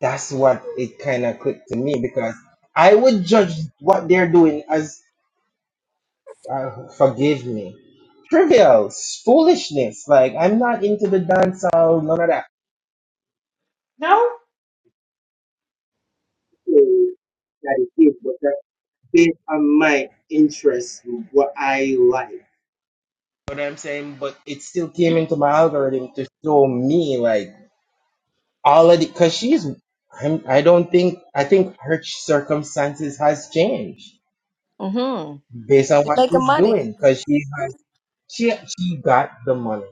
S4: That's what it kind of clicked to me because I would judge what they're doing as, uh, forgive me, trivial, foolishness. Like, I'm not into the dance hall, none of that.
S6: No,
S4: That it is, but that's based on my interest, what I like. You know what I'm saying? But it still came into my algorithm to show me, like, all of the, because she's, I'm, I don't think, I think her circumstances has changed
S2: hmm You're
S4: based on what
S2: making
S4: she's
S2: money.
S4: doing because she She she got the money.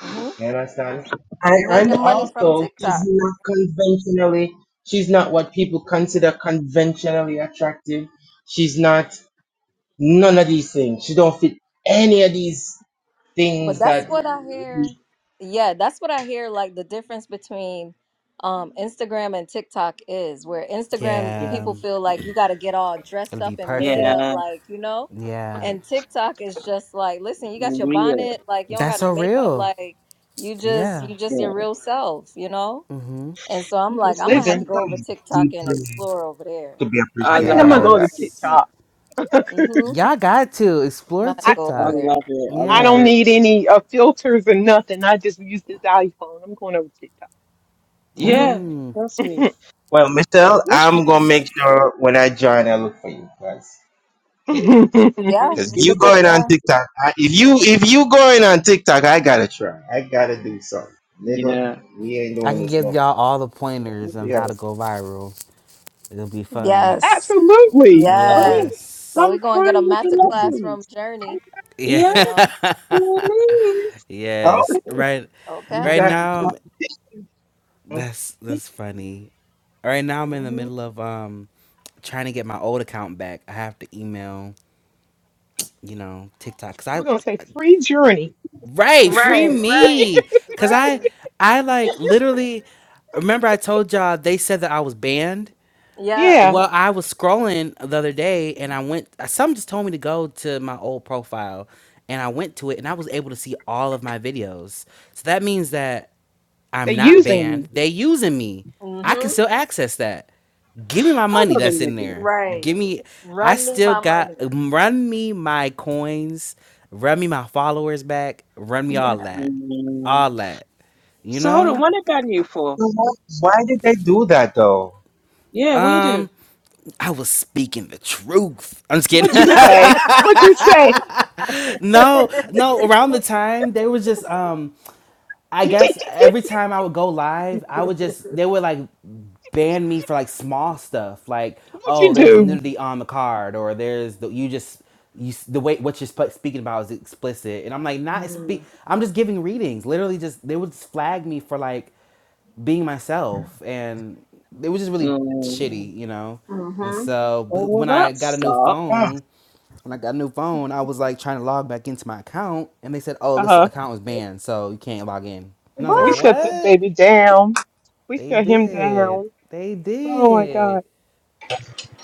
S2: hmm
S4: You understand?
S2: You're
S4: And and
S2: making money from
S4: also she's
S2: TikTok.
S4: not conventionally she's not what people consider conventionally attractive. She's not none of these things. She don't fit any of these
S2: But
S4: things
S2: that's
S4: that we-
S2: what I hear. Yeah, that's what I hear. Like the difference between um, Instagram and TikTok is where Instagram
S5: Yeah.
S1: yeah,
S2: people feel like you got to get all dressed
S1: it'll
S2: up
S1: be
S2: and made
S1: perfect.
S2: up,
S5: Yeah.
S2: like you know,
S1: Yeah,
S2: and TikTok is just like, listen, you got your
S5: Real.
S2: bonnet, like you don't
S1: that's
S2: got no
S1: so
S2: makeup,
S1: real.
S2: like you just
S1: Yeah.
S2: you just your
S5: Yeah.
S2: real self, you know.
S1: Mm-hmm.
S2: And so I'm
S6: I'm just
S2: like, I'm gonna
S4: and
S2: have
S5: It's,
S4: there's
S2: to
S6: living.
S2: go over
S4: something
S2: TikTok and
S4: deeply
S2: explore over
S4: to
S2: there.
S4: be
S6: I
S5: I
S4: appreciated
S6: think
S5: love
S6: I'm
S5: I
S6: gonna
S4: about
S6: go
S5: love
S4: that.
S6: to
S5: it.
S1: Yes.
S5: too.
S6: TikTok.
S2: Mm-hmm. I'm
S1: Y'all got to explore
S2: gonna have to
S6: I
S2: go
S5: I
S2: over
S1: TikTok.
S2: there.
S5: love it. I
S6: I
S5: love
S6: don't
S1: Yeah.
S5: it.
S6: need any uh, filters or nothing. I just use this iPhone. I'm going over TikTok.
S2: mm hmm
S5: Yeah.
S1: Mm-hmm.
S5: Trust me.
S4: Well, Michelle,
S5: What you
S4: I'm gonna make sure when I join I look for you guys. Yeah.
S6: oh,
S2: Yeah,
S4: Cause
S5: you
S4: you
S5: know
S4: going on
S2: yeah.
S4: TikTok. I, if you if you going on TikTok, I gotta try. I gotta do something, nigga.
S5: Yeah.
S4: We ain't
S1: I
S4: doing
S1: can
S4: this no.
S1: give
S4: more.
S1: y'all all the pointers
S4: We
S1: on how to
S4: gotta.
S1: go viral. It'll be fun.
S2: Yes.
S6: absolutely.
S5: Oh,
S2: Yes. So
S1: Yes.
S5: I'm
S2: we're gonna get a
S5: through with the
S2: master class from
S5: lessons.
S2: Journey,
S5: Yeah,
S2: you know.
S1: Yeah.
S5: please.
S4: Oh,
S1: Yes. Right
S2: Okay.
S4: you
S1: right
S4: got. You
S1: now
S4: got the
S1: that's
S4: TikTok.
S1: that's funny. Right now I'm
S2: mm
S1: in the
S2: hmm
S1: middle of um trying to get my old account back. I have to email, you know, TikTok cuz I
S6: We're gonna say free journey.
S1: right, free
S2: Right, right,
S1: me cuz
S2: right.
S1: I I like literally remember I told y'all they said that I was banned.
S2: Yeah.
S6: Yeah,
S1: Well, I was scrolling the other day and I went some just told me to go to my old profile and I went to it and I was able to see all of my videos. So that means that
S6: they're
S1: I'm not
S6: using
S1: banned.
S6: you.
S1: They using me.
S2: mm
S1: I can
S2: hmm
S1: still access that. Give me my
S5: Hold
S1: money
S5: on a
S1: that's in
S5: minute.
S1: there.
S2: Right.
S1: Give me. I
S2: Run me
S1: still
S2: my
S1: got.
S2: money.
S1: Run me my coins. Run me my followers back. Run me
S2: Yeah.
S1: all that.
S5: Mhm.
S1: All that. You
S5: So hold on,
S1: know.
S5: what about you for?
S4: why did they do that though?
S5: Yeah, we do.
S1: Um, I was speaking the truth. I'm just kidding.
S6: What you say? What you say?
S1: no, no. Around the
S6: what
S1: time they was just um I guess every time I would go live, I would just they would like ban me for like small stuff, like oh,
S6: you
S1: there's
S6: do?
S1: nudity on the card, or there's the, you just you s- the way what you're sp- speaking about is explicit, and I'm like not speak.
S2: mm-hmm.
S1: I'm just giving readings, literally. Just they would just flag me for like being myself and it was just really
S5: Mm.
S1: shitty you know and so
S5: Oh,
S1: but
S5: well,
S1: when
S5: that
S1: i got a new
S5: sucks.
S4: Huh,
S1: phone when i got a new phone i was like trying to log back into my account and they said oh
S6: Uh
S1: this
S6: huh.
S1: account was banned so you can't log in and i was like
S2: What?
S6: We shut this
S1: what
S6: baby down. We
S1: they
S6: shut him
S1: did
S6: down.
S1: they
S6: Oh my
S1: did
S6: God.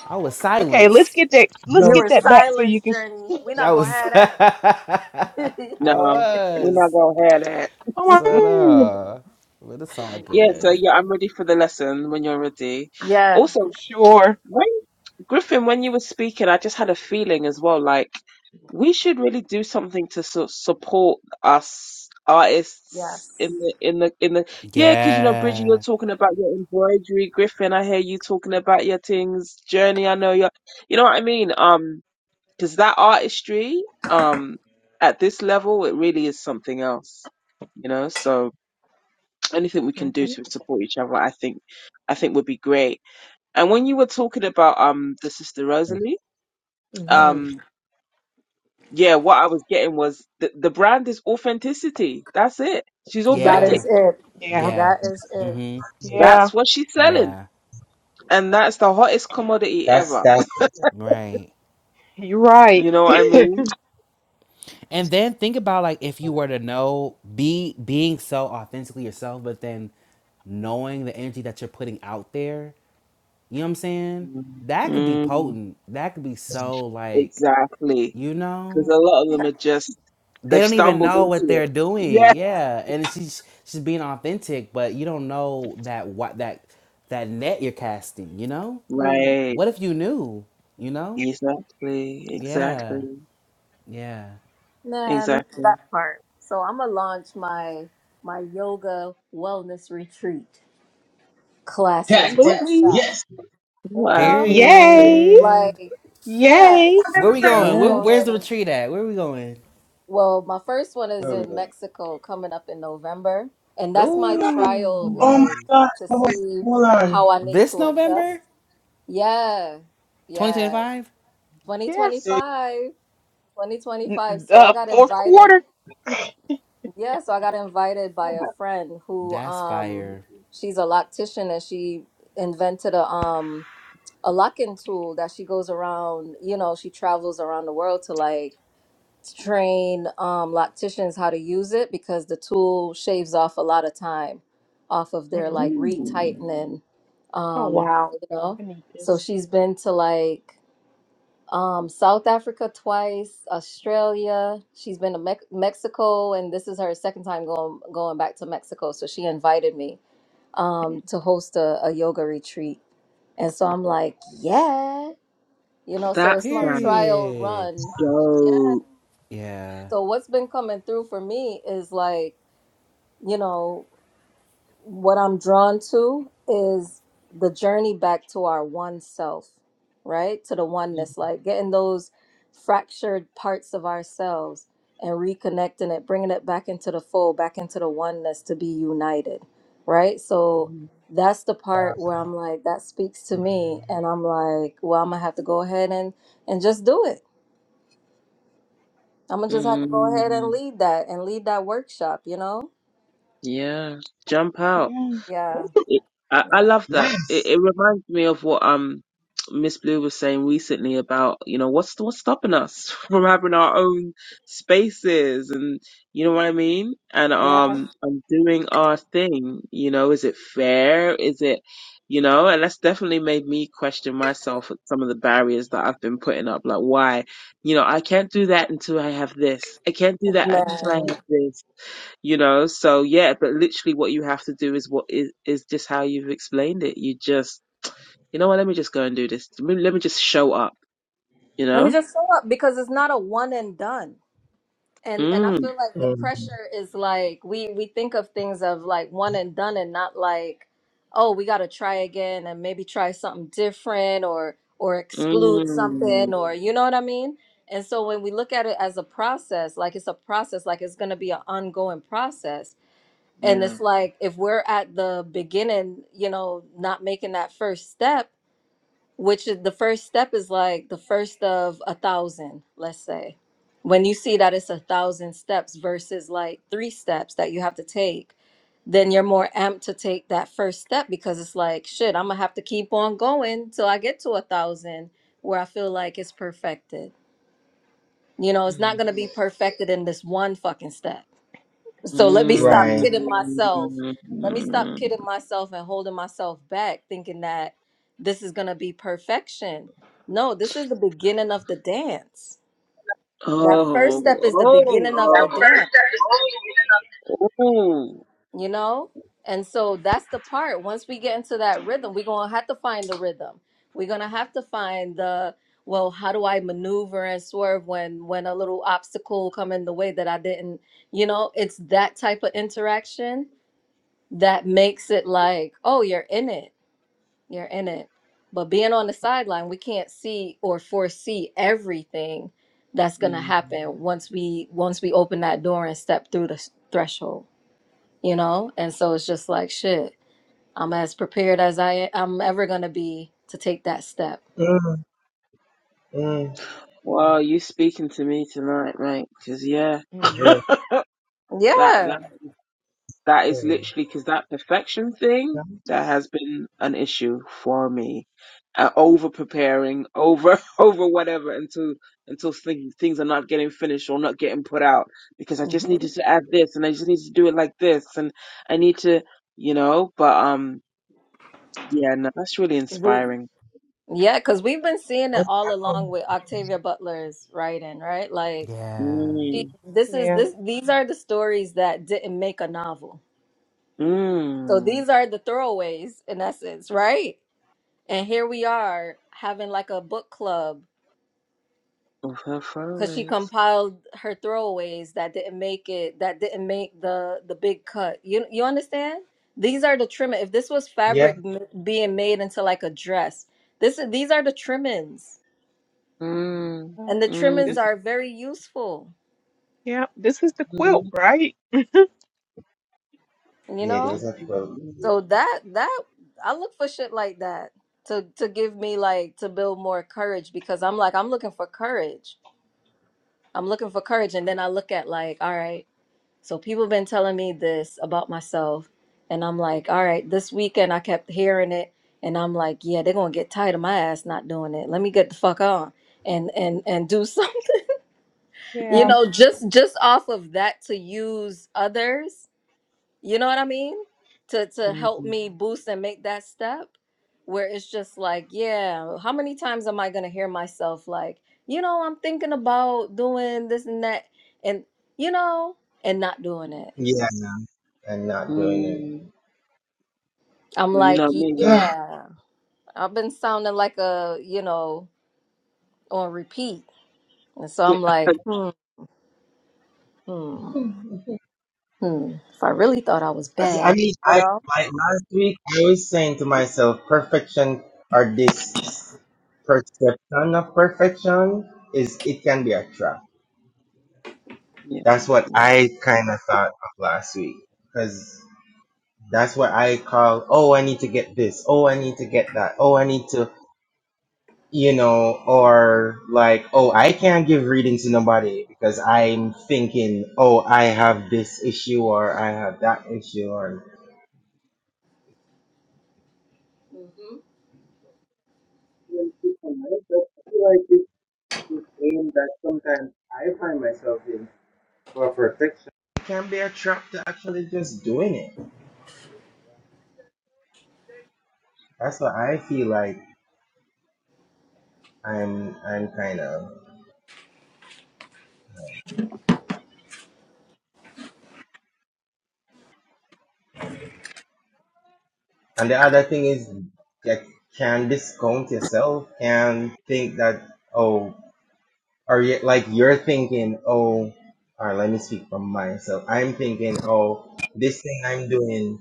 S1: i was
S6: Okay, let's
S1: silenced
S6: get that. Let's
S4: no.
S2: You
S6: get
S2: were
S6: that back so you
S2: silenced,
S6: can.
S2: Journey. We're
S1: that
S2: not gonna
S1: was
S2: have
S1: i
S2: that.
S5: No, we're not
S1: was
S5: gonna have that.
S6: Come
S1: so
S6: on.
S1: uh but it's all
S5: Yeah, so
S1: good
S2: Mm.
S5: yeah, I'm ready for the lesson when you're ready.
S2: Yeah.
S5: Also,
S6: For sure.
S5: when Griffin, when you were speaking, I just had a feeling as well, like we should really do something to sort support us artists in
S2: Yes.
S5: the in the in the yeah, because you know, Bridget, you're
S1: yeah
S5: talking about your embroidery. Griffin, I hear you talking about your things. Journey, I know you. You know what I mean? Um, because that artistry, um, at this level, it really is something else. You know, so anything we
S6: hmm
S5: can do to support each other, I think, I think would be great. And when you were talking about um the sister Rosalie,
S2: hmm
S5: um yeah, what I was getting was the the brand is authenticity. That's it. She's
S2: That
S5: authentic.
S1: yeah
S2: is it.
S6: Yeah.
S1: yeah
S2: That is it.
S1: mm-hmm
S6: Yeah.
S5: That's what she's selling,
S1: yeah
S5: and that's the hottest commodity
S4: That's
S5: ever.
S4: that
S1: right
S6: You're right.
S5: You know what I mean?
S1: And then think about like if you were to know be being so authentically yourself, but then knowing the energy that you're putting out there, you know what I'm saying?
S5: Mm.
S1: That could be
S5: Mm,
S1: potent. That could be so like,
S5: exactly.
S1: you
S5: Because
S1: know,
S5: a lot of them are just
S1: they
S5: they've
S1: don't even
S5: stumbled
S1: know what
S5: into it.
S1: they're doing.
S5: Yeah.
S1: Yeah. And she's she's being authentic, but you don't know that what that that net you're casting, you know?
S2: Mm.
S5: Right.
S1: What if you knew? You know?
S5: Exactly.
S1: Yeah.
S5: Exactly.
S1: Yeah.
S2: Man,
S5: Exactly.
S2: that part. So I'm gonna launch my my yoga wellness retreat classes
S4: that, that
S6: Absolutely.
S2: workshop.
S4: yes.
S2: You
S5: Oh, I
S2: know,
S5: love it.
S6: Yay.
S1: Period.
S2: like yeah,
S6: Yay.
S4: I never
S1: Where we
S4: heard of
S2: I'm
S1: going?
S2: gonna
S1: Where,
S2: go
S5: Yes.
S1: where's the
S2: ahead and.
S1: retreat at? Where we going?
S2: Well, my first one
S4: that.
S2: is
S4: Where we
S2: in
S4: going?
S2: Mexico coming up in November, and that's my trial,
S4: Oh my
S2: like
S1: Ooh,
S4: gosh!
S2: to
S4: Oh wait,
S2: see
S4: hold on.
S2: how I need
S1: this
S2: to adjust.
S1: November,
S2: Yeah, yeah.
S1: 2025.
S6: Yeah.
S4: So
S2: 2025
S6: N-
S2: 2025 so i
S6: The
S2: got
S6: fourth
S2: invited
S6: quarter.
S2: yeah so i got invited by a friend who
S1: That's
S2: um
S1: fire.
S2: she's a loctician and she invented a um a locking tool that she goes around you know she travels around the world to like train um locticians how to use it because the tool shaves off a lot of time off of their like
S6: Mm.
S5: Mm.
S2: retightening
S6: Oh
S2: um
S6: wow.
S2: you know
S6: I need
S2: so
S6: this.
S2: she's been to like um, South Africa twice, Australia. She's been to Mex Mexico, and this is her second time going going back to Mexico. So she invited me um, to host a, a yoga retreat, and so I'm like, yeah, you know. So
S5: That
S2: it's my
S5: sounds
S2: trial
S1: Period.
S2: run. Yeah.
S5: dope.
S1: Yeah.
S2: So what's been coming through for me is like, you know what I'm drawn to is the journey back to our one self, right? To the oneness, like getting those fractured parts of ourselves and reconnecting it, bringing it back into the fold, back into the oneness to be united, right? So that's the part where I'm like, that speaks to me. And I'm like, well, I'm going to have to go ahead and, and just do it. I'm going to just have to go ahead and
S5: Mm.
S2: lead that and lead that workshop, you know?
S5: Yeah. Jump out.
S6: Yeah.
S2: Yeah.
S5: It, I, I
S2: Yeah.
S5: love that. It,
S4: yes.
S5: it reminds me of what um Miss Blue was saying recently about you know what's what's stopping us from having our own spaces and you know what I mean and
S2: Yeah.
S5: um and doing our thing. You know, is it fair? Is it you know, and that's definitely made me question myself at some of the barriers that I've been putting up. Like, why? You know, I can't do that until I have this. I can't do that until
S2: Man.
S5: I have this you know so yeah but literally what you have to do is what is is just how you've explained it you just you know what let me just go and do this let me, let me just show up you
S2: Let me
S5: know
S2: just show up because it's not a one and done. And and I
S5: mm,
S2: feel like the
S4: Mm,
S2: pressure is like we we think of things of like one and done and not like oh we got to try again and maybe try something different or or exclude
S5: mm,
S2: something or you know what I mean? And so when we look at it as a process, like it's a process, like it's going to be an ongoing process. And
S5: yeah
S2: it's like if we're at the beginning, you know, not making that first step, which is the first step is like the first of a thousand let's say when you see that it's a thousand steps versus like three steps that you have to take then you're more amped to take that first step because it's like shit i'm gonna have to keep on going till i get to a thousand where i feel like it's perfected you know it's
S5: mm.
S2: not gonna be perfected in this one fucking step so let me stop
S4: right.
S2: kidding myself.
S5: Mm.
S2: Let me stop kidding myself and holding myself back, thinking that this is gonna be perfection. No, this is the beginning of the dance.
S5: Oh,
S2: That first step is the beginning
S5: oh,
S2: of the dance,
S5: oh.
S2: you know? And so that's the part. Once we get into that rhythm, we're gonna have to find the rhythm. We're gonna have to find the well, how do I maneuver and swerve when when a little obstacle come in the way that I didn't, you know, it's that type of interaction that makes it like, oh, you're in it. You're in it. But being on the sideline, we can't see or foresee everything that's going to
S5: Mm.
S2: happen once we once we open that door and step through the s- threshold, you know? And so it's just like, shit, I'm as prepared as I I'm ever going to be to take that step.
S4: Mm, mm, for
S5: Wow, you speaking to me tonight, right? Because, yeah,
S6: Mhm.
S4: real.
S5: that,
S2: Yeah.
S5: That
S4: for
S5: is
S4: real.
S5: literally because that perfection thing that has been an issue for me. Uh, over preparing, over over whatever until until things things are not getting finished or not getting put out because I just
S2: Mhm.
S5: needed to add this and I just need to do it like this and I need to you know. But um, yeah, no, that's really inspiring.
S2: Yeah, because we've been seeing it all along with Octavia Butler's writing, right? Like
S1: Yeah.
S2: she,
S5: Mm.
S2: this is
S6: Yeah.
S2: this these are the stories that didn't make a novel So
S5: Mm.
S2: these are the throwaways in essence, right? And here we are having like a book club
S5: Of her
S2: because she
S5: flyaways.
S2: compiled her throwaways that didn't make it, that didn't make the the big cut. You you understand? These are the trim. If this was
S4: Yeah.
S2: fabric m- being made into like a dress, this is these are the trimmings,
S5: Mm.
S6: Well,
S2: and the
S5: Mm.
S2: trimmings
S6: This.
S2: are very useful.
S6: Yeah. This is the quilt,
S5: Mm.
S6: right?
S2: You
S4: It
S2: know,
S4: is a quote.
S5: Mm.
S2: so that that I look for shit like that to to give me like to build more courage because I'm like I'm looking for courage I'm looking for courage. And then I look at like, all right, so people been telling me this about myself. And I'm like, all right, this weekend I kept hearing it. And I'm like, yeah, they're gonna get tired of my ass not doing it. Let me get the fuck on and and and do something. You
S6: Yeah.
S2: know, just just off of that to use others you know what I mean? To to
S5: Mm.
S2: help
S5: Mm.
S2: me boost and make that step where it's just like, yeah, how many times am I gonna hear myself like, you know, I'm thinking about doing this and that and you know, and not doing it.
S4: Yeah, I'm not doing
S5: mm.
S4: it.
S2: I'm
S5: Well, you
S2: like,
S5: know me.
S2: yeah, I've been sounding like a, you know, on repeat. And so I'm like, hmm, hmm, hmm. If I really thought I was
S4: I
S2: bad,
S4: mean,
S2: you
S4: I
S2: know?
S4: like last week I was saying to myself, perfection or this perception of perfection is it can be a trap.
S5: Yeah,
S4: That's
S5: yeah,
S4: what
S5: yeah.
S4: I kind of thought of last week because that's what I call. Oh, I need to get this. Oh, I need to get that. Oh, I need to. you know, or like, oh, I can't give reading to nobody because I'm thinking, oh, I have this issue or I have that issue or
S2: hmm
S4: when people might, but I feel like it's the game that sometimes I find myself in for perfection. it can be a trap to actually just doing it. That's what I feel like I'm I'm kind of. And the other thing is that can discount yourself and think that. oh. or you, like you're thinking, oh, all right, let me speak from myself. I'm thinking, oh, this thing I'm doing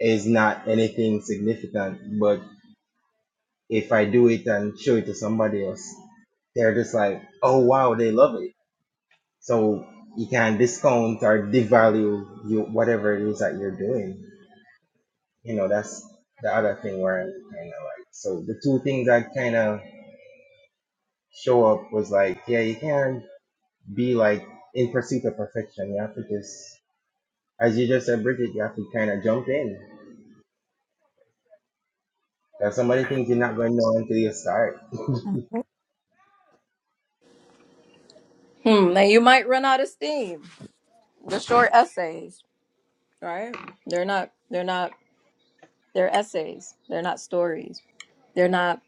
S4: is not anything significant, but if I do it and show it to somebody else, they're just like, oh wow, they love it. So you can discount or devalue you whatever it is that you're doing. You know, that's the other thing where I'm kind of like, so the two things that kind of show up was like, yeah, you can't be like in pursuit of perfection. You have to just As you just said, Bridget, you have to kind of jump in. There's some of things you're not going to know until you start.
S2: Hmm, now you might run out of steam. The short essays. right? They're not they're not they're essays. They're not stories. They're not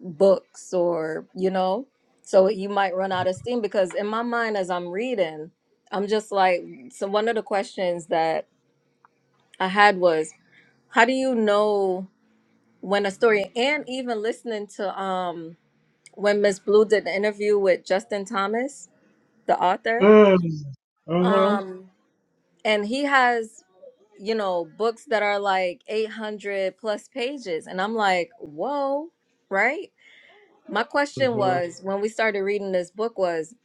S2: books or, you know. So you might run out of steam because in my mind as I'm reading, I'm just like so one of the questions that I had was how do you know when a story and even listening to um when Miss Blue did the interview with Justin Thomas, the author,
S4: Mm, mm-hmm,
S2: um and he has you know, books that are like 800 plus pages. And I'm like, whoa, right? My question
S4: mm-hmm.
S2: was when we started reading this book was,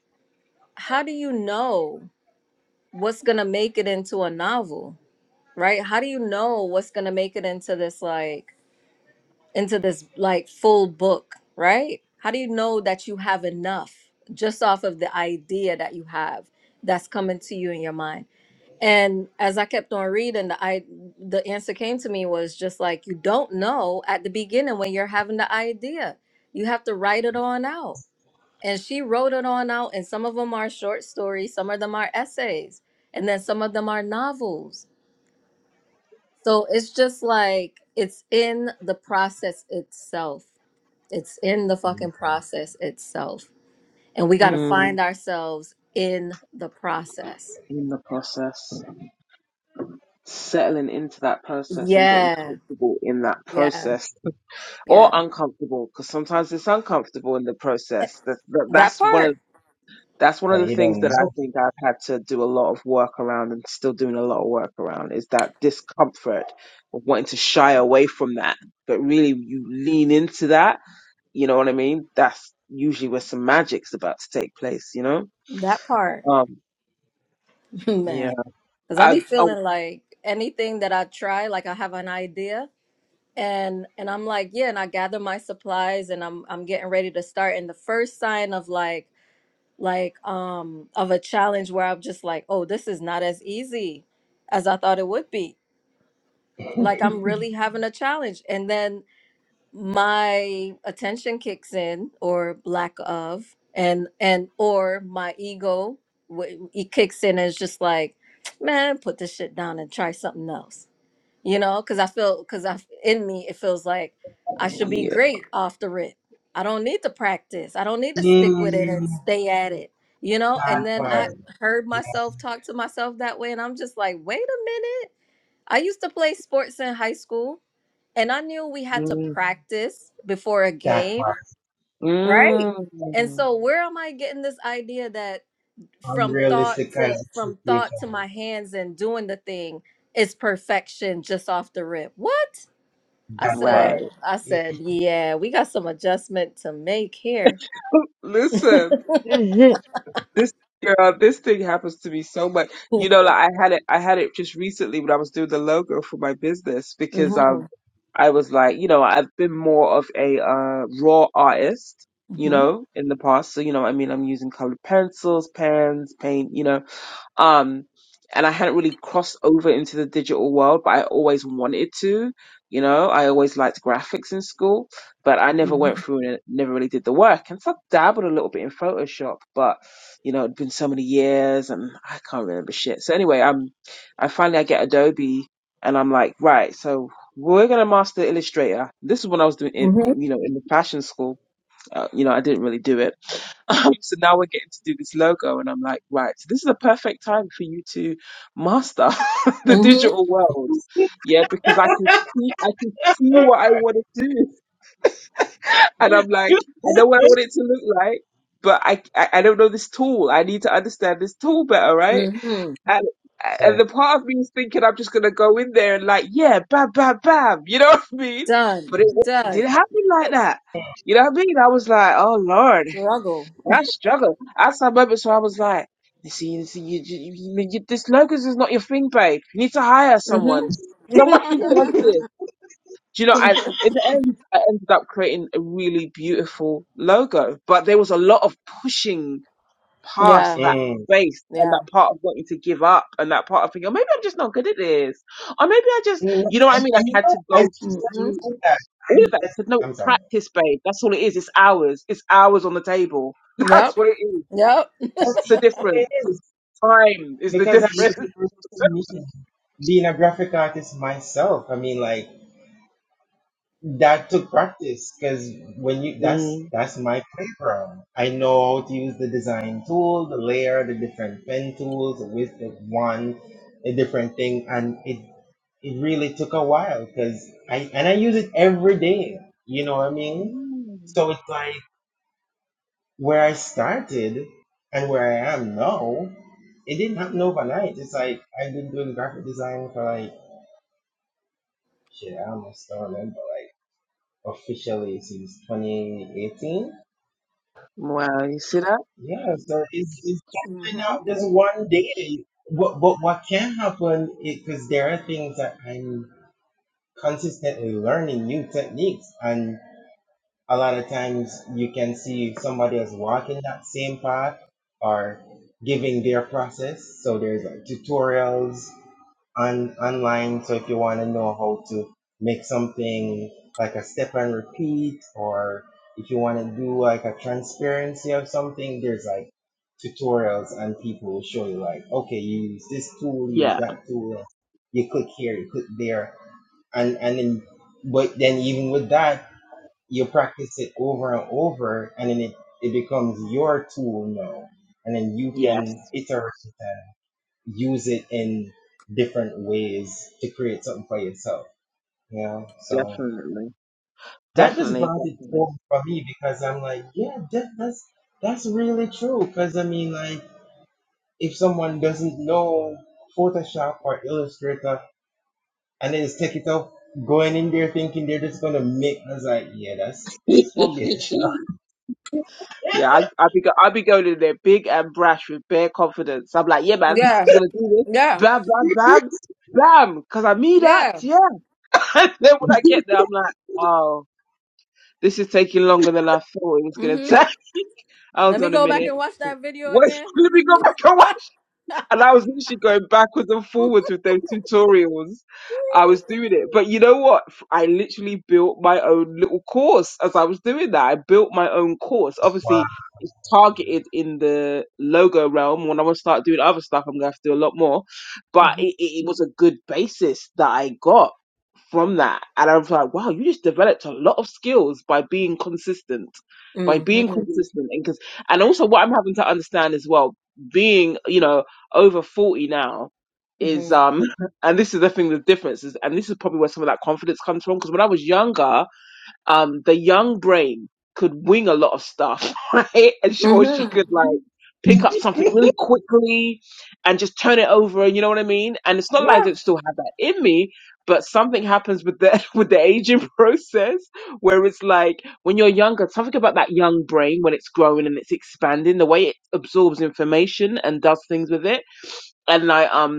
S2: how do you know what's going to make it into a novel, right? How do you know what's going to make it into this, like, into this, like, full book, right? How do you know that you have enough just off of the idea that you have that's coming to you in your mind? And as I kept on reading, the I the answer came to me was just like you don't know at the beginning when you're having the idea. You have to write it on out. And she wrote it on out, and some of them are short stories, some of them are essays, and then some of them are novels. So it's just like it's in the process itself. It's in the fucking process itself. And we got to
S5: Mm,
S2: find ourselves in the process.
S5: in the process, settling into that process and getting
S2: Yeah.
S5: comfortable in that
S2: Yeah.
S5: process, or
S2: Yeah.
S5: uncomfortable, because sometimes it's uncomfortable in the process. That, that
S2: That
S5: that's one of
S2: part,
S5: that's one of
S4: Because
S5: the
S4: you
S5: things
S4: don't
S5: that I
S4: know.
S5: think I've had to do a lot of work around, and still doing a lot of work around, is that discomfort of wanting to shy away from that. But really, you lean into that. You know what I mean? That's usually where some magic's about to take place. You know?
S2: that part,
S5: Um, yeah.
S2: man. Because I
S5: I
S2: be
S5: I
S2: feeling like anything that I try, like I have an idea, and and I'm like, yeah, and I gather my supplies, and I'm I'm getting ready to start. And the first sign of like like um of a challenge where I'm just like, oh, this is not as easy as I thought it would be. Like I'm really having a challenge, and then my attention kicks in or lack of and and or my ego wh- it kicks in and it's just like man put this shit down and try something else you know because i feel because i in me it feels like i should be
S5: Yeah.
S2: great off the rip i don't need to practice i don't need to stick with it
S4: Mm,
S2: and stay at it you know and
S4: that
S2: then
S4: part,
S2: i
S5: Mm,
S2: heard myself talk to myself that way and i'm just like wait a minute i used to play sports in high school and I knew we had to practice before a
S4: that
S2: game,
S4: part.
S2: right? And
S5: mm,
S2: so where am I getting this idea that from thought
S4: Unrealistic kind of
S2: to from thought
S4: expectation.
S2: to my hands and doing the thing is perfection just off the rip? What? I
S4: That
S5: right.
S2: said,
S4: part.
S2: I
S4: Yes.
S2: said, yeah, we got some adjustment to make here.
S5: Listen,
S6: hmm It
S5: this girl, this thing happens to me so much. You know, like I had it, I had it just recently when I was doing the logo for my business because um,
S2: Mhm.
S5: I was like, you know, I've been more of a uh, raw artist, you
S2: Mhm.
S5: know, in the past. So you know, I mean, I'm using colored pencils, pens, paint, you know. Um, and I hadn't really crossed over into the digital world, but I always wanted to. You know, I always liked graphics in school, but I never
S2: Mhm.
S5: went through and never really did the work. And so I dabbled a little bit in Photoshop, but you know, it'd been so many years and I can't remember shit. So anyway, um, I finally I get Adobe and I'm like, right, so we're gonna master Illustrator. This is when I was doing, it,
S2: Mhm.
S5: you know, in the fashion school uh, you know, I didn't really do it. Um, so now we're getting to do this logo, and I'm like, right, so this is a perfect time for you to master the
S2: Mhm.
S5: digital world, yeah, because I can see, I can see what I want to do, and I'm like, I know what I want it to look like, but I, I, I don't know this tool. I need to understand this tool better, right?
S2: Mhm.
S5: And and the part of me is thinking I'm just gonna go in there and like, yeah, bam, bam, bam, you know what I mean?
S2: Done.
S5: But it, it didn't
S2: Done.
S5: happen like that. You know what I mean? I was like, oh Lord
S2: Struggle.
S5: I struggle. That's I moment so I was like, you see, you, see, you, you, you, you- this locus is not your thing, babe. You need to hire
S2: Mhm.
S5: someone, someone who does this. Do you know? I, in the end, I ended up creating a really beautiful logo, but there was a lot of pushing past
S2: yeah.
S5: that
S4: Mm.
S5: space and that
S2: Yeah.
S5: part of wanting to give up and that part of thinking, oh, maybe I'm just not good at this, or maybe I just,
S4: Mm,
S5: you know
S4: I,
S5: what I mean?
S4: I
S5: I had
S4: know.
S5: to
S4: I
S5: go
S4: just
S5: through
S4: said that.
S5: all of
S4: I'm
S5: that. I
S4: just,
S5: said, no,
S4: I'm sorry.
S5: practice, babe. That's all it is. It's hours. It's hours on the table. That's
S2: Yep.
S5: what it is
S2: Yep.
S4: But It
S5: the difference.
S4: really is.
S5: Time is the
S4: Because that
S5: difference.
S4: is me being a graphic artist myself. I mean, like, That took practice because when you that's
S5: Mm.
S4: that's my playground. I know how to use the design tool, the layer, the different pen tools, with the one, a different thing, and it it really took a while because I and I use it every day. You know what I mean?
S5: Mm.
S4: So it's like where I started and where I am now. It didn't happen overnight. It's like I've been doing graphic design for like shit. I almost don't remember like, officially since 2018.
S5: Wow, you see that?
S4: Yeah, so it's, it's definitely
S2: hmm
S4: not just one day. But, but what can happen is because there are things that I'm consistently learning new techniques, and a lot of times you can see somebody else walking that same path or giving their process. So there's like tutorials on online. So if you want to know how to make something like a step and repeat, or if you want to do like a transparency of something, there's like tutorials and people will show you like, okay, you use this tool, use
S5: Yeah,
S4: that tool, you click here, you click there, and and then but then even with that, you practice it over and over, and then it it becomes your tool now, and then you can
S5: yes,
S4: iterate it use it in different ways to create something for yourself. You know, so
S5: definitely.
S4: that just
S5: Definitely,
S4: brought it
S5: definitely.
S4: home for me because I'm like, yeah, that, that's that's really true. Because I mean, like, if someone doesn't know Photoshop or Illustrator and they just take it up, going in there thinking they're just gonna make, I was like, yeah, that's that's gonna be a
S5: yeah, I, I be go, I be going in there big and brash with bare confidence. I'm like, yeah, man,
S2: Yeah.
S5: she's gonna do this,
S2: Yeah.
S5: bam, bam, bam, bam, because I mean that,
S2: Yeah.
S5: yeah. and then when I get there, I'm like, oh, this is taking longer than I thought it was gonna
S2: Mhm.
S5: take.
S2: Let
S5: Hold
S2: me
S5: on a
S2: go back
S5: minute,
S2: and watch that video
S5: where's
S2: again.
S5: let me go back And I was literally going backwards and forwards with those tutorials. I was doing it. But you know what? F- I literally built my own little course as I was doing that. I built my own course, obviously targeted in the logo realm. When I want to start doing other stuff, I'm going to have to do a lot more. But it, it it was a good basis that I got from that. And I was like, wow, you just developed a lot of skills by being consistent, by
S2: Mm-hmm.
S5: being
S2: hmm
S5: consistent. And, cause, and also, what I'm having to understand as well, being, you know, over 40 now is, um, and this is the thing, the difference is, and this is probably where some of that confidence comes from. Cause when I was younger, um, the young brain could wing a lot of stuff, right? And she, or she
S2: Mm-hmm.
S5: could like pick up something really quickly and just turn it over. You know what I mean? And it's not like I
S2: Yeah.
S5: don't still have that in me, but something happens with the with the aging process where it's like when you're younger, something about that young brain when it's growing and it's expanding, the way it absorbs information and does things with it. And I um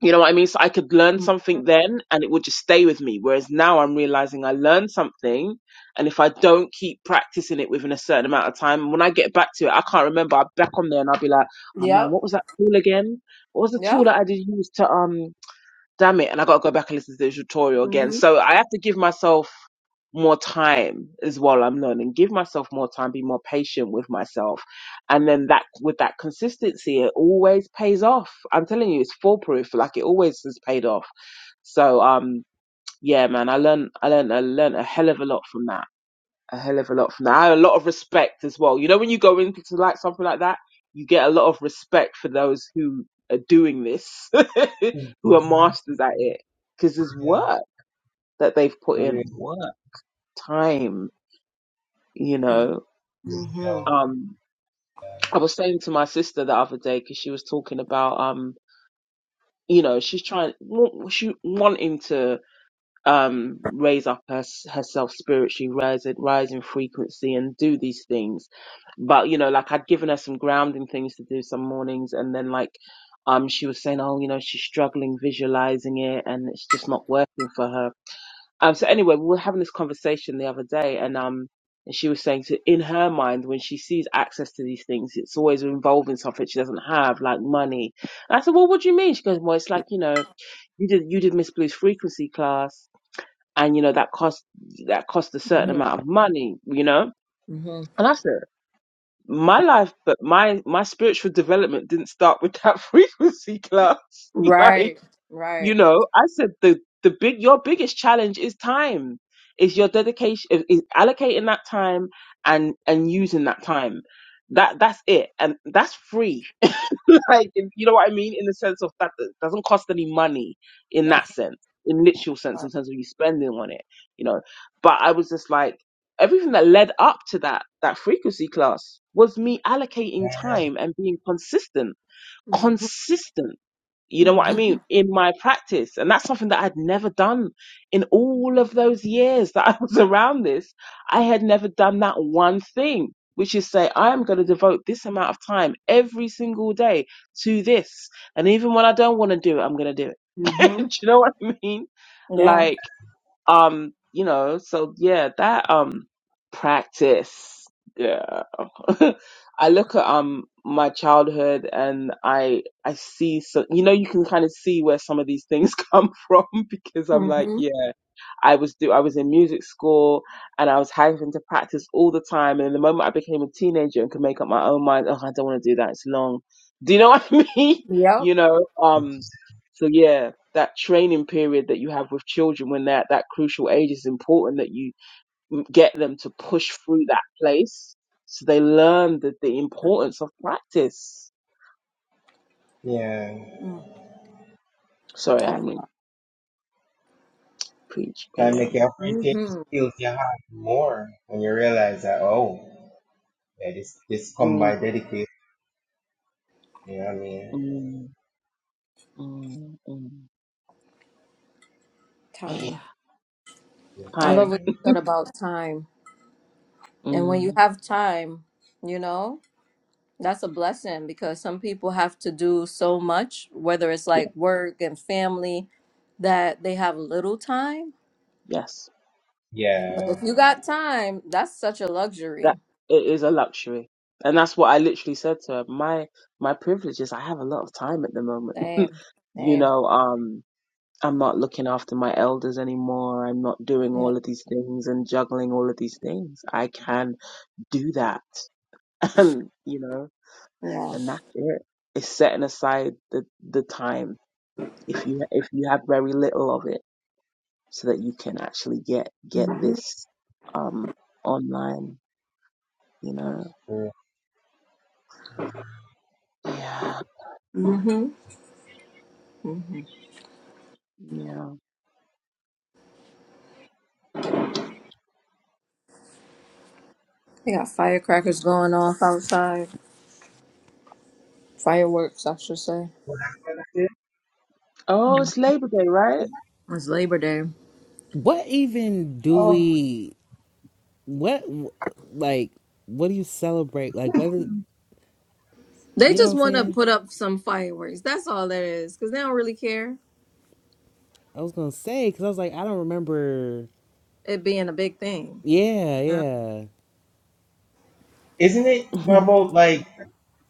S5: you know what I mean? So I could learn
S2: Mm.
S5: something then and it would just stay with me. Whereas now I'm realizing I learned something and if I don't keep practicing it within a certain amount of time, when I get back to it, I can't remember. I'm back on there and I'll be like, oh man,
S2: Yep.
S5: what was that tool again? What was the tool
S2: Yep.
S5: that I did use to, um, damn it, and I got to go back and listen to the tutorial again.
S2: hmm
S5: So I have to give myself more time as well. I'm learning, give myself more time, be more patient with myself, and then that with that consistency, it always pays off. I'm telling you, it's foolproof. Like it always has paid off. So um, yeah, man, I learned, I learned, I learned a hell of a lot from that a hell of a lot from that. I had a lot of respect as well. You know, when you go into like something like that, you get a lot of respect for those who are doing this,
S4: challenge.
S5: who are masters at it, because there's
S4: Yeah,
S5: work that they've put
S4: for
S5: in,
S4: real.
S5: work, time. You know,
S2: Mm-hmm.
S4: Yeah.
S5: um, I was saying to my sister the other day because she was talking about, um, you know, she's trying, wa- she wanting to um, raise up her, herself spiritually, rise in, rise in frequency and do these things. But, you know, like I'd given her some grounding things to do some mornings and then like, um, she was saying, oh, you know, she's struggling visualizing it and it's just not working for her. Um, so anyway, we were having this conversation the other day and, um, and she was saying to, in her mind, when she sees access to these things, it's always involving something she doesn't have, like money. And I said, well, what do you mean? She goes, well, it's like, you know, you did, you did Miss Blue's frequency class and you know that cost that cost a certain
S2: Mhm.
S5: amount of money you know
S2: Mhm.
S5: and i said my life but my my spiritual development didn't start with that frequency club like
S2: Right.
S5: you
S2: Right.
S5: know i said the the big your biggest challenge is time is your dedication is is allocating that time and and using that time that that's it and that's free like in- you know what I mean in the sense of that it doesn't cost any money in that sense in literal sense in terms of you spending on it you know but I was just like everything that led up to that that frequency class was me allocating time and being consistent
S2: hmm
S5: consistent. You know
S2: hmm
S5: what I mean? In my practice. And that's something that I'd never done in all of those years that I was around this. I had never done that one thing, which is say, I am going to devote this amount of time every single day to this. And even when I don't want to do it, I'm going to do it.
S2: Mm-hmm.
S5: do you know what I mean?
S2: Yeah.
S5: Like, um, you know, so yeah, that um practice. Yeah. I look at um my childhood and I I see so you know you can kind of see where some of these things come from because I'm like,
S2: hmm
S5: yeah. I was do I was in music school and I was having to practice all the time. And the moment I became a teenager and could make up my own mind, oh, I don't want to do that. It's long. Do you know what I mean?
S2: Yep.
S5: You know, um, so yeah, that training period that you have with children when they're at that crucial age is important that you m- get them to push through that place so they learn the, the importance of practice.
S4: Yeah,
S2: Mm.
S5: Sorry, I
S2: That
S5: don't mean to preach, but
S4: that
S5: yeah.
S4: make you appreciate the
S2: hmm
S4: skills you have more when you realize that. Oh, Yeah, this this come
S5: Mm,
S4: by dedication. You know what I mean?
S5: mm, mm, mm. But yeah,
S2: time. I love
S5: time.
S2: what
S4: Definitely.
S2: you said about time. And when you
S5: Mm.
S2: have time, you know. That's a blessing because some people have to do so much, whether it's
S5: yeah.
S2: like work and family, that they have little time.
S5: Yes,
S2: But if
S4: Yeah.
S2: you got time, that's such a luxury.
S5: that it is a luxury, and that's what I literally said to her. My my privilege is I have a lot of time at the moment.
S2: Same,
S5: you
S2: same.
S5: know, um, I'm not looking after my elders anymore. I'm not doing
S2: Yeah,
S5: all of these things and juggling all of these things. I can do that, and you know,
S2: yeah.
S5: and that's it. It's setting aside the the time if you if you have very little of it, so that you can actually get get
S2: hmm
S5: this um online. You know,
S4: cool.
S5: yeah.
S2: hmm hmm
S5: Yeah.
S2: They got firecrackers going off outside, fireworks, I should say.
S5: Oh,
S2: Mhm.
S5: it's Labor Day, right?
S2: It's Labor Day.
S1: What even do
S4: Oh,
S1: we? What like? What do you celebrate? Like whether you
S2: They
S1: know what
S2: just
S1: I'm
S2: want to
S1: saying?
S2: put up some fireworks. That's all that is, because they don't really care
S1: I was gonna say because I was like I don't remember.
S2: it being a big thing.
S1: Yeah, yeah.
S4: isn't it
S5: oh
S4: about like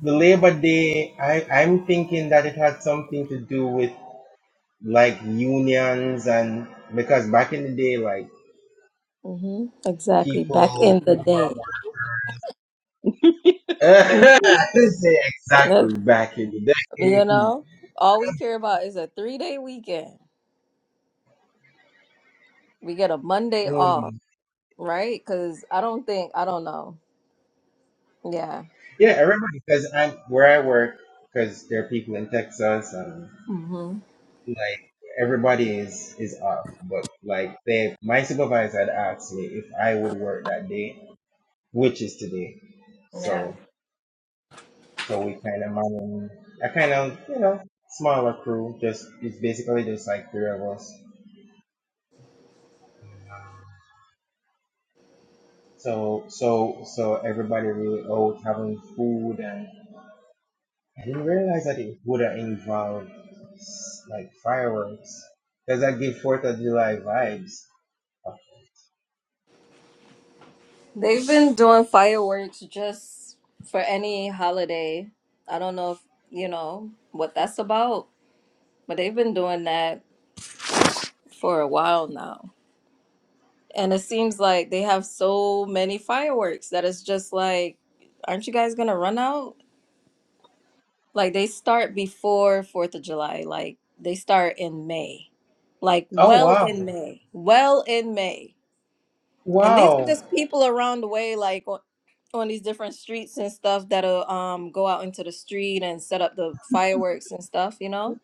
S4: the Labor Day? I I'm thinking that it had something to do with like unions and because back in the day, like
S2: hmm Exactly. Back
S4: people
S2: in
S4: who
S2: the
S4: were
S2: day.
S4: Say
S2: Look,
S4: exactly back in the
S2: You
S4: day.
S2: know, all we care about is a three day weekend. We get a Monday off,
S4: Mm.
S2: right? Because I don't think, I don't know. Yeah.
S4: Yeah, I remember because I'm where I work because there are people in Texas and
S2: hmm
S4: like everybody is is off but like they my supervisor had asked me if i would work that day which is today
S2: Yeah.
S4: so so we kind of managed i kind of you know smaller crew just it's basically just like three of us so so so everybody really out having food and i didn't realize that it would have involved s- like fireworks does that give fourth of july vibes
S2: They've been doing fireworks just for any holiday. I don't know if, you know, what that's about, but they've been doing that for a while now. And it seems like they have so many fireworks that it's just like, aren't you guys going to run out? Like they start before Fourth of July. Like they start in May, like
S4: oh
S2: well
S4: wow
S2: in May, well in May. And these are
S4: wow
S2: just people around the way, like on, on these different streets and stuff that'll um go out into the street and set up the fireworks and stuff, you know.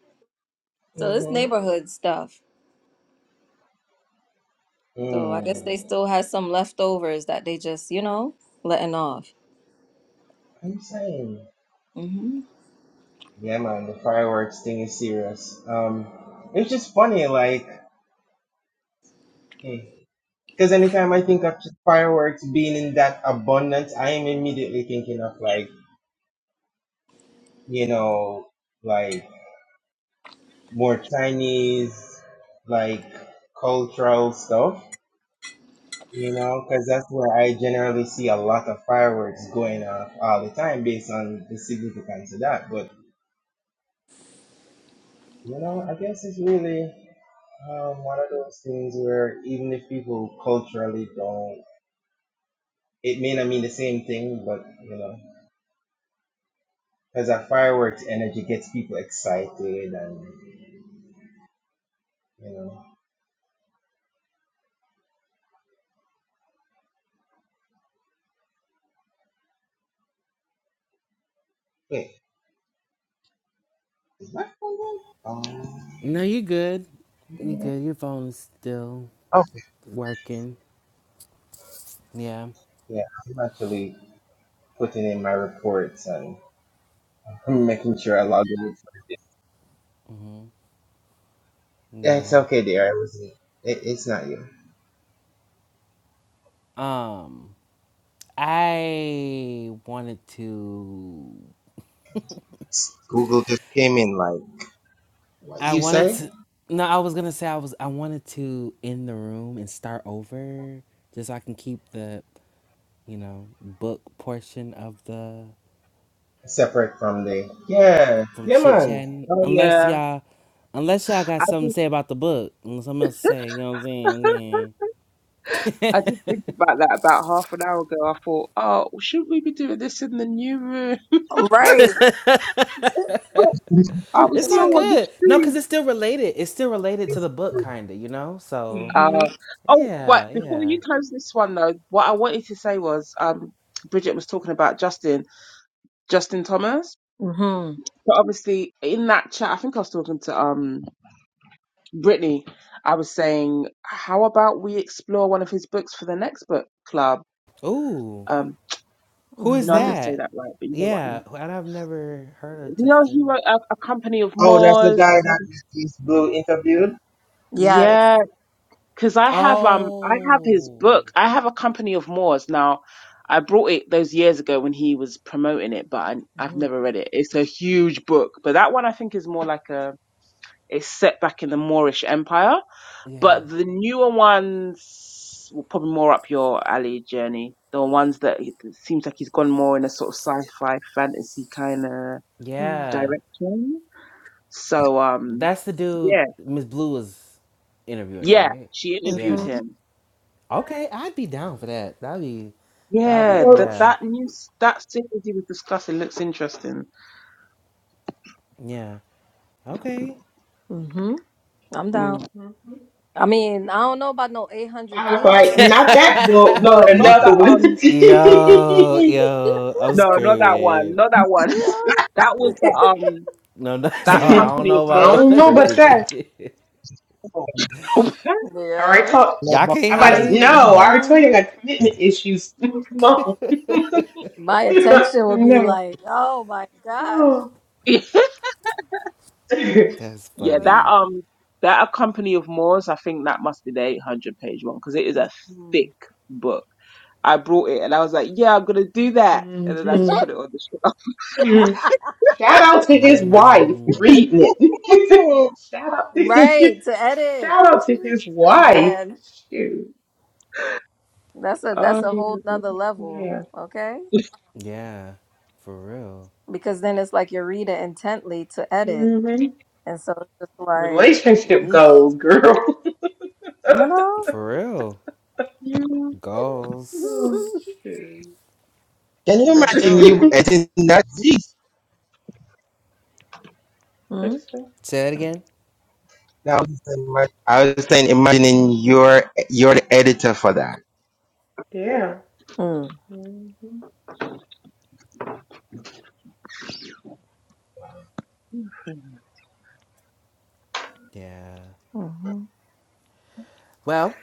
S2: So it's
S4: hmm
S2: neighborhood stuff. So I guess they
S4: Hmm.
S2: still have some leftovers that they just, you know, letting off.
S4: I'm saying,
S2: hmm
S4: yeah, man, the fireworks thing is serious. Um, it's just funny, like, because anytime I think of just fireworks being in that abundance, I am immediately thinking of like, you know, like more Chinese, like cultural stuff, you know, because that's where I generally see a lot of fireworks going off all the time based on the significance of that. But you know, I guess it's really. Um, one of those things where even if people culturally don't, it may not mean the same thing, but you know, because that fireworks energy gets people excited and you know. Wait, is my phone on? Um,
S1: No, you good. You good. Your phone is still
S4: Okay.
S1: working. Yeah,
S4: yeah, I'm actually putting in my reports and making sure I log in. with- Yeah, it's
S1: yeah.
S4: okay, dear. I wasn't. It, it's not you.
S1: Um, I wanted to.
S4: Google just came in like, what
S1: I
S4: you
S1: wanted
S4: say?
S1: to. No, I was gonna say I was. I wanted to end the room and start over, just so I can keep the, you know, book portion of the
S4: Separate from the yeah,
S1: from chit
S4: yeah,
S1: chatting. Unless
S5: yeah.
S1: y'all, unless y'all got
S5: I
S1: something to
S5: just
S1: say about the book, and something else to say. You know what I'm saying? Man.
S5: I just think about that about half an hour ago. I thought, oh, shouldn't we be doing this in the new room?
S2: Right.
S5: I was
S1: it's
S5: so
S1: all
S4: man.
S5: on the
S1: good. No, cause
S5: street.
S1: it's still related. It's still related to the book, kinda. You know. So
S2: hmm
S5: Uh, oh, but
S1: yeah,
S5: before
S1: yeah.
S5: you close this one though, what I wanted to say was, um, Bridget was talking about Justin, Justin Thomas.
S2: hmm
S5: But obviously, in that chat, I think I was talking to um Brittany. I was saying, how about we explore one of his books for the next book club?
S1: Ooh.
S5: Um,
S1: Who
S5: You
S1: is
S5: know, I
S2: hmm
S5: didn't say
S1: that?
S5: that right, but you know what I
S1: Yeah,
S5: mean.
S1: and I've never heard of
S5: You know, he
S1: Justin.
S5: wrote a, a company of
S4: Oh, that's the
S5: Moors.
S4: guy that Miss Blue interviewed?
S2: Yes.
S5: Yeah, because I have um, I have his
S1: Oh,
S5: book. I have a company of Moors now. I brought it those years ago when he was promoting it, but I, I've
S2: hmm
S5: never read it. It's a huge book, but that one I think is more like a it's set back in the Moorish Empire.
S1: yeah,
S5: But the newer ones were probably more up your alley, Journey. The ones that it seems like he's gone more in a sort of sci-fi fantasy kind of
S1: yeah.
S5: direction. So um,
S1: That's the dude
S5: yeah,
S1: Miss Blue was interviewing,
S5: yeah,
S1: right?
S5: she interviewed
S1: Yeah.
S2: Mhm.
S5: him.
S1: Okay, I'd be down for that. That'd be, that'd be,
S5: Yeah, that
S1: yeah,
S6: works.
S5: that news that series he was discussing looks interesting.
S1: yeah. Okay.
S2: hmm I'm down.
S5: Mm.
S2: I mean, I don't know about no 800
S6: I was like,
S2: pages.
S6: not that book,
S5: No,
S6: but
S5: not that
S6: another
S4: Jesus
S6: one.
S5: um,
S1: Yo, yo, I'm
S5: no, not that one,
S1: screaming.
S5: not that one.
S2: Yeah,
S5: That was the um,
S1: No, no, so
S5: that
S6: I
S1: I don't
S5: company of
S1: know about
S5: Moors.
S6: don't know
S4: Christ.
S6: about
S4: it's
S6: that.
S1: it.
S4: a
S6: I already
S2: yeah.
S6: told.
S1: Y'all
S4: number
S1: can't
S6: I
S5: I
S6: about
S4: one.
S5: don't
S1: hang?
S5: think.
S6: no. I already told you
S1: No?
S6: I got commitment issues. Come on.
S2: my attention would be
S6: no.
S2: like, oh my gosh.
S6: Oh.
S1: That's
S2: Yeah.
S5: yeah, that
S1: funny.
S5: um, that a company of Moors. I think that must be the eight hundred page one because it is a
S2: Hmm.
S5: thick book. I brought it and I was like, yeah, I'm gonna do that, and then I just
S6: Mhm.
S5: put it on the
S6: Mhm. Shout out to his wife
S1: Mm,
S6: reading it.
S4: Oh,
S6: Shout out.
S2: Right, to edit.
S6: Shout out to his wife.
S2: Man,
S6: Shoot.
S2: that's a that's
S5: shelf.
S2: a whole nother level,
S6: Yeah.
S2: okay?
S1: yeah, for real.
S2: Because then it's like you're reading intently to edit.
S6: hmm
S2: And so it's just like,
S6: Relationship
S2: eesh,
S6: goals, girl.
S2: you know?
S1: For real.
S5: Oh.
S6: Oh,
S1: Goals.
S6: shoot.
S4: Can you
S2: For
S4: imagine
S6: What'd
S4: you
S2: sure.
S4: editing that? Jeez.
S6: you say?
S1: Say it again.
S4: Now, I was just ima- I was just saying, imagining you're, you're the editor for that.
S6: Yeah.
S2: Mm-hmm.
S6: hmm You
S1: Yeah. Well,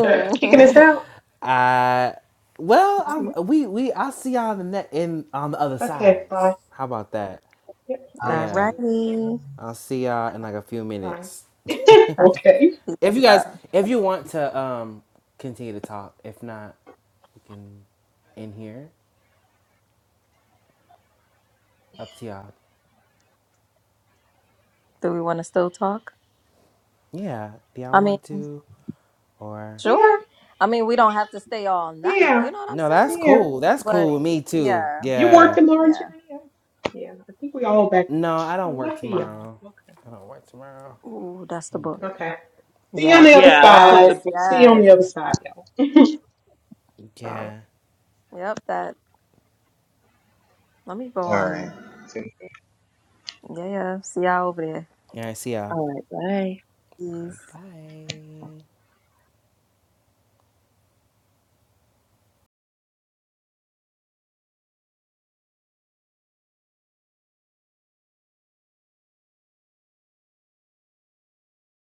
S6: sure? Kicking us out?
S1: I. Well, i we we I'll see y'all in the net in on the other
S6: Okay,
S1: side.
S6: bye.
S1: How about that?
S6: Yep,
S2: All
S1: Yeah,
S2: righty.
S1: I'll see y'all in like a few
S6: bye.
S1: minutes.
S2: Uh,
S6: okay.
S2: peace
S1: if you
S2: and
S1: guys,
S2: love.
S1: if you want to um continue to talk, if not, we can in here. Up to y'all.
S2: Do we want to still talk?
S1: Yeah, do y'all
S2: I mean,
S1: want to or?
S6: Yeah,
S2: sure. I mean, we don't have to stay all night.
S6: yeah,
S2: You know what I'm
S1: No, that's
S2: saying?
S6: yeah.
S1: cool. That's
S2: But
S1: cool with me too.
S2: yeah,
S6: You
S1: Yeah.
S6: working, Lawrence?
S2: yeah.
S6: You're in here? Yeah, I think we all back.
S1: No, I don't work
S6: Lucky y'all.
S1: tomorrow.
S6: Okay.
S1: I don't work tomorrow.
S2: Ooh, that's the
S1: I'm
S2: book.
S1: good.
S6: Okay. See you on
S2: Yeah.
S6: the
S1: But
S6: other
S5: Yeah, I put
S6: side.
S2: Yes,
S5: the books
S6: See
S5: in
S6: you on
S5: the.
S2: yes.
S6: the other side, y'all. bye.
S2: Uh,
S1: yeah.
S2: yep, that. Let me go
S4: All
S2: on.
S4: right.
S2: Yeah, yeah. See y'all over there.
S1: Yeah, I see y'all.
S5: All right, bye.
S1: All
S2: Peace.
S1: right, bye.